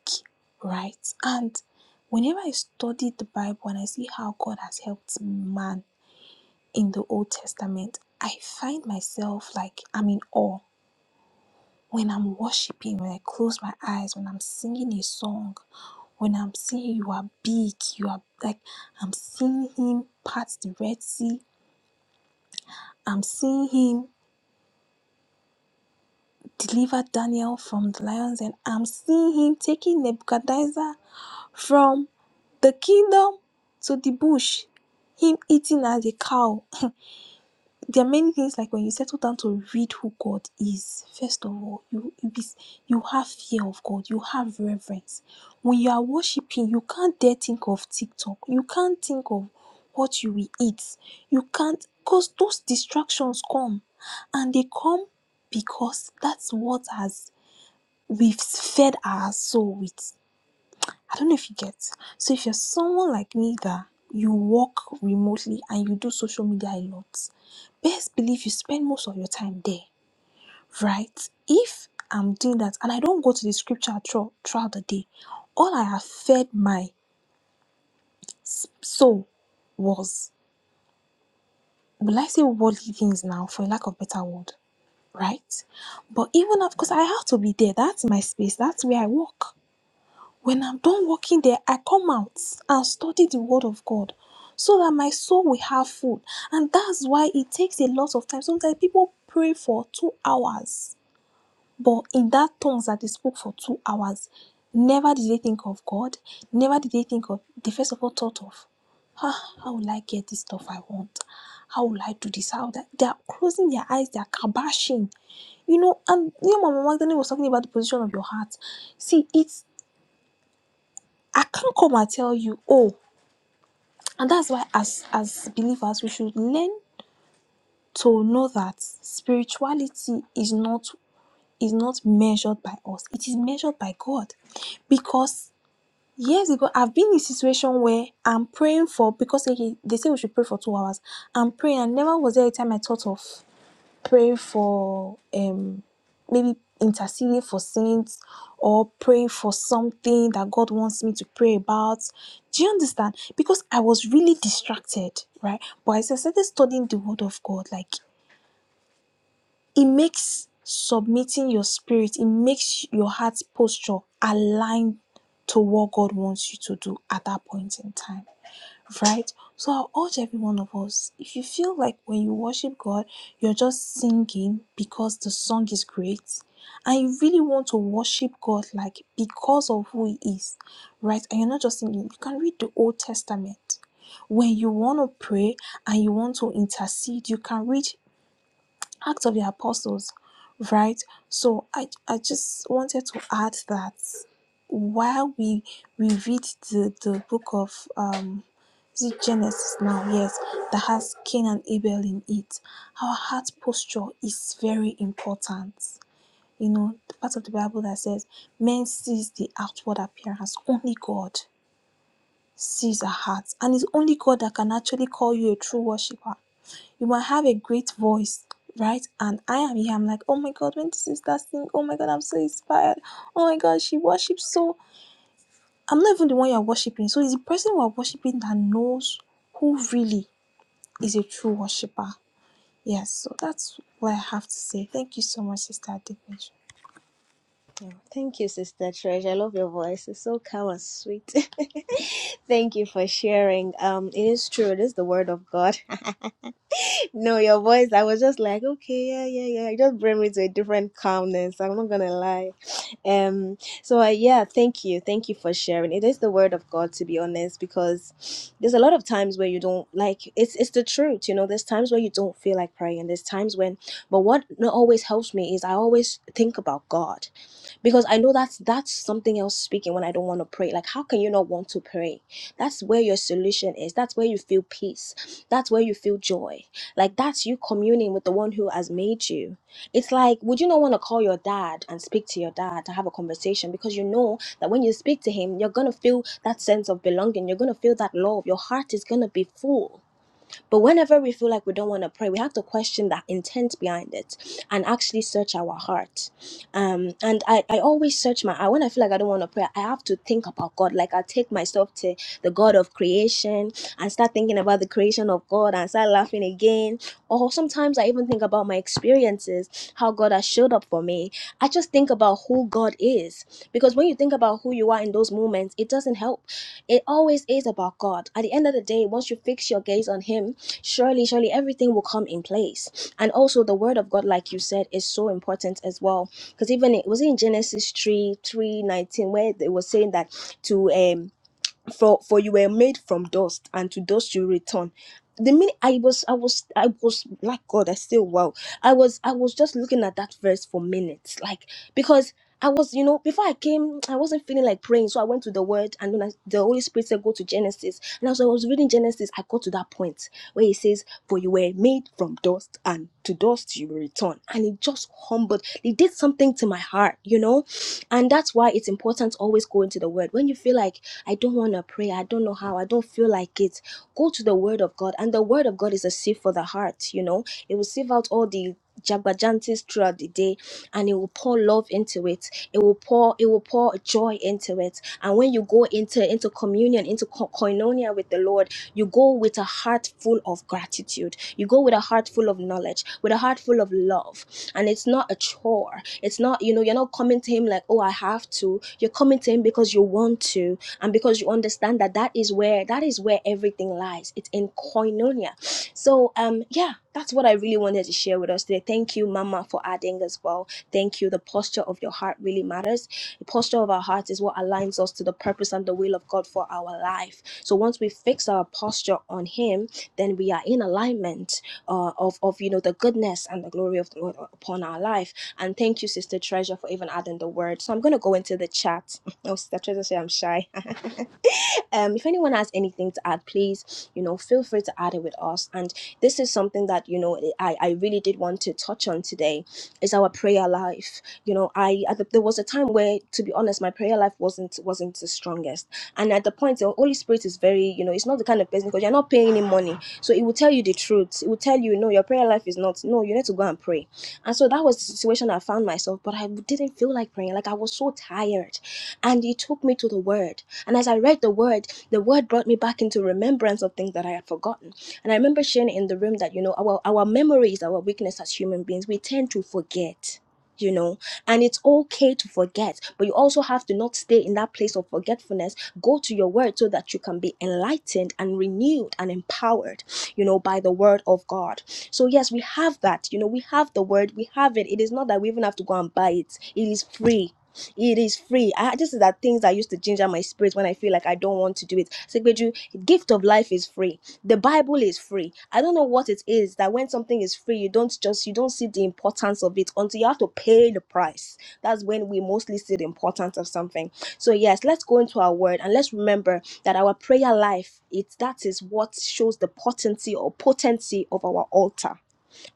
E: right? And whenever I studied the Bible and I see how God has helped man in the Old Testament, I find myself like I'm in awe When I'm worshiping, when I close my eyes, when I'm singing a song, when I'm saying you are big, you are like, I'm seeing him part the Red Sea. I'm seeing him deliver Daniel from the lions, and I'm seeing him taking Nebuchadnezzar from the kingdom to the bush, him eating as a cow. there are many things like when you settle down to read who God is, first of all, you you, be, you have fear of God, you have reverence. When you are worshiping, you can't dare think of TikTok, you can't think of what you will eat, you can't because those distractions come and they come because that's what has we've fed our soul with. I don't know if you get. So if you're someone like me that you work remotely and you do social media a lot, best believe you spend most of your time there, right? If I'm doing that and I don't go to the scripture throughout, throughout the day, all I have fed my soul was, will I say worldly things now for lack of better word, right? But even of course, I have to be there. That's my space. That's where I work. When I'm done working there, I come out and study the Word of God so that my soul will have food. And that's why it takes a lot of time. Sometimes people pray for two hours, but in that tongues that they spoke for two hours, never did they think of God, never did they think of, they first of all thought of, ah, how will I get this stuff I want? How will I do this? How that? They are closing their eyes, they are kabashing you know, and you know, Mama Magdalene was talking about the position of your heart. See, it's I can't come and tell you, oh, and that's why as as believers we should learn to know that spirituality is not is not measured by us. It is measured by God. Because years ago I've been in a situation where I'm praying for because they they say we should pray for two hours. I'm praying and never was there a time I thought of praying for um maybe interceding for saints or praying for something that God wants me to pray about. Do you understand? Because I was really distracted, right? But as I started studying the word of God, like it makes submitting your spirit, it makes your heart's posture aligned to what God wants you to do at that point in time right? So I urge every one of us if you feel like when you worship God, you're just singing because the song is great, and you really want to worship God like because of who He is, right? And you're not just singing, you can read the Old Testament. When you want to pray and you want to intercede, you can read Acts of the Apostles, right? So I I just wanted to add that while we we read the, the book of um is it Genesis now, yes, that has Cain and Abel in it, our heart posture is very important. You know, the part of the Bible that says men sees the outward appearance, only God sees our hearts. And it's only God that can actually call you a true worshiper you might have a great voice right and i am here i'm like oh my god when this is that thing oh my god i'm so inspired oh my god she worships so i'm not even the one you're worshiping so it's the person we're worshiping that knows who really is a true worshiper yes so that's what i have to say thank you so much sister Adivish.
A: oh, thank you, Sister Treasure. I love your voice. It's so calm and sweet. [LAUGHS] thank you for sharing. Um, it is true. It is the word of God. No, your voice, I was just like, okay, yeah, yeah, yeah. It just bring me to a different calmness. I'm not gonna lie. Um, so uh, yeah, thank you. Thank you for sharing. It is the word of God to be honest, because there's a lot of times where you don't like it's it's the truth, you know, there's times where you don't feel like praying, there's times when but what always helps me is I always think about God because i know that's that's something else speaking when i don't want to pray like how can you not want to pray that's where your solution is that's where you feel peace that's where you feel joy like that's you communing with the one who has made you it's like would you not want to call your dad and speak to your dad to have a conversation because you know that when you speak to him you're going to feel that sense of belonging you're going to feel that love your heart is going to be full but whenever we feel like we don't want to pray, we have to question the intent behind it and actually search our heart. Um, and I, I always search my heart. When I feel like I don't want to pray, I have to think about God. Like I take myself to the God of creation and start thinking about the creation of God and start laughing again. Or sometimes I even think about my experiences, how God has showed up for me. I just think about who God is. Because when you think about who you are in those moments, it doesn't help. It always is about God. At the end of the day, once you fix your gaze on Him, surely surely everything will come in place and also the word of god like you said is so important as well because even it was in genesis 3 3 19, where it was saying that to um for for you were made from dust and to dust you return the minute i was i was i was like god i still wow i was i was just looking at that verse for minutes like because i was you know before i came i wasn't feeling like praying so i went to the word and then I, the holy spirit said go to genesis and as i was reading genesis i got to that point where he says for you were made from dust and to dust you will return and it just humbled it did something to my heart you know and that's why it's important to always go into the word when you feel like I don't want to pray. I don't know how. I don't feel like it. Go to the Word of God, and the Word of God is a sieve for the heart. You know, it will sieve out all the jabberjanties throughout the day and it will pour love into it it will pour it will pour joy into it and when you go into into communion into ko- koinonia with the lord you go with a heart full of gratitude you go with a heart full of knowledge with a heart full of love and it's not a chore it's not you know you're not coming to him like oh i have to you're coming to him because you want to and because you understand that that is where that is where everything lies it's in koinonia so um yeah that's what i really wanted to share with us today thank you mama for adding as well thank you the posture of your heart really matters the posture of our heart is what aligns us to the purpose and the will of god for our life so once we fix our posture on him then we are in alignment uh, of of you know the goodness and the glory of the lord upon our life and thank you sister treasure for even adding the word so i'm going to go into the chat [LAUGHS] oh sister treasure say i'm shy um, if anyone has anything to add, please, you know, feel free to add it with us. And this is something that, you know, I, I really did want to touch on today is our prayer life. You know, I, at there was a time where, to be honest, my prayer life wasn't, wasn't the strongest. And at the point, the Holy Spirit is very, you know, it's not the kind of person because you're not paying him money. So it will tell you the truth. It will tell you, no, your prayer life is not, no, you need to go and pray. And so that was the situation I found myself, but I didn't feel like praying. Like I was so tired. And he took me to the word. And as I read the word, the word brought me back into remembrance of things that I had forgotten. And I remember sharing in the room that, you know, our, our memories, our weakness as human beings, we tend to forget. You know, and it's okay to forget, but you also have to not stay in that place of forgetfulness. Go to your word so that you can be enlightened and renewed and empowered, you know, by the word of God. So, yes, we have that. You know, we have the word, we have it. It is not that we even have to go and buy it, it is free it is free. I just are things that used to ginger my spirit when I feel like I don't want to do it. So, Sekbeju, gift of life is free. The Bible is free. I don't know what it is that when something is free, you don't just you don't see the importance of it until you have to pay the price. That's when we mostly see the importance of something. So yes, let's go into our word and let's remember that our prayer life, it that is what shows the potency or potency of our altar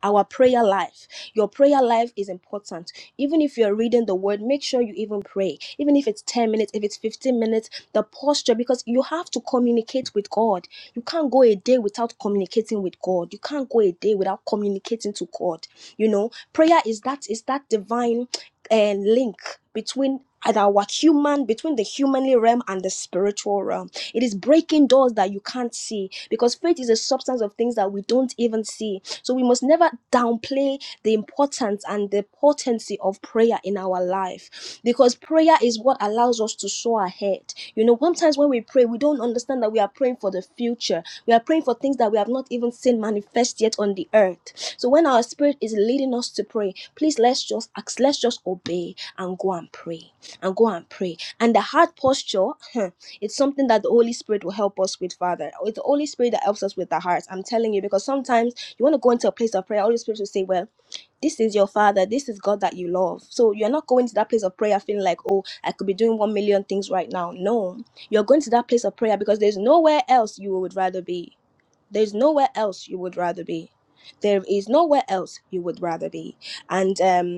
A: our prayer life. Your prayer life is important. Even if you're reading the word, make sure you even pray. Even if it's 10 minutes, if it's 15 minutes, the posture, because you have to communicate with God. You can't go a day without communicating with God. You can't go a day without communicating to God. You know, prayer is that is that divine uh, link between our human between the humanly realm and the spiritual realm it is breaking doors that you can't see because faith is a substance of things that we don't even see so we must never downplay the importance and the potency of prayer in our life because prayer is what allows us to soar ahead. You know, sometimes when we pray, we don't understand that we are praying for the future. We are praying for things that we have not even seen manifest yet on the earth. So when our spirit is leading us to pray, please let's just ask, let's just obey and go and pray and go and pray. And the heart posture, huh, it's something that the Holy Spirit will help us with, Father. It's the Holy Spirit that helps us with the heart. I'm telling you, because sometimes you want to go into a place of prayer, Holy Spirit will say, Well, this is your father, this is God that you love. So you're not going to that place of prayer feeling like, Oh, I could be doing one million things right now. No, you're going to that place of prayer because there's nowhere else you would rather be. There's nowhere else you would rather be. There is nowhere else you would rather be. And um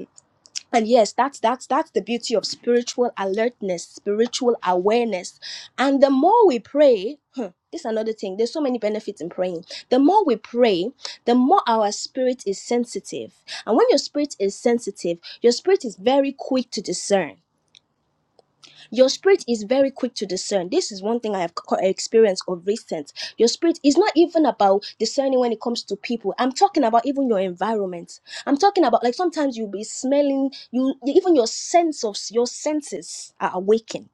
A: and yes that's that's that's the beauty of spiritual alertness spiritual awareness and the more we pray huh, this is another thing there's so many benefits in praying the more we pray the more our spirit is sensitive and when your spirit is sensitive your spirit is very quick to discern your spirit is very quick to discern. This is one thing I have co- experienced of recent. Your spirit is not even about discerning when it comes to people. I'm talking about even your environment. I'm talking about like sometimes you'll be smelling you even your sense of your senses are awakened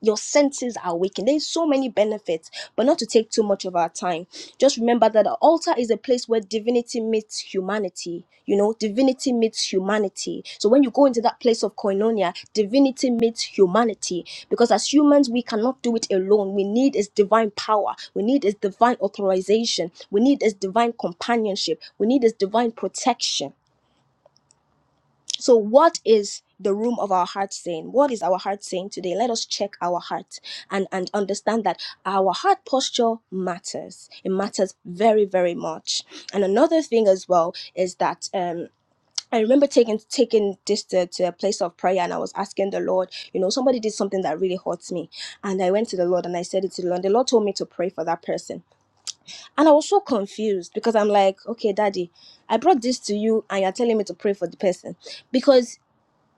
A: your senses are awakened. There's so many benefits, but not to take too much of our time. Just remember that the altar is a place where divinity meets humanity. You know, divinity meets humanity. So when you go into that place of koinonia, divinity meets humanity. Because as humans, we cannot do it alone. We need His divine power. We need His divine authorization. We need His divine companionship. We need His divine protection so, what is the room of our heart saying? What is our heart saying today? Let us check our heart and, and understand that our heart posture matters. It matters very, very much. And another thing as well is that um I remember taking taking this to, to a place of prayer and I was asking the Lord, you know, somebody did something that really hurts me. And I went to the Lord and I said it to the Lord. The Lord told me to pray for that person. And I was so confused because I'm like, okay, daddy, I brought this to you and you're telling me to pray for the person. Because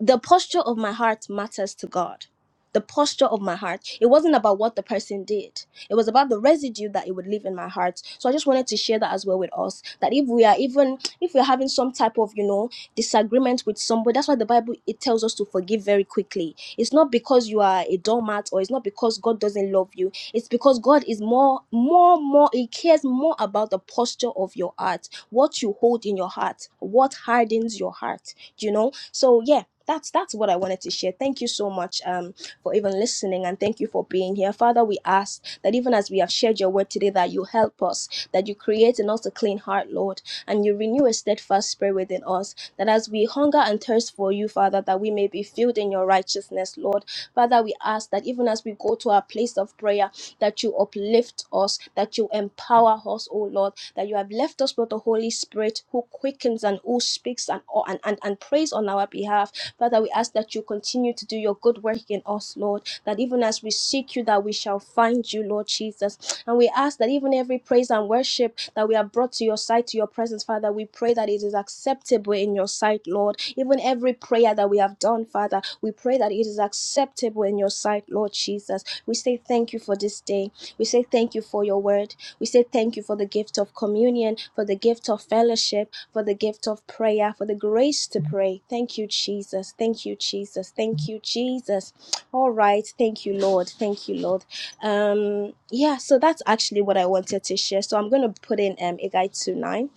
A: the posture of my heart matters to God. The posture of my heart. It wasn't about what the person did. It was about the residue that it would leave in my heart. So I just wanted to share that as well with us. That if we are even if we're having some type of, you know, disagreement with somebody, that's why the Bible it tells us to forgive very quickly. It's not because you are a doormat or it's not because God doesn't love you. It's because God is more, more, more, He cares more about the posture of your heart, what you hold in your heart, what hardens your heart. Do You know? So yeah, that's that's what I wanted to share. Thank you so much um, for even listening and thank you for being here. Father, we ask that even as we have shared your word today, that you help us, that you create in us a clean heart, Lord, and you renew a steadfast spirit within us, that as we hunger and thirst for you, Father, that we may be filled in your righteousness, Lord. Father, we ask that even as we go to our place of prayer, that you uplift us, that you empower us, O Lord, that you have left us with the Holy Spirit who quickens and who speaks and, and, and, and prays on our behalf. Father, we ask that you continue to do your good work in us, Lord, that even as we seek you, that we shall find you, Lord Jesus. And we ask that even every praise and worship that we have brought to your sight, to your presence, Father, we pray that it is acceptable in your sight, Lord. Even every prayer that we have done, Father, we pray that it is acceptable in your sight, Lord Jesus. We say thank you for this day. We say thank you for your word. We say thank you for the gift of communion, for the gift of fellowship for the gift of prayer, for the grace to pray. Thank you, Jesus. Thank you, Jesus. Thank you, Jesus. All right. Thank you, Lord. Thank you, Lord. Um, yeah, so that's actually what I wanted to share. So I'm gonna put in um Igai 2 9,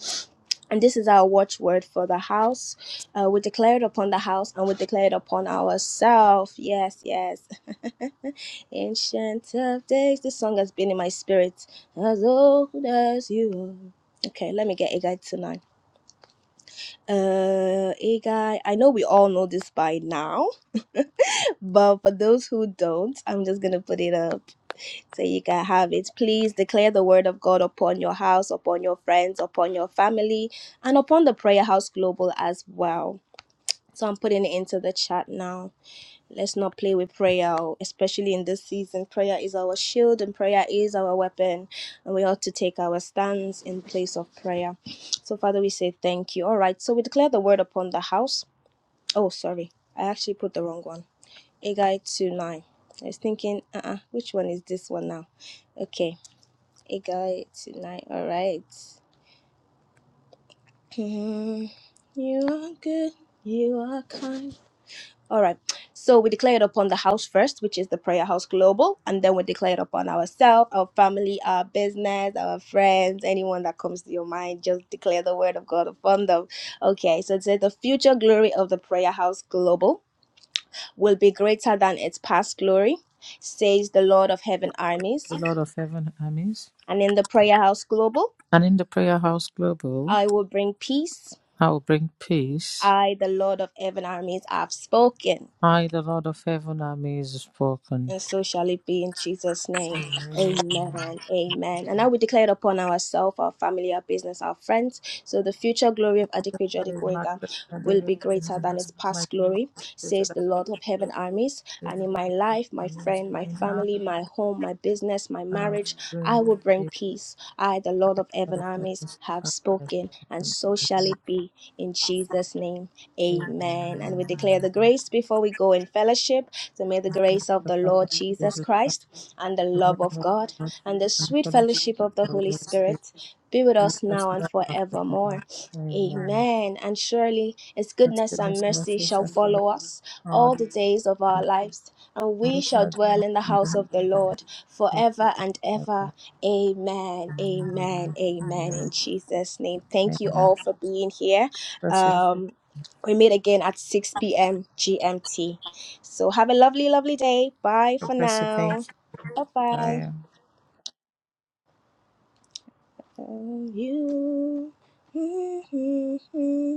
A: and this is our watchword for the house. Uh, we declare it upon the house and we declare it upon ourselves. Yes, yes. Ancient of days, this song has been in my spirit. As old as you. Okay, let me get Igai nine. Uh, hey guy, I know we all know this by now, but for those who don't, I'm just gonna put it up so you can have it. Please declare the word of God upon your house, upon your friends, upon your family, and upon the Prayer House Global as well. So I'm putting it into the chat now. Let's not play with prayer, oh, especially in this season. Prayer is our shield and prayer is our weapon, and we ought to take our stands in place of prayer. So, Father, we say thank you. All right, so we declare the word upon the house Oh, sorry. I actually put the wrong one. Agai 2 9. I was thinking, uh uh which one is this one now? Okay, Agai 2 9. Alright. [LAUGHS] Hmm, you are good. You are kind. Alright, so we declare it upon the house first, which is the Prayer House Global, and then we declare it upon ourselves, our family, our business, our friends, anyone that comes to your mind. Just declare the word of God upon them. Okay, so it says the future glory of the Prayer House Global will be greater than its past glory, says the Lord of heaven armies.
B: The Lord of heaven armies.
A: And in the prayer house global,
B: And in the prayer house global,
A: I will bring peace.
B: I will bring peace
A: I, the Lord of heaven armies, have spoken.
B: I, the Lord of heaven, am is spoken.
A: And so shall it be in Jesus' name. Amen. Amen. And I will declare it upon ourselves, our family, our business, our friends. So the future glory of Adequate Jodic
B: Very much that I
A: will be
B: in my
A: greater than
B: husband,
A: its
B: my
A: past glory,
B: people
A: says
B: that I
A: the Lord of
B: do
A: heaven armies. And
B: in
A: in my life,
B: the
A: my
B: names
A: friend, my
B: now
A: family, my home, my business, my
B: and I will
A: marriage, I
B: bring
A: will bring
B: the
A: peace. I, the Lord of
B: blood
A: heaven
B: of
A: armies,
B: heaven's
A: have
B: blessing.
A: spoken, and so shall it be in Jesus' name.
B: Praise
A: Amen. And we declare the grace before we go in fellowship. So may the grace of
B: the
A: the
B: Father,
A: Lord Jesus
B: Jesus Christ,
A: Christ and the
B: the Lord
A: love of
B: of
A: God and the
B: and
A: sweet
B: fellowship
A: fellowship of the
B: of the
A: Holy
B: Holy Spirit,
A: Spirit be with us
B: just
A: now
B: now
A: and
B: and forevermore.
A: forevermore.
B: Amen.
A: Amen. And surely his
B: That's
A: goodness and
B: goodness and
A: mercy
B: mercy
A: shall
B: shall follow
A: follow us
B: all
A: all the days of our lives, and
B: that
A: we
B: we
A: shall
B: heard
A: dwell in the house of the Lord
B: from
A: forever and ever. Amen. Amen.
B: Amen.
A: Amen. In
B: Amen.
A: Jesus' name. Thank you
B: Amen.
A: all for being here.
B: Bless you.
A: Um, we meet again at 6 p.m. GMT. So have a lovely, lovely day. Bye
B: God
A: for
B: Bless you. Thank
A: now.
B: you.
A: Bye bye.
B: Bye.
A: you. [LAUGHS]